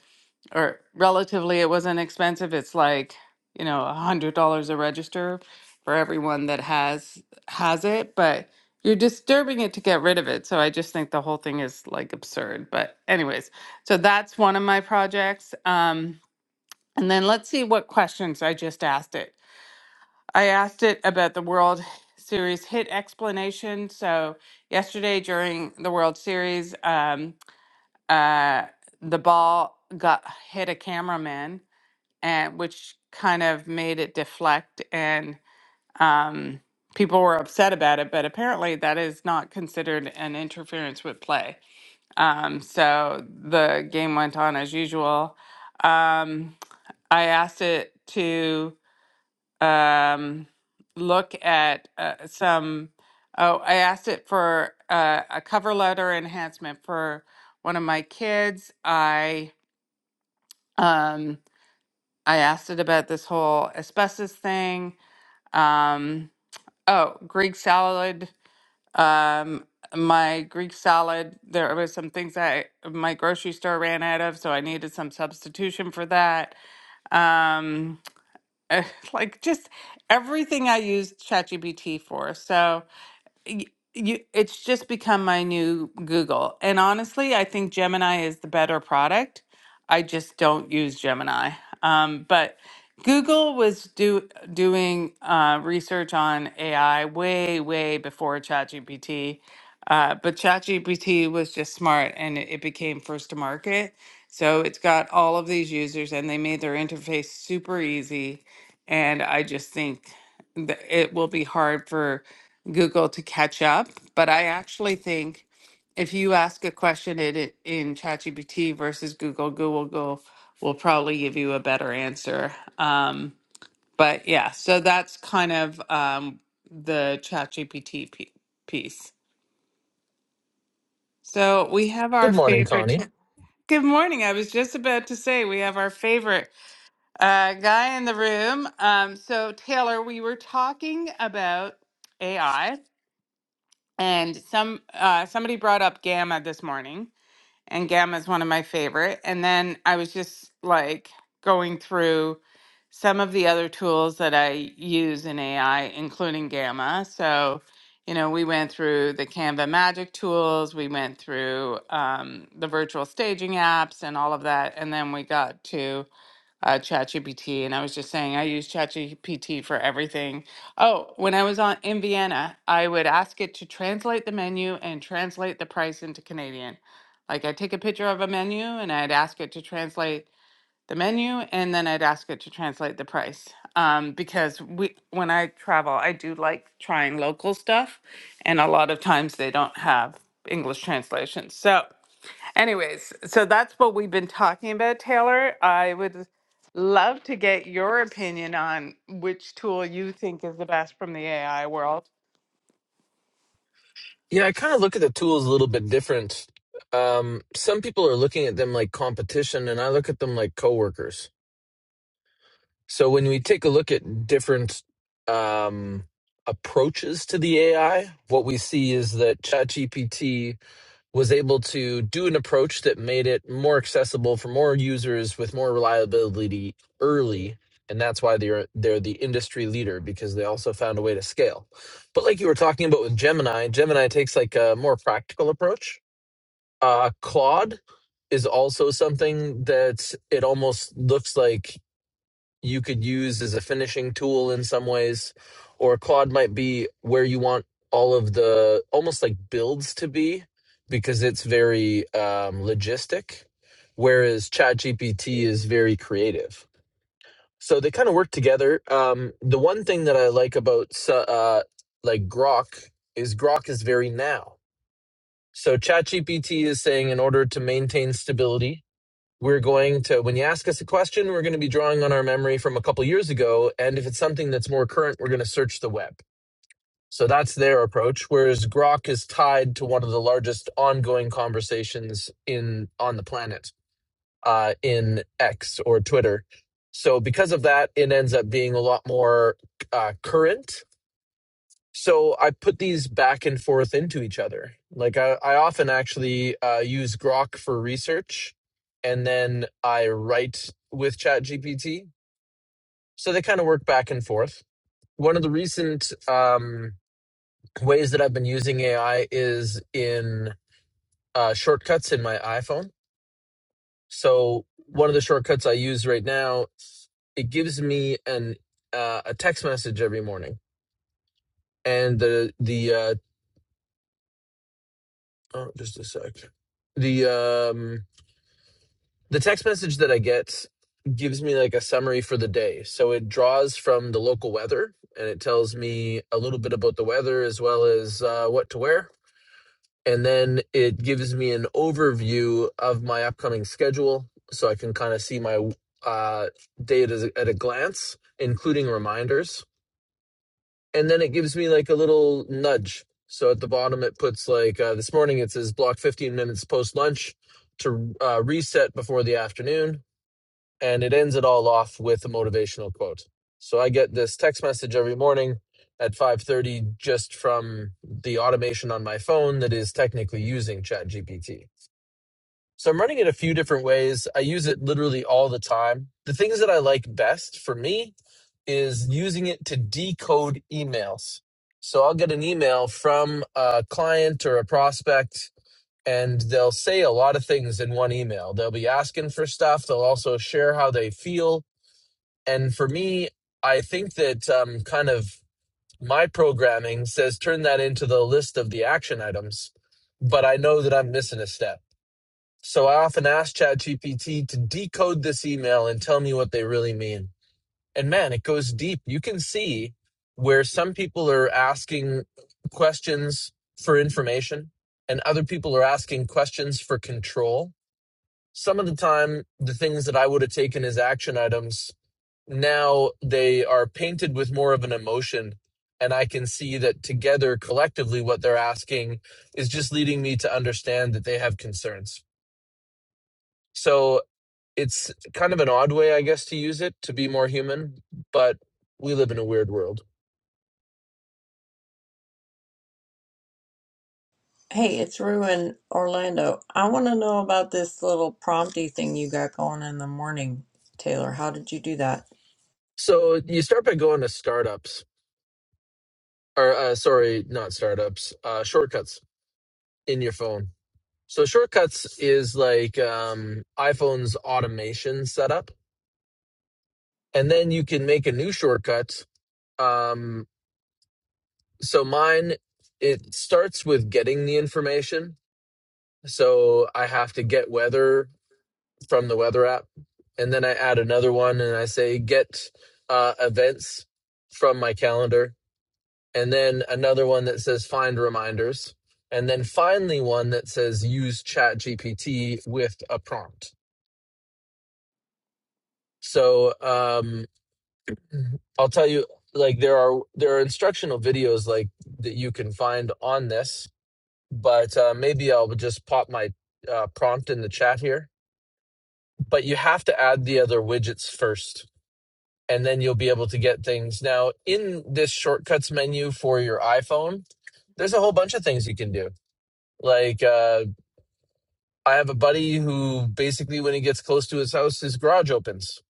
Speaker 2: or relatively it wasn't expensive. It's like, you know, a hundred dollars a register for everyone that has has it, but you're disturbing it to get rid of it. So I just think the whole thing is like absurd. But anyways, so that's one of my projects. Um, and then let's see what questions I just asked it. I asked it about the World Series hit explanation. So yesterday during the World Series, um, uh, the ball got hit a cameraman and which kind of made it deflect and um, people were upset about it but apparently that is not considered an interference with play um, so the game went on as usual um, i asked it to um, look at uh, some oh i asked it for uh, a cover letter enhancement for one of my kids i um, I asked it about this whole asbestos thing. Um, oh, Greek salad. Um, my Greek salad, there were some things I my grocery store ran out of, so I needed some substitution for that. Um, like just everything I used ChatGPT for. So y- you it's just become my new Google. And honestly, I think Gemini is the better product. I just don't use Gemini. Um, but Google was do doing uh, research on AI way, way before ChatGPT. Uh, but ChatGPT was just smart and it, it became first to market. So it's got all of these users and they made their interface super easy. And I just think that it will be hard for Google to catch up. But I actually think if you ask a question in it- in ChatGPT versus Google, Google will will probably give you a better answer. Um, but yeah, so that's kind of um, the ChatGPT p- piece. So we have our
Speaker 13: Good morning,
Speaker 2: favorite.
Speaker 13: Connie.
Speaker 2: Good morning. I was just about to say we have our favorite uh, guy in the room. Um, so Taylor, we were talking about AI and some uh, somebody brought up gamma this morning, and gamma is one of my favorite. And then I was just like going through some of the other tools that I use in AI, including gamma. So, you know, we went through the Canva Magic tools, we went through um, the virtual staging apps, and all of that, and then we got to uh, ChatGPT, and I was just saying I use ChatGPT for everything. Oh, when I was on in Vienna, I would ask it to translate the menu and translate the price into Canadian. Like I'd take a picture of a menu and I'd ask it to translate the menu, and then I'd ask it to translate the price. Um, because we, when I travel, I do like trying local stuff, and a lot of times they don't have English translations. So. Anyways, so that's what we've been talking about, Taylor. I would love to get your opinion on which tool you think is the best from the AI world.
Speaker 13: Yeah, I kind of look at the tools a little bit different. Um, some people are looking at them like competition, and I look at them like coworkers. So when we take a look at different um, approaches to the AI, what we see is that ChatGPT was able to do an approach that made it more accessible for more users with more reliability early and that's why they're they're the industry leader because they also found a way to scale but like you were talking about with gemini gemini takes like a more practical approach uh claude is also something that it almost looks like you could use as a finishing tool in some ways, or a quad might be where you want all of the almost like builds to be because it's very um, logistic, whereas ChatGPT is very creative. So they kind of work together. Um, the one thing that I like about uh, like Grok is Grok is very now. So ChatGPT is saying in order to maintain stability, we're going to when you ask us a question we're going to be drawing on our memory from a couple years ago and if it's something that's more current we're going to search the web so that's their approach whereas grok is tied to one of the largest ongoing conversations in on the planet uh, in x or twitter so because of that it ends up being a lot more uh, current so I put these back and forth into each other. Like I, I often actually uh, use Grok for research, and then I write with ChatGPT. So they kind of work back and forth. One of the recent um, ways that I've been using AI is in uh, shortcuts in my iPhone. So one of the shortcuts I use right now, it gives me an uh, a text message every morning, and the the uh, Oh, just a sec. The um the text message that I get gives me like a summary for the day. So it draws from the local weather and it tells me a little bit about the weather as well as uh, what to wear. And then it gives me an overview of my upcoming schedule so I can kind of see my uh, day at a, at a glance, including reminders and then it gives me like a little nudge. So at the bottom, it puts like uh, this morning, it says block 15 minutes post lunch to uh, reset before the afternoon. And it ends it all off with a motivational quote. So I get this text message every morning at 5:30 just from the automation on my phone that is technically using ChatGPT. So I'm running it a few different ways. I use it literally all the time. The things that I like best for me is using it to decode emails. So I'll get an email from a client or a prospect, and they'll say a lot of things in one email. They'll be asking for stuff, they'll also share how they feel. And for me, I think that um, kind of my programming says turn that into the list of the action items, but I know that I'm missing a step. So I often ask ChatGPT to decode this email and tell me what they really mean. And man, it goes deep. You can see where some people are asking questions for information and other people are asking questions for control. Some of the time, the things that I would have taken as action items, now they are painted with more of an emotion. And I can see that together, collectively, what they're asking is just leading me to understand that they have concerns. So it's kind of an odd way, I guess, to use it to be more human, but we live in a weird world.
Speaker 8: Hey, it's Rue in Orlando. I want to know about this little prompty thing you got going in the morning, Taylor. How did you do that?
Speaker 13: So you start by going to startups, or uh, sorry, not startups, uh, shortcuts in your phone. So shortcuts is like um, iPhone's automation setup, and then you can make a new shortcut. Um, so mine, it starts with getting the information. So I have to get weather from the weather app. And then I add another one and I say get uh, events from my calendar. And then another one that says find reminders. And then finally one that says use chat GPT with a prompt. So um, I'll tell you like there are there are instructional videos like that you can find on this, but uh, maybe I'll just pop my uh, prompt in the chat here. But you have to add the other widgets first and then you'll be able to get things. Now, in this shortcuts menu for your iPhone, there's a whole bunch of things you can do. Like, uh, I have a buddy who basically, when he gets close to his house, his garage opens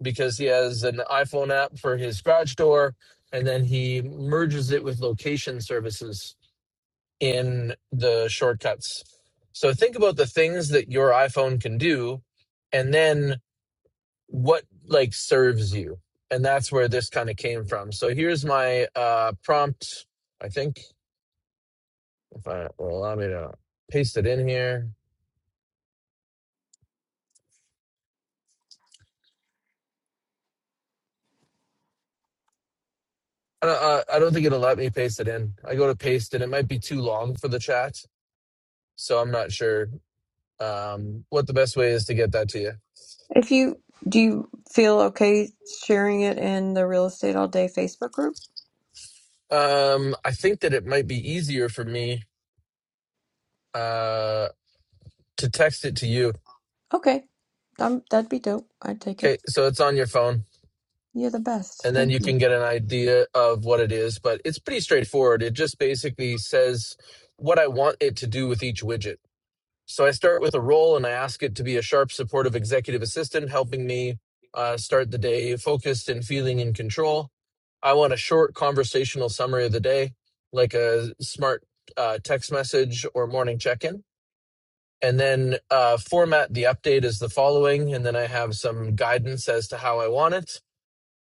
Speaker 13: because he has an iPhone app for his garage door, and then he merges it with location services in the shortcuts. So, think about the things that your iPhone can do, and then what like serves you and that's where this kind of came from so here's my uh prompt i think if i will allow me to paste it in here i don't, uh, I don't think it'll let me paste it in i go to paste and it might be too long for the chat so i'm not sure um what the best way is to get that to you
Speaker 8: If you do you feel okay sharing it in the Real Estate All Day Facebook group?
Speaker 13: um i think that it might be easier for me uh to text it to you
Speaker 8: Okay. Um, that'd be dope. I'd take
Speaker 13: okay
Speaker 8: it.
Speaker 13: so it's on your phone
Speaker 8: You're the best.
Speaker 13: and then
Speaker 8: Thank
Speaker 13: you
Speaker 8: you.
Speaker 13: can get an idea of what it is. But it's pretty straightforward. It just basically says what I want it to do with each widget. So I start with a role and I ask it to be a sharp, supportive executive assistant, helping me uh, start the day focused and feeling in control. I want a short conversational summary of the day, like a smart uh, text message or morning check in. And then uh, format the update as the following. And then I have some guidance as to how I want it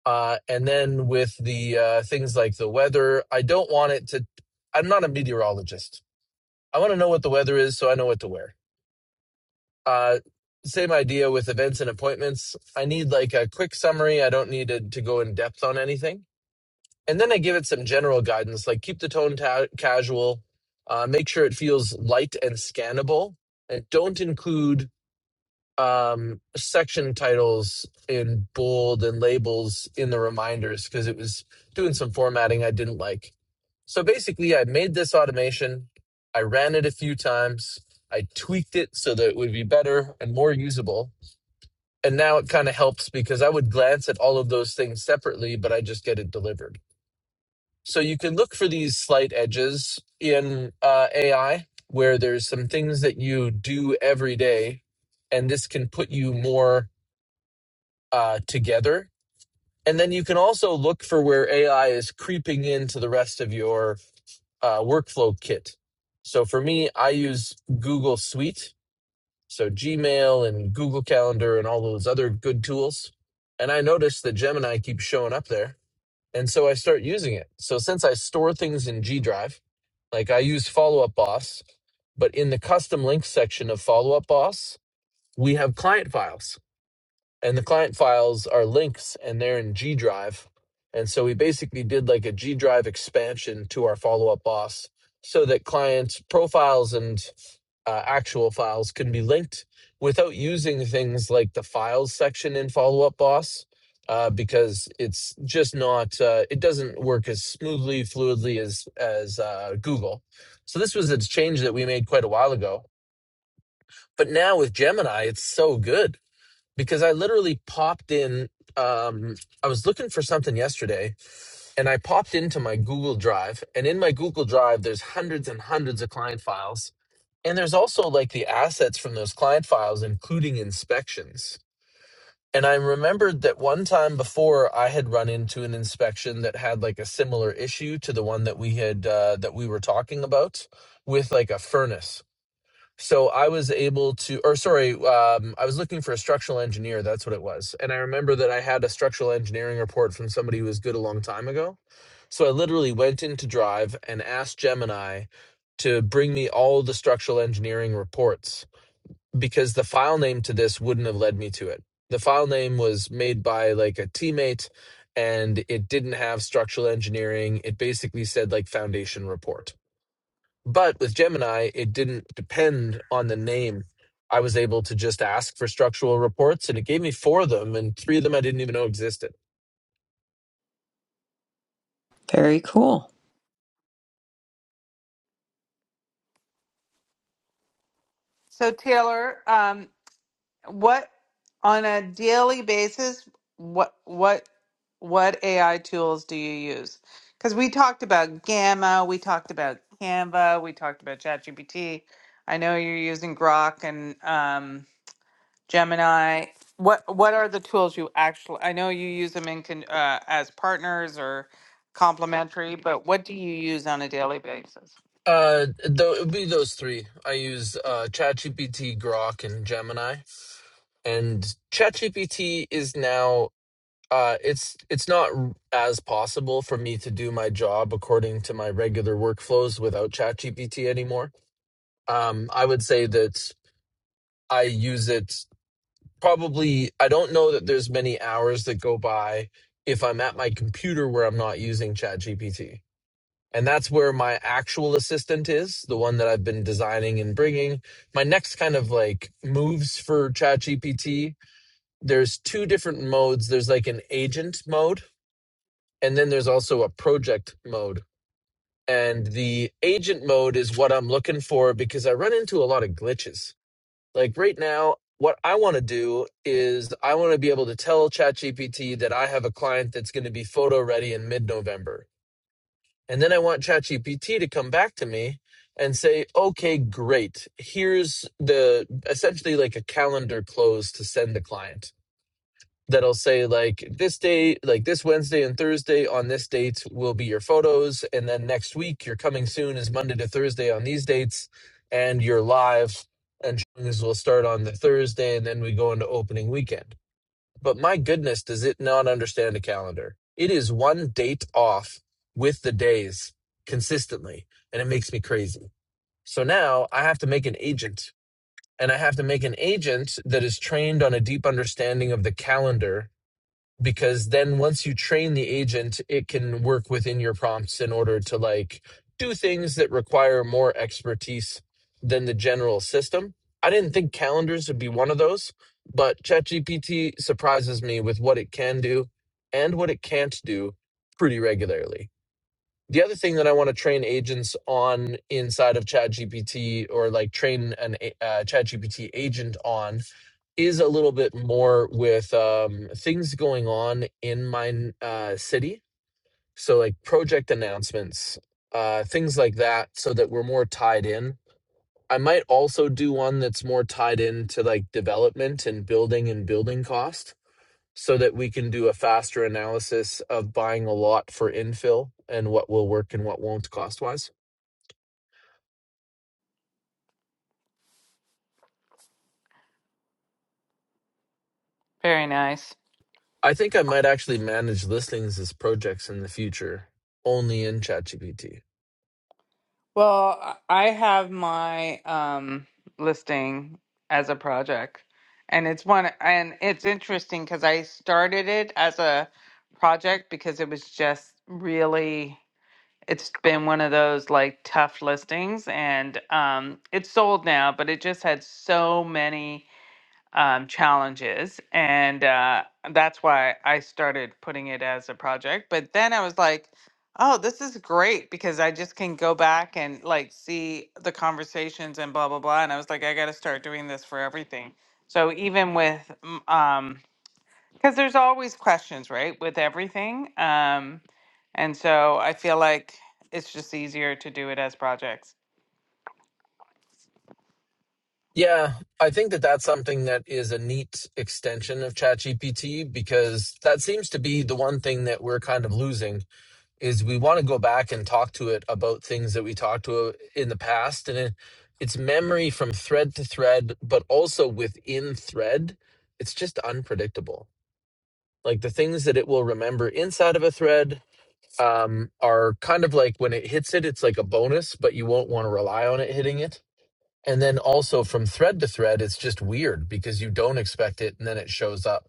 Speaker 13: uh, and then with the uh, things like the weather, I don't want it to. I'm not a meteorologist. I want to know what the weather is so I know what to wear. Uh, same idea with events and appointments. I need like a quick summary. I don't need to, to go in depth on anything. And then I give it some general guidance, like keep the tone ta- casual, uh, make sure it feels light and scannable, and don't include um section titles in bold and labels in the reminders because it was doing some formatting I didn't like. So basically I made this automation, I ran it a few times, I tweaked it so that it would be better and more usable. And now it kind of helps because I would glance at all of those things separately, but I just get it delivered. So you can look for these slight edges in uh, AI where there's some things that you do every day and this can put you more uh, together. And then you can also look for where AI is creeping into the rest of your uh, workflow kit. So for me, I use Google Suite, so Gmail and Google Calendar and all those other good tools. And I notice that Gemini keeps showing up there. And so I start using it. So since I store things in G Drive, like I use Follow Up Boss, but in the custom links section of Follow Up Boss, we have client files and the client files are links and they're in G Drive. And so we basically did like a G Drive expansion to our follow up boss so that client profiles and uh, actual files can be linked without using things like the files section in follow up boss. Uh, because it's just not uh, it doesn't work as smoothly fluidly as as uh, google so this was a change that we made quite a while ago but now with gemini it's so good because I literally popped in. Um, I was looking for something yesterday and I popped into my Google Drive. And in my Google Drive, there's hundreds and hundreds of client files. And there's also like the assets from those client files, including inspections. And I remembered that one time before I had run into an inspection that had like a similar issue to the one that we had, uh, that we were talking about with like a furnace so I was able to, or sorry, um, I was looking for a structural engineer. That's what it was. And I remember that I had a structural engineering report from somebody who was good a long time ago. So I literally went into Drive and asked Gemini to bring me all the structural engineering reports because the file name to this wouldn't have led me to it. The file name was made by like a teammate and it didn't have structural engineering. It basically said like foundation report but with Gemini, it didn't depend on the name. I was able to just ask for structural reports and it gave me four of them and three of them I didn't even know existed.
Speaker 8: Very cool.
Speaker 2: So, Taylor, um, what on a daily basis, what what what AI tools do you use? Because we talked about Gamma, we talked about Canva, we talked about ChatGPT. I know you're using Grok and um, Gemini. What what are the tools you actually? I know you use them in con, uh, as partners or complementary, but what do you use on a daily basis?
Speaker 13: Uh, though it would be those three. I use uh, ChatGPT, Grok, and Gemini. And ChatGPT is now uh, it's it's not r- as possible for me to do my job according to my regular workflows without ChatGPT anymore. um, I would say that I use it probably. I don't know that there's many hours that go by if I'm at my computer where I'm not using ChatGPT. And that's where my actual assistant is, the one that I've been designing and bringing. My next kind of like moves for ChatGPT, there's two different modes. There's like an agent mode, and then there's also a project mode. And the agent mode is what I'm looking for because I run into a lot of glitches Like right now, what I want to do is I want to be able to tell ChatGPT that I have a client that's going to be photo ready in mid November. And then I want ChatGPT to come back to me and say, okay, great. Here's the essentially like a calendar close to send the client that'll say like this day like this wednesday and thursday on this date will be your photos and then next week your coming soon is monday to thursday on these dates and you're live and showings will start on the thursday and then we go into opening weekend but my goodness does it not understand a calendar it is one date off with the days consistently and it makes me crazy so now i have to make an agent and i have to make an agent that is trained on a deep understanding of the calendar because then once you train the agent it can work within your prompts in order to like do things that require more expertise than the general system i didn't think calendars would be one of those but chatgpt surprises me with what it can do and what it can't do pretty regularly the other thing that I want to train agents on inside of ChatGPT or like train an a- uh, ChatGPT agent on is a little bit more with um, things going on in my uh, city. So like project announcements, uh, things like that, so that we're more tied in. I might also do one that's more tied into like development and building and building cost so that we can do a faster analysis of buying a lot for infill and what will work and what won't cost wise.
Speaker 2: Very nice.
Speaker 13: I think I might actually manage listings as projects in the future only in ChatGPT.
Speaker 2: Well, I I have my um, listing as a project, and it's one, and it's interesting because I started it as a project because it was just really it's been one of those like tough listings and um it's sold now but it just had so many um challenges and uh that's why I started putting it as a project but then I was like oh this is great because I just can go back and like see the conversations and blah blah blah and I was like I got to start doing this for everything so even with mm, um because there's always questions, right, with everything. Um, and so I feel like it's just easier to do it as projects.
Speaker 13: Yeah, I think that that's something that is a neat extension of ChatGPT because that seems to be the one thing that we're kind of losing is we want to go back and talk to it about things that we talked to uh, in the past and it, it's memory from thread to thread but also within thread it's just unpredictable like the things that it will remember inside of a thread um, are kind of like when it hits it it's like a bonus but you won't want to rely on it hitting it and then also from thread to thread it's just weird because you don't expect it and then it shows up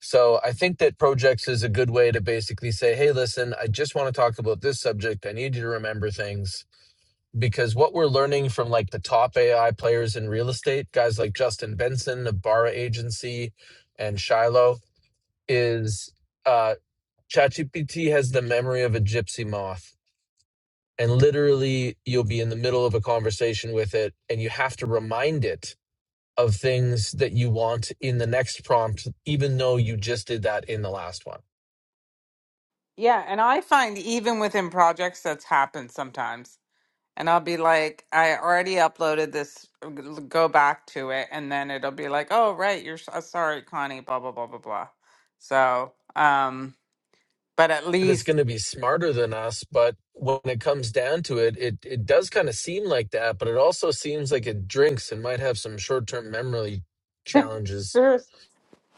Speaker 13: so I think that projects is a good way to basically say, hey, listen, I just want to talk about this subject. I need you to remember things because what we're learning from like the top AI players in real estate, guys like Justin Benson of Barra Agency and Shiloh, is uh, ChatGPT has the memory of a gypsy moth. And literally, you'll be in the middle of a conversation with it, and you have to remind it of things that you want in the next prompt, even though you just did that in the last one.
Speaker 2: Yeah, and I find even within projects that's happened sometimes. And I'll be like, I already uploaded this, go back to it, and then it'll be like, oh, right, you're s- uh, sorry, Connie, blah, blah, blah, blah, blah. So, um, but at
Speaker 13: that it's
Speaker 2: least.
Speaker 13: going to be smarter than us but when it comes down to it it it does kind of seem like that but it also seems like it drinks and might have some short-term memory challenges
Speaker 2: Sure.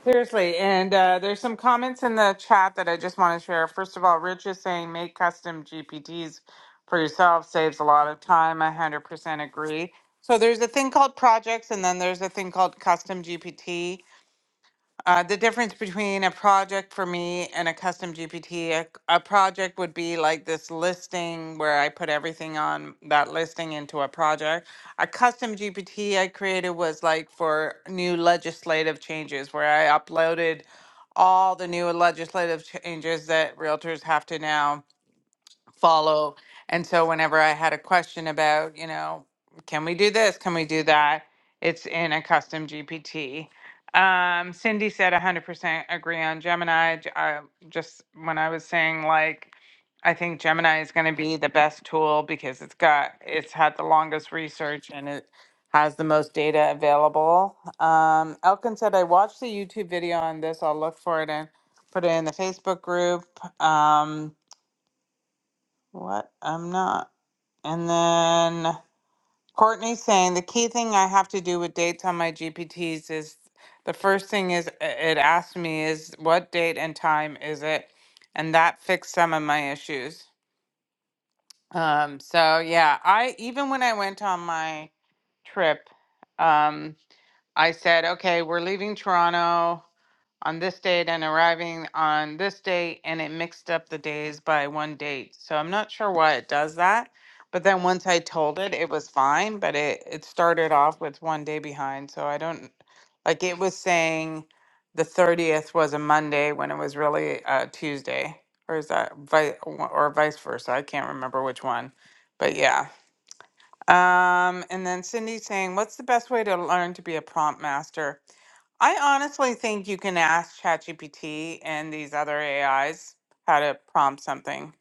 Speaker 2: Seriously, and uh, there's some comments in the chat that I just want to share. First of all, Rich is saying make custom GPTs for yourself saves a lot of time. I 100% agree. So there's a thing called projects, and then there's a thing called custom GPT. Uh, the difference between a project for me and a custom GPT, a a project would be like this listing where I put everything on that listing into a project. A custom GPT I created was like for new legislative changes where I uploaded all the new legislative changes that realtors have to now follow. And so whenever I had a question about, you know, can we do this? Can we do that? It's in a custom GPT. Um, Cindy said 100% agree on Gemini. J- I, just when I was saying like, I think Gemini is going to be the best tool because it's got, it's had the longest research and it has the most data available. Um, Elkin said, I watched the YouTube video on this. I'll look for it and put it in the Facebook group. Um, what? I'm not. And then Courtney saying the key thing I have to do with dates on my GPTs is the first thing is i- it asks me is what date and time is it? And that fixed some of my issues. Um, so yeah, I even when I went on my trip, um, I said, okay, we're leaving Toronto on this date and arriving on this date and it mixed up the days by one date. So I'm not sure why it does that. But then once I told it, it was fine, but it it started off with one day behind. So I don't like it was saying the 30th was a Monday when it was really a Tuesday or is that vi- or vice versa. I can't remember which one. But yeah. Um and then Cindy saying, "What's the best way to learn to be a prompt master?" I honestly think you can ask ChatGPT and these other AIs how to prompt something.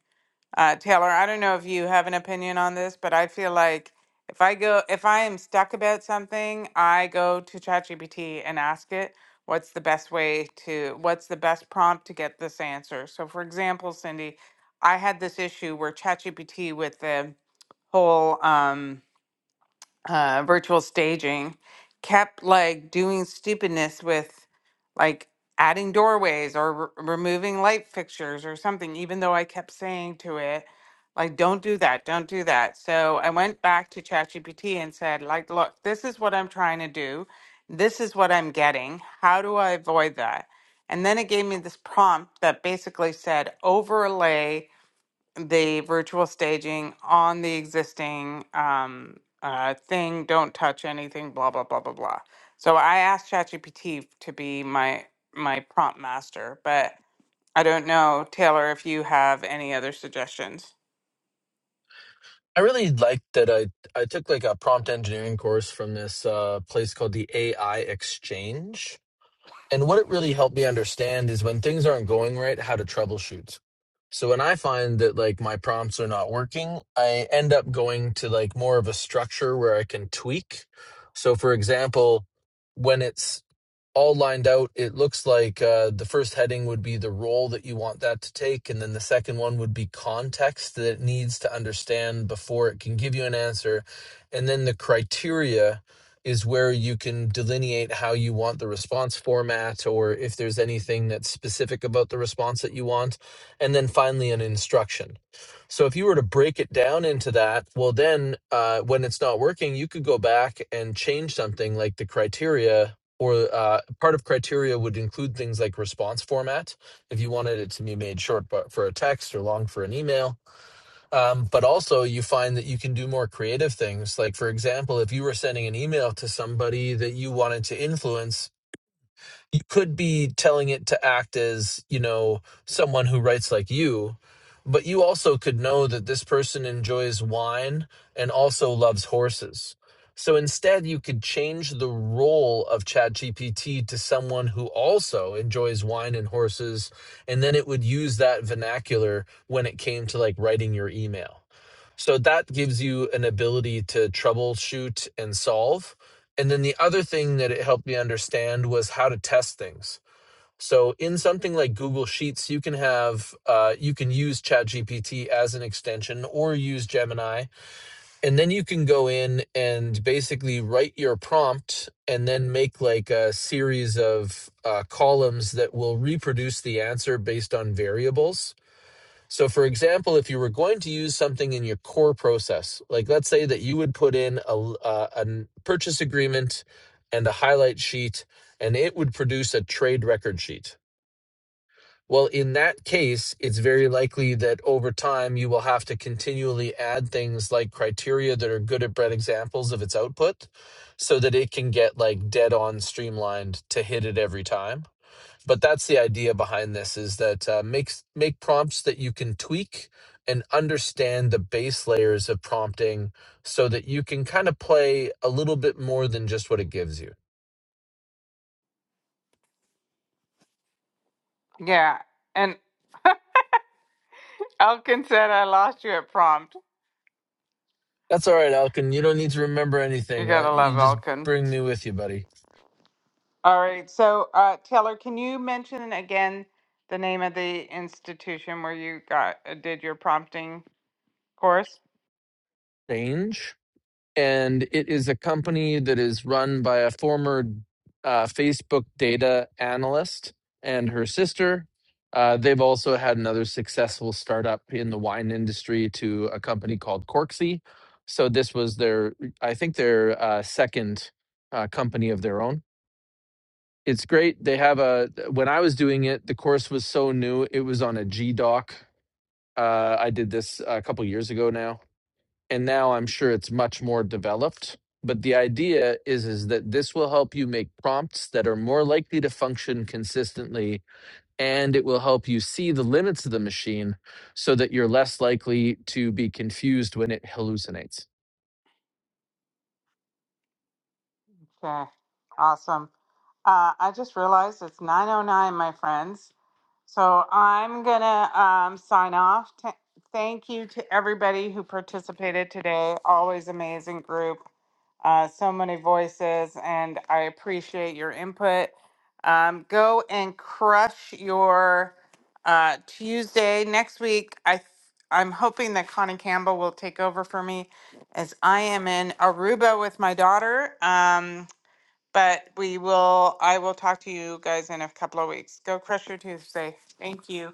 Speaker 2: Uh, Taylor, I don't know if you have an opinion on this, but I feel like if I go, if I am stuck about something, I go to ChatGPT and ask it, what's the best way to, what's the best prompt to get this answer? So, for example, Cindy, I had this issue where ChatGPT with the whole, um, uh, virtual staging kept like doing stupidness with like adding doorways or r removing light fixtures or something even though i kept saying to it like don't do that don't do that so i went back to chatgpt and said like look this is what i'm trying to do this is what i'm getting how do i avoid that and then it gave me this prompt that basically said overlay the virtual staging on the existing um, uh, thing. Don't touch anything. Blah blah blah blah blah. So I asked ChatGPT to be my my prompt master, but I don't know Taylor if you have any other suggestions.
Speaker 13: i really liked that i i took like a prompt engineering course from this uh place called the ai exchange And what it really helped me understand is when things aren't going right, how to troubleshoot. So when I find that like my prompts are not working, I end up going to like more of a structure where I can tweak. So for example, when it's all lined out. It looks like uh, the first heading would be the role that you want that to take, and then the second one would be context that it needs to understand before it can give you an answer, and then the criteria is where you can delineate how you want the response format or if there's anything that's specific about the response that you want and then finally an instruction so if you were to break it down into that well then uh, when it's not working you could go back and change something like the criteria or uh, part of criteria would include things like response format if you wanted it to be made short but for a text or long for an email um, but also you find that you can do more creative things like for example if you were sending an email to somebody that you wanted to influence you could be telling it to act as you know someone who writes like you but you also could know that this person enjoys wine and also loves horses so instead you could change the role of chatgpt to someone who also enjoys wine and horses and then it would use that vernacular when it came to like writing your email so that gives you an ability to troubleshoot and solve. And then the other thing that it helped me understand was how to test things. So in something like Google Sheets, you can have uh, you can use ChatGPT as an extension or use Gemini, and then you can go in and basically write your prompt and then make like a series of uh, columns that will reproduce the answer based on variables so, for example, if you were going to use something in your core process, like let's say that you would put in a uh, a n- purchase agreement and a highlight sheet, and it would produce a trade record sheet. Well, in that case, it's very likely that over time you will have to continually add things like criteria that are good at bread examples of its output so that it can get like dead on streamlined to hit it every time but that's the idea behind this is that uh, make make prompts that you can tweak and understand the base layers of prompting so that you can kind of play a little bit more than just what it gives you
Speaker 2: Yeah, and Elkin said I lost you at prompt.
Speaker 13: that's all right alkin you don't need to remember
Speaker 2: You
Speaker 13: anything I,
Speaker 2: gotta
Speaker 13: you
Speaker 2: love
Speaker 13: just
Speaker 2: Elkin.
Speaker 13: bring me with you buddy
Speaker 2: All right, so uh, Taylor, can you mention again the name of the institution where you got uh, did your prompting course?
Speaker 13: change and it is a company that is run by a former uh, Facebook data analyst and her sister. Uh, they've also had another successful startup in the wine industry to a company called Corksy. So this was their, I think, their uh, second uh, company of their own. It's great. They have a. When I was doing it, the course was so new. It was on a G Doc. Uh, I did this a couple years ago now and now I'm sure it's much more developed. But the idea is is that this will help you make prompts that are more likely to function consistently, and it will help you see the limits of the machine so that you're less likely to be confused when it hallucinates.
Speaker 2: Okay, awesome. Uh, I just realized it's 9:09, my friends. So I'm gonna um, sign off. T- thank you to everybody who participated today. Always amazing group. Uh, so many voices, and I appreciate your input. Um, go and crush your uh, Tuesday next week. I th- I'm hoping that Connie Campbell will take over for me, as I am in Aruba with my daughter. Um, but we will, I will talk to you guys in a couple of weeks. Go crush your Tuesday. Thank you.